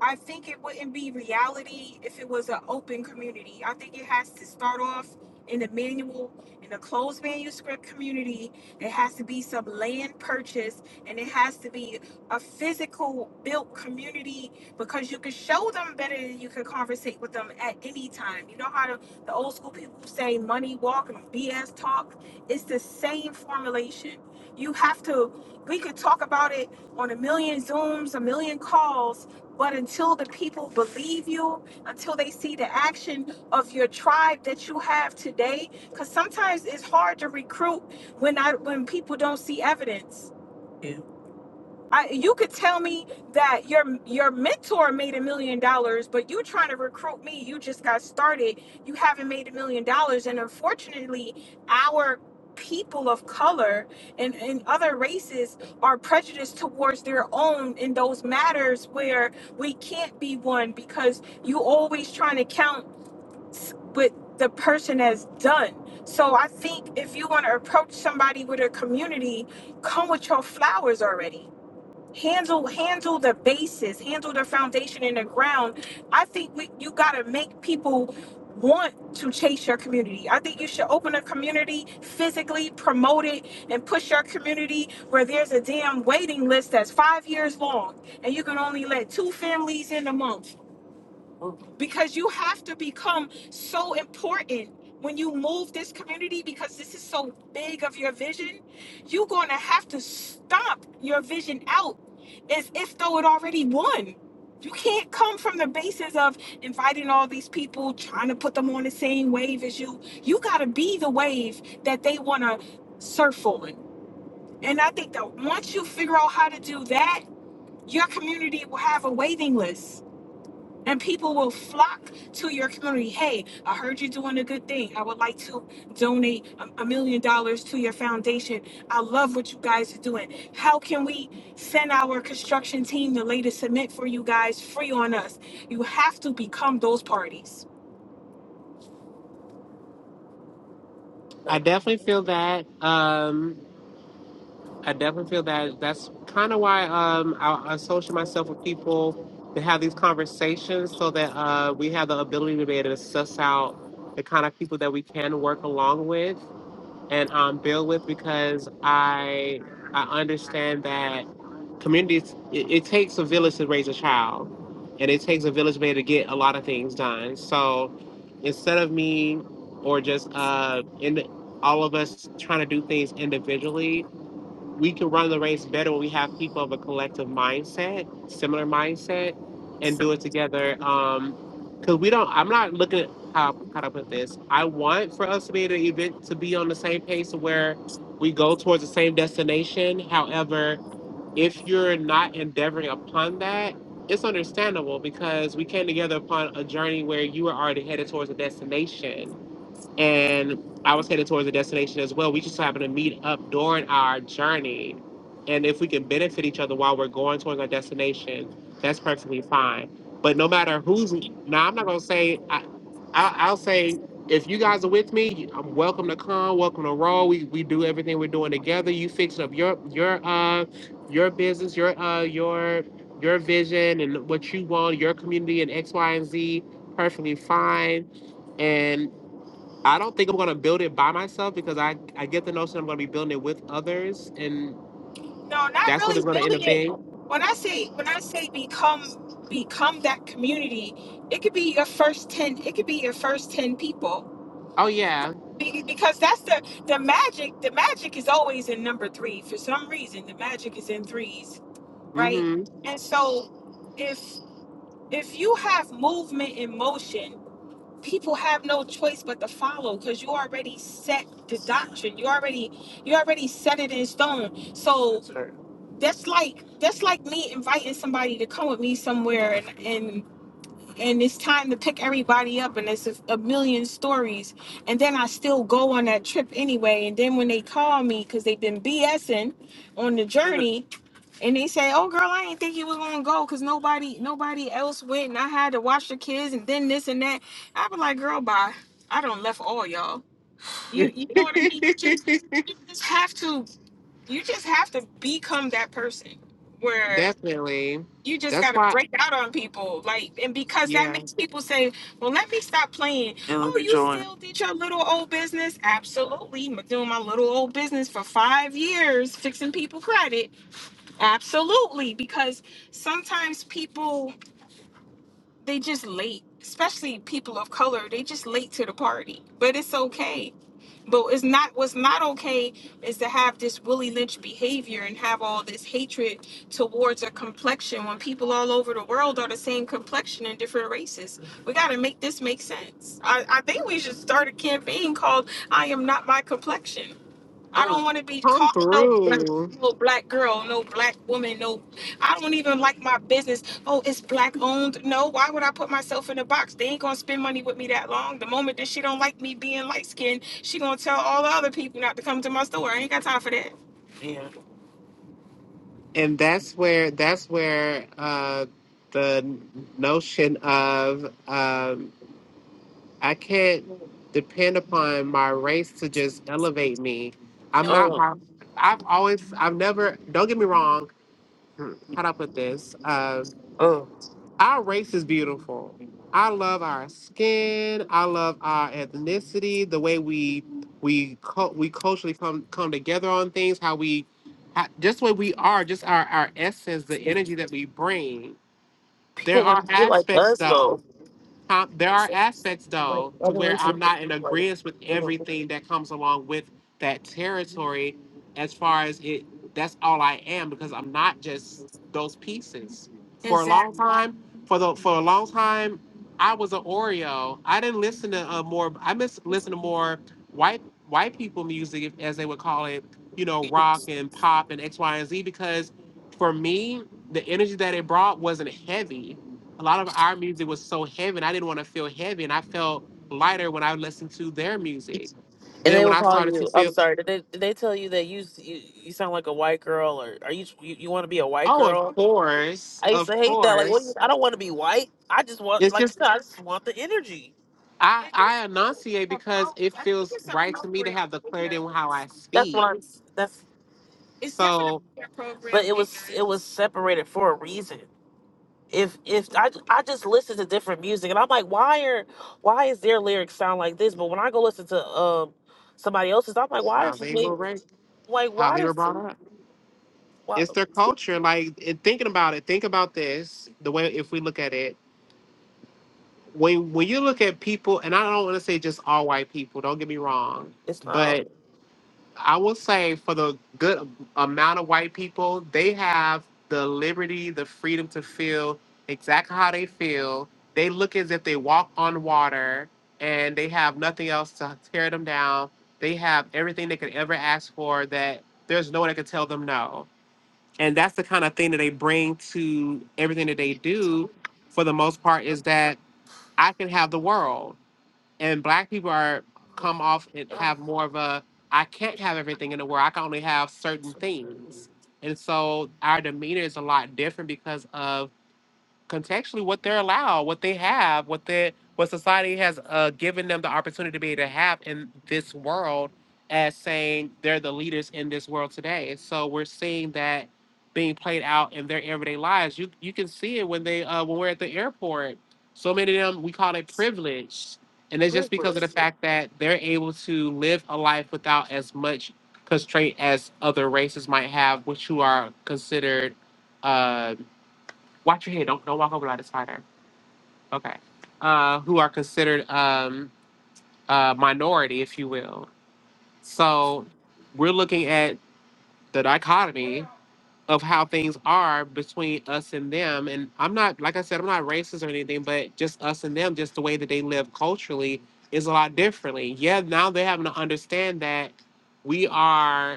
Speaker 5: I think it wouldn't be reality if it was an open community. I think it has to start off in the manual, in the closed manuscript community. There has to be some land purchase and it has to be a physical built community because you can show them better than you can conversate with them at any time. You know how the, the old school people say money walk and BS talk? It's the same formulation you have to, we could talk about it on a million Zooms, a million calls, but until the people believe you, until they see the action of your tribe that you have today, because sometimes it's hard to recruit when I when people don't see evidence. I, you could tell me that your your mentor made a million dollars, but you trying to recruit me. You just got started. You haven't made a million dollars, and unfortunately, our people of color and, and other races are prejudiced towards their own in those matters where we can't be one because you always trying to count s- what the person has done. So I think if you want to approach somebody with a community, come with your flowers already handle handle the basis handle the foundation in the ground i think we you got to make people want to chase your community i think you should open a community physically promote it and push your community where there's a damn waiting list that's five years long and you can only let two families in a month because you have to become so important when you move this community because this is so big of your vision you're going to have to stomp your vision out as if though it already won you can't come from the basis of inviting all these people trying to put them on the same wave as you you got to be the wave that they want to surf on and i think that once you figure out how to do that your community will have a waiting list and people will flock to your community. Hey, I heard you're doing a good thing. I would like to donate a a million dollars to your foundation. I love what you guys are doing. How can we send our construction team the latest cement for you guys free on us? You have to become those parties.
Speaker 1: I
Speaker 5: No,
Speaker 1: definitely feel that. Um, I definitely feel that. That's kind of why um, I I associate myself with people that have these conversations so that uh, we have the ability to be able to suss out the kind of people that we can work along with. and um, build with because I I understand that communities it, it takes a village to raise a child, and it takes a village man to get a lot of things done. So instead of me or just uh in all of us trying to do things individually, we can run the race better when we have people of a collective mindset, similar mindset, and do it together. Um, because we don't. I'm not looking at how how to put this. I want for us to be at an event to be on the same pace where we go towards the same destination. However, if you're not endeavoring upon that, it's understandable because we came together upon a journey where you were already headed towards a destination and I was headed towards a destination as well. We just happened to meet up during our journey, and if we can benefit each other while we're going towards our destination, that's perfectly fine. But no matter who's now, I'm not gonna say I, I I'll say if you guys are with me, I'm welcome to come, welcome to roll. We we do everything we're doing together. You fix up your your uh your business, your uh your your vision and what you want, your community and X, Y, and Z, perfectly fine and. I don't think I'm gonna build it by myself because I I get the notion I'm gonna be building it with others, and
Speaker 5: not
Speaker 1: that's what
Speaker 5: really
Speaker 1: it's gonna end
Speaker 5: building
Speaker 1: up
Speaker 5: it.
Speaker 1: being.
Speaker 5: When I say when I say become become that community, it could be your first 10, it could be your first 10 people
Speaker 1: Oh yeah,
Speaker 5: Be- because that's the the magic the magic is always in number three for some reason the magic is in threes right
Speaker 1: mm-hmm.
Speaker 5: and so if if you have movement in motion people have no choice but to follow because you already set the doctrine you already you already set it in stone so that's like that's like me inviting somebody to come with me somewhere and and it's time to pick everybody up and it's a, a million stories and then i still go on that trip anyway and then when they call me because they've been bsing on the journey and they say oh girl i didn't think you was gonna go because nobody nobody else went and i had to watch the kids and then this and that i be like girl bye i don't left all y'all you you know what i mean just you just have to you just have to become that person where
Speaker 1: definitely.
Speaker 5: you just
Speaker 1: That's
Speaker 5: gotta
Speaker 1: why,
Speaker 5: break out on people like and because that
Speaker 1: yeah,
Speaker 5: makes people say well let me stop playing And let oh me you join. still did your little old business absolutely I'm doing my little old business for five years fixing people credit absolutely because sometimes people they just late, especially people of color. They just late to the party, but it's okay. But it's not what's not okay is to have this Willie Lynch behavior and have all this hatred towards a complexion when people all over the world are the same complexion in different races. We got to make this make sense. I, I think we should start a campaign called "I Am Not My Complexion." I don't want to be
Speaker 1: come
Speaker 5: called no, black,
Speaker 1: through,
Speaker 5: no black girl, no black woman, no. I don't even like my business. Oh, it's black owned. No, why would I put myself in a box? They ain't gonna spend money with me that long. The moment that she don't like me being light skinned, she gonna tell all the other people not to come to my store. I ain't got time for that. Yeah.
Speaker 1: and that's where that's where uh, the notion of um, I can't depend upon my race to just elevate me.
Speaker 5: No.
Speaker 1: I'm not my. I've always, I've never. Don't get me wrong. hmm, how do I put this? Uh,
Speaker 5: Oh, oh.
Speaker 1: our race is beautiful. I love our skin. I love our ethnicity. The way we we cul- we culturally come come together on things. How we how, just what we are. Just our our essence. The energy that we bring. There
Speaker 5: People want
Speaker 1: are
Speaker 5: to be like
Speaker 1: aspects
Speaker 5: us
Speaker 1: though.
Speaker 5: though.
Speaker 1: Um, there are aspects
Speaker 5: Like
Speaker 1: though to
Speaker 5: other
Speaker 1: where
Speaker 5: races.
Speaker 1: I'm not in agreement with everything that comes along with that territory as far as it that's all I am because I'm not just those pieces. For a long
Speaker 5: Exactly.
Speaker 1: time, for the for a long time, I was an Oreo. I didn't listen to uh, more I miss listen to more white white people music as they would call it, you know, rock and pop and X, Y, and Z because for me, the energy that it brought wasn't heavy a lot of our music was so heavy and I didn't want to feel heavy and I felt lighter when I listened to their music.
Speaker 5: And
Speaker 1: Then
Speaker 5: they
Speaker 1: when
Speaker 5: will
Speaker 1: I
Speaker 5: call
Speaker 1: started to
Speaker 5: you. I'm
Speaker 1: feel,
Speaker 5: sorry. Did they, did they tell you that you, you you sound like a white girl, or are you you, you want to be a white
Speaker 1: oh, of
Speaker 5: girl?
Speaker 1: course,
Speaker 5: I used
Speaker 1: of
Speaker 5: to hate that. Like, what, do you-
Speaker 1: course.
Speaker 5: I don't want to be white. I just want,
Speaker 1: It's
Speaker 5: like you
Speaker 1: just
Speaker 5: said, I just want the energy.
Speaker 1: I I
Speaker 5: That's
Speaker 1: enunciate because it feels right to me to have the clarity in how I
Speaker 5: what
Speaker 1: speak.
Speaker 5: I'm. That's.
Speaker 1: So
Speaker 5: But it was it was separated for a reason. If if I I just listen to different music and I'm like, why are why is their lyrics sound like this? But when I go listen to um somebody else's, I'm like, why
Speaker 1: how
Speaker 5: is
Speaker 1: they were
Speaker 5: wait
Speaker 1: raised,
Speaker 5: like
Speaker 1: how
Speaker 5: why
Speaker 1: they were
Speaker 5: does
Speaker 1: brought up.
Speaker 5: why
Speaker 1: It's their culture. Like and thinking about it, think about this, the way if we look at it. When when you look at people, and I don't want to say just all white people, don't get me wrong,
Speaker 5: it's not all
Speaker 1: but I will say for the good amount of white people, they have the liberty, the freedom to feel exactly how they feel. They look as if they walk on water and they have nothing else to tear them down. They have everything they could ever ask for that there's no one that can tell them no. And that's the kind of thing that they bring to everything that they do for the most part is that I can have the world and black people are come off and have more of a I can't have everything in the world. I can only have certain things. And so our demeanor is a lot different because of contextually what they're allowed, what they have, what they what society has uh, given them the opportunity to be able to have in this world as saying they're the leaders in this world today. And so we're seeing that being played out in their everyday lives. You you can see it when they uh, when we're at the airport. So many of them we call it privilege. And it's just because of the fact that they're able to live a life without as much constraint as other races might have, which who are considered uh, Watch your head. Don't don't walk over like a spider. Okay. Uh, who are considered um, a minority, if you will. So we're looking at the dichotomy of how things are between us and them. And I'm not, like I said, I'm not racist or anything, but just us and them, just the way that they live culturally is a lot differently. Yeah, now they're having to understand that we are.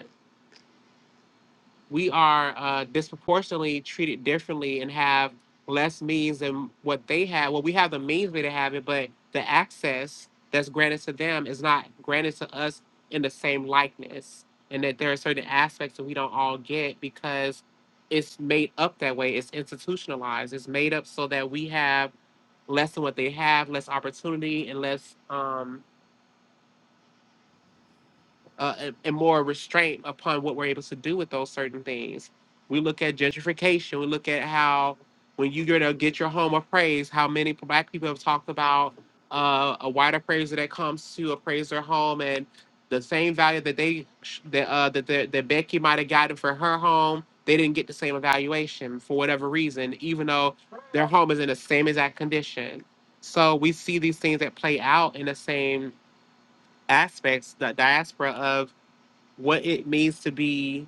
Speaker 1: we are uh, disproportionately treated differently and have less means than what they have. Well, we have the means we to have it, but the access that's granted to them is not granted to us in the same likeness. And that there are certain aspects that we don't all get because it's made up that way. It's institutionalized. It's made up so that we have less than what they have, less opportunity, and less um, uh, and, and more restraint upon what we're able to do with those certain things. We look at gentrification. We look at how when you go to get your home appraised, how many black people have talked about uh, a white appraiser that comes to appraise their home and the same value that they that uh, that, that that Becky might have gotten for her home, they didn't get the same evaluation for whatever reason, even though their home is in the same exact condition. So we see these things that play out in the same aspects, the diaspora of what it means to be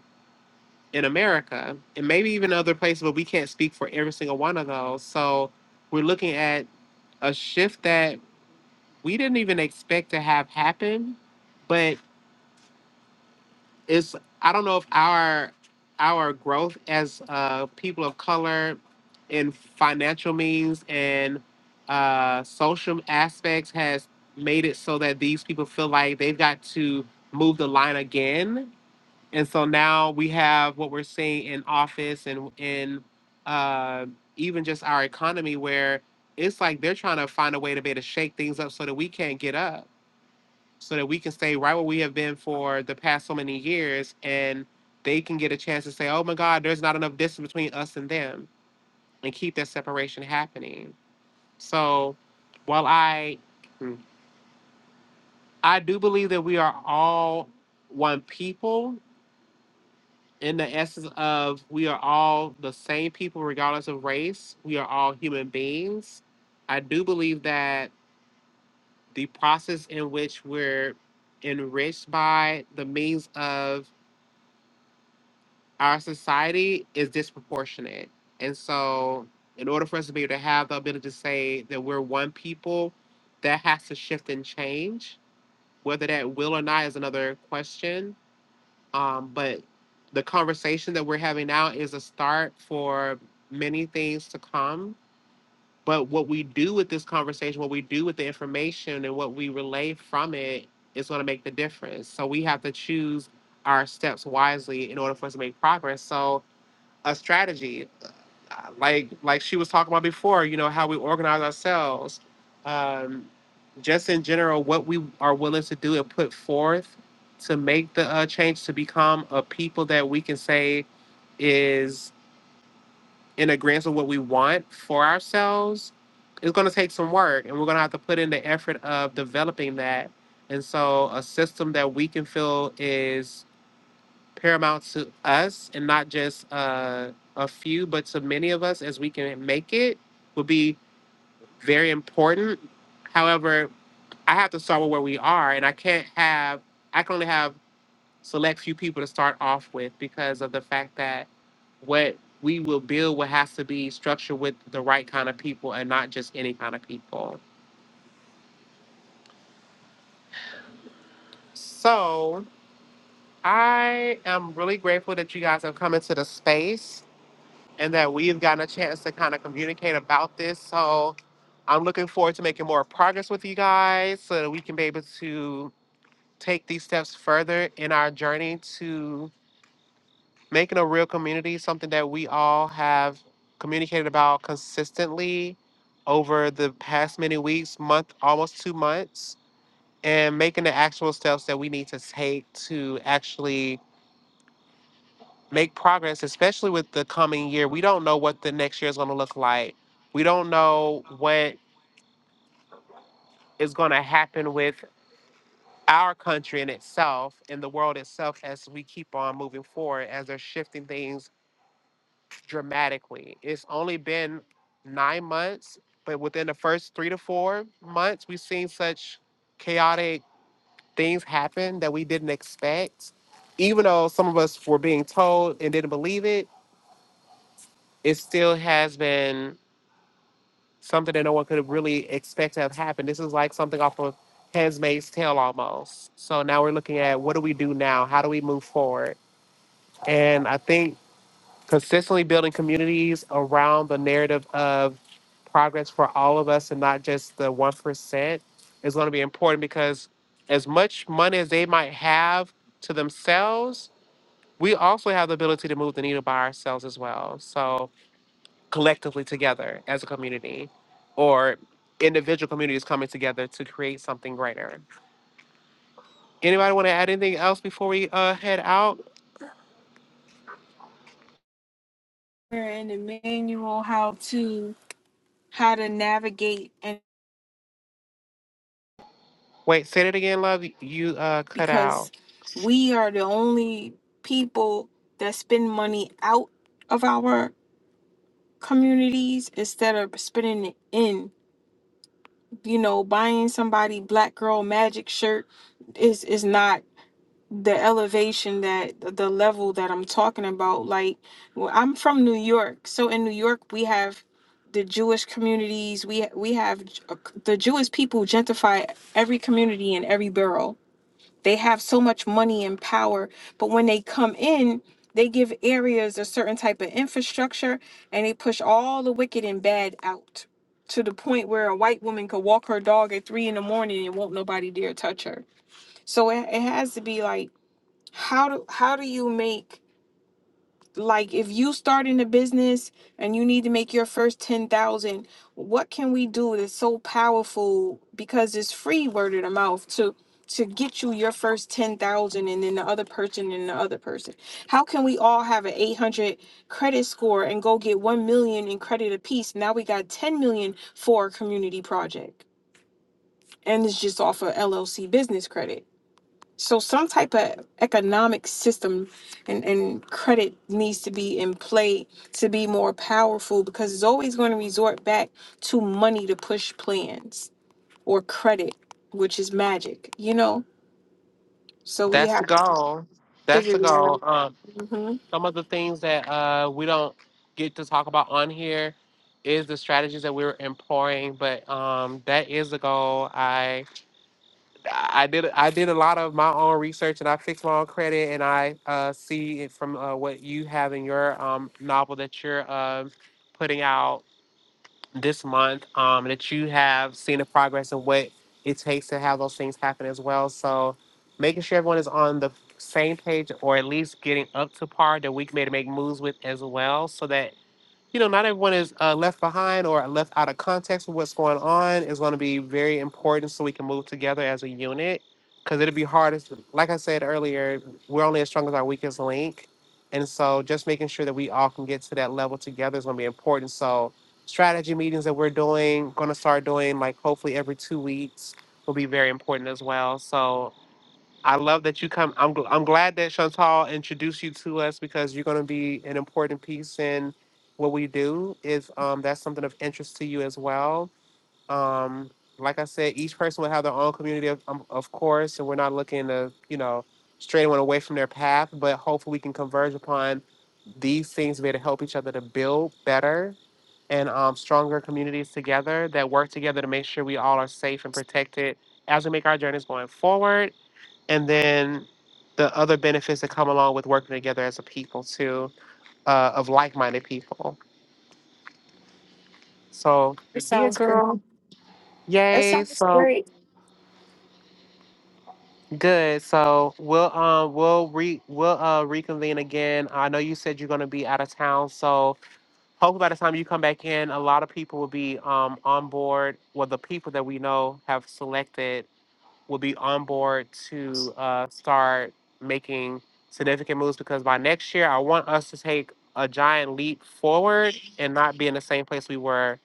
Speaker 1: in America and maybe even other places, but we can't speak for every single one of those. So we're looking at a shift that we didn't even expect to have happen, but it's I don't know if our our growth as uh, people of color in financial means and uh, social aspects has made it so that these people feel like they've got to move the line again And so now we have what we're seeing in office and in uh, even just our economy, where it's like they're trying to find a way to be able to shake things up so that we can't get up, so that we can stay right where we have been for the past so many years, and they can get a chance to say, "Oh my God, there's not enough distance between us and them," and keep that separation happening. So, while I hmm, I do believe that we are all one people in the essence of we are all the same people regardless of race we are all human beings i do believe that the process in which we're enriched by the means of our society is disproportionate and so in order for us to be able to have the ability to say that we're one people that has to shift and change whether that will or not is another question Um, but the conversation that we're having now is a start for many things to come. But what we do with this conversation, what we do with the information, and what we relay from it is going to make the difference. So we have to choose our steps wisely in order for us to make progress. So, a strategy uh, like like she was talking about before, you know, how we organize ourselves, um, just in general, what we are willing to do and put forth to make the uh, change to become a people that we can say is in agreement with what we want for ourselves. It's going to take some work, and we're going to have to put in the effort of developing that. And so, a system that we can feel is paramount to us and not just uh, a few, but to many of us as we can make it will be very important. However, I have to start with where we are, and I can't have, I can only have select few people to start off with because of the fact that what we will build will have to be structured with the right kind of people and not just any kind of people. So I am really grateful that you guys have come into the space. and that we have gotten a chance to kind of communicate about this. So I'm looking forward to making more progress with you guys so that we can be able to take these steps further in our journey to making a real community, something that we all have communicated about consistently over the past many weeks, month, almost two months, and making the actual steps that we need to take to actually make progress, especially with the coming year. We don't know what the next year is going to look like. We don't know what is going to happen with our country in itself and the world itself as we keep on moving forward, as they're shifting things dramatically. It's only been nine months, but within the first three to four months, we've seen such chaotic things happen that we didn't expect. Even though some of us were being told and didn't believe it, it still has been something that no one could really expect to have happened. This is like something off of Handmaid's Tale almost. So now we're looking at what do we do now? How do we move forward? And I think consistently building communities around the narrative of progress for all of us and not just the 1% is going to be important because as much money as they might have to themselves, we also have the ability to move the needle by ourselves as well. So collectively together as a community or individual communities coming together to create something greater. Anybody want to add anything else before we uh, head out?
Speaker 5: We're in the manual how to how to navigate
Speaker 1: Wait, say it again, love. You uh, cut out.
Speaker 5: because we are the only people that spend money out of our communities instead of spending it in. You know, buying somebody black girl magic shirt is is not the elevation that the level that I'm talking about. Like, well, I'm from New York, so in New York we have the Jewish communities. We we have uh, the Jewish people gentrify every community in every borough they have so much money and power, but when they come in, they give areas a certain type of infrastructure and they push all the wicked and bad out to the point where a white woman could walk her dog at three in the morning and won't nobody dare touch her. So it, it has to be like, how do how do you make like if you start in a business and you need to make your first 10,000 what can we do that's so powerful because it's free word of the mouth to to get you your first 10,000 and then the other person and the other person how can we all have an 800 credit score and go get 1 million in credit apiece now we got 10 million for a community project and it's just off of LLC business credit so some type of economic system and, and credit needs to be in play to be more powerful because it's always going to resort back to money to push plans or credit, which is magic, you know? So we
Speaker 1: That's the
Speaker 5: have to
Speaker 1: goal. That's
Speaker 5: figure
Speaker 1: the
Speaker 5: that
Speaker 1: goal.
Speaker 5: out.
Speaker 1: Um,
Speaker 5: hmm
Speaker 1: some of the things that uh, we don't get to talk about on here is the strategies that we're employing, but um, that is the goal. I. I did I did a lot of my own research and I fixed my own credit and I uh, see it from uh, what you have in your um, novel that you're um putting out this month um, that you have seen the progress of what it takes to have those things happen as well. So making sure everyone is on the same page or at least getting up to par that we can maybe make moves with as well so that you know, not everyone is uh, left behind or left out of context of what's going on is going to be very important so we can move together as a unit. Because it will be hard, as, like I said earlier, we're only as strong as our weakest link. And so just making sure that we all can get to that level together is going to be important. So, strategy meetings that we're doing, going to start doing like hopefully every two weeks will be very important as well. So, I love that you come. I'm gl- I'm glad that Chantal introduced you to us because you're going to be an important piece in what we do. If um, that's something of interest to you as well, um, like I said, each person will have their own community, of, um, of course, and we're not looking to you know stray anyone away from their path. But hopefully, we can converge upon these things to be able to help each other to build better and um, stronger communities together that work together to make sure we all are safe and protected as we make our journeys going forward and then the other benefits that come along with working together as a people too, uh, of like-minded people. So yeah, girl, yay! So good. So we'll um we'll re we'll uh reconvene again. I know you said you're gonna be out of town, so hopefully by the time you come back in, a lot of people will be um on board. Well, the people that we know have selected will be on board to uh, start making significant moves because by next year, I want us to take a giant leap forward and not be in the same place we were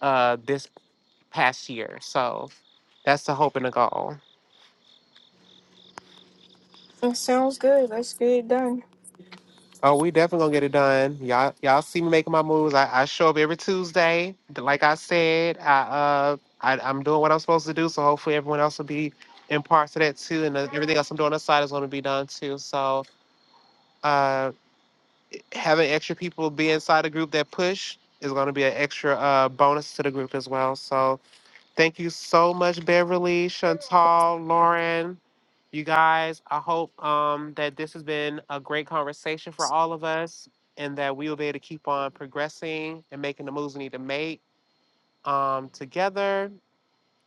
Speaker 1: uh, this past year. So that's the hope and the goal. Oh, we definitely gonna get it done. Y'all, y'all see me making my moves. I, I show up every Tuesday. Like I said, I uh, I, I'm doing what I'm supposed to do. So hopefully everyone else will be in parts of that too, and then everything else I'm doing on the side is gonna be done too. So. uh, having extra people be inside a group that push is going to be an extra uh, bonus to the group as well. So thank you so much, Beverly, Chantal, Lauren, you guys. I hope um, that this has been a great conversation for all of us and that we will be able to keep on progressing and making the moves we need to make um, together.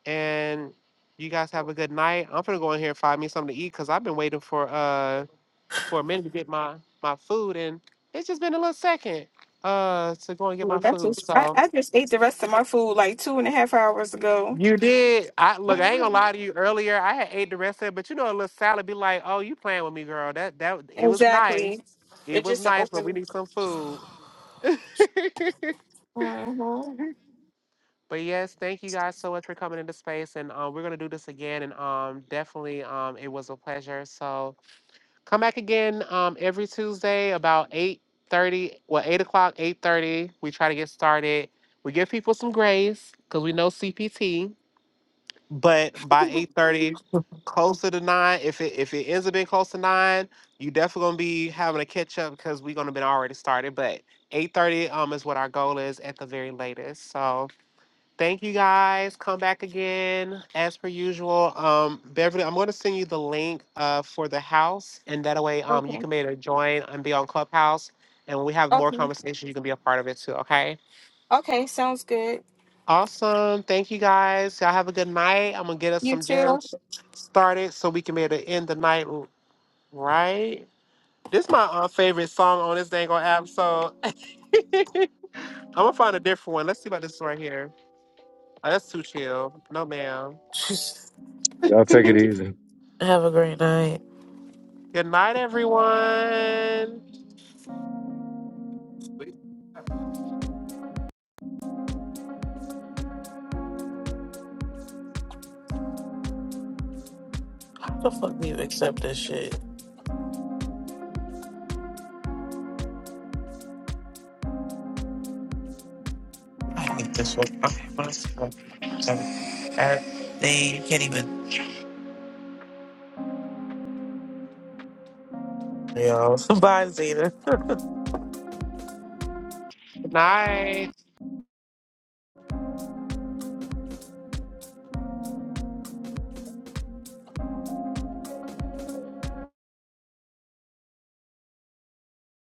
Speaker 1: And you guys have a good night. I'm going to go in here and find me something to eat because I've been waiting for. Uh, for a minute to get my my food, and it's just been a little second uh to go and get
Speaker 5: Well,
Speaker 1: my
Speaker 5: that's
Speaker 1: food.
Speaker 5: just, I,
Speaker 1: So
Speaker 5: I just ate the rest of my food like two and a half hours ago.
Speaker 1: you did. I look. I ain't gonna
Speaker 5: hmm
Speaker 1: lie to you. Earlier, I had ate the rest of it, but you know, a little salad be like, "Oh, you playing with me, girl? That that it was nice.
Speaker 5: Exactly.
Speaker 1: It
Speaker 5: It's
Speaker 1: was
Speaker 5: just an
Speaker 1: nice, but we
Speaker 5: open.
Speaker 1: need some food."
Speaker 5: hmm
Speaker 1: But yes, thank you guys so much for coming into space, and um, we're gonna do this again, and um, definitely, um, it was a pleasure. So. Come back again um, every Tuesday about eight thirty. Well, eight o'clock, eight thirty. We try to get started. We give people some grace because we know CPT. But by eight thirty, closer to nine. If it if it ends up being close to nine, you definitely gonna be having a catch up because we're gonna been already started. But eight thirty um is what our goal is at the very latest. So. Thank you guys. Come back again as per usual. Um, Beverly, I'm going to send you the link uh, for the house, and that way um, you
Speaker 5: Okay.
Speaker 1: can be able to join and be on Clubhouse. And when we have more
Speaker 5: Okay.
Speaker 1: conversations, you can be a part of it too. Okay.
Speaker 5: Okay. Sounds good.
Speaker 1: Awesome. Thank you guys. Y'all have a good night. I'm gonna get us
Speaker 5: You
Speaker 1: some
Speaker 5: too.
Speaker 1: jams started so we can be able to end the night r- right. This is my uh, favorite song on this dang old app, so I'm gonna find a different one. Let's see about this one right here. Oh, that's too chill. No, ma'am.
Speaker 2: Y'all take it easy.
Speaker 5: Have a great night.
Speaker 1: Good night, everyone.
Speaker 5: How the fuck do you accept this shit? I hate this one. I want to see what. Everything you can't even. Yo, bye, Zeta.
Speaker 1: Good night.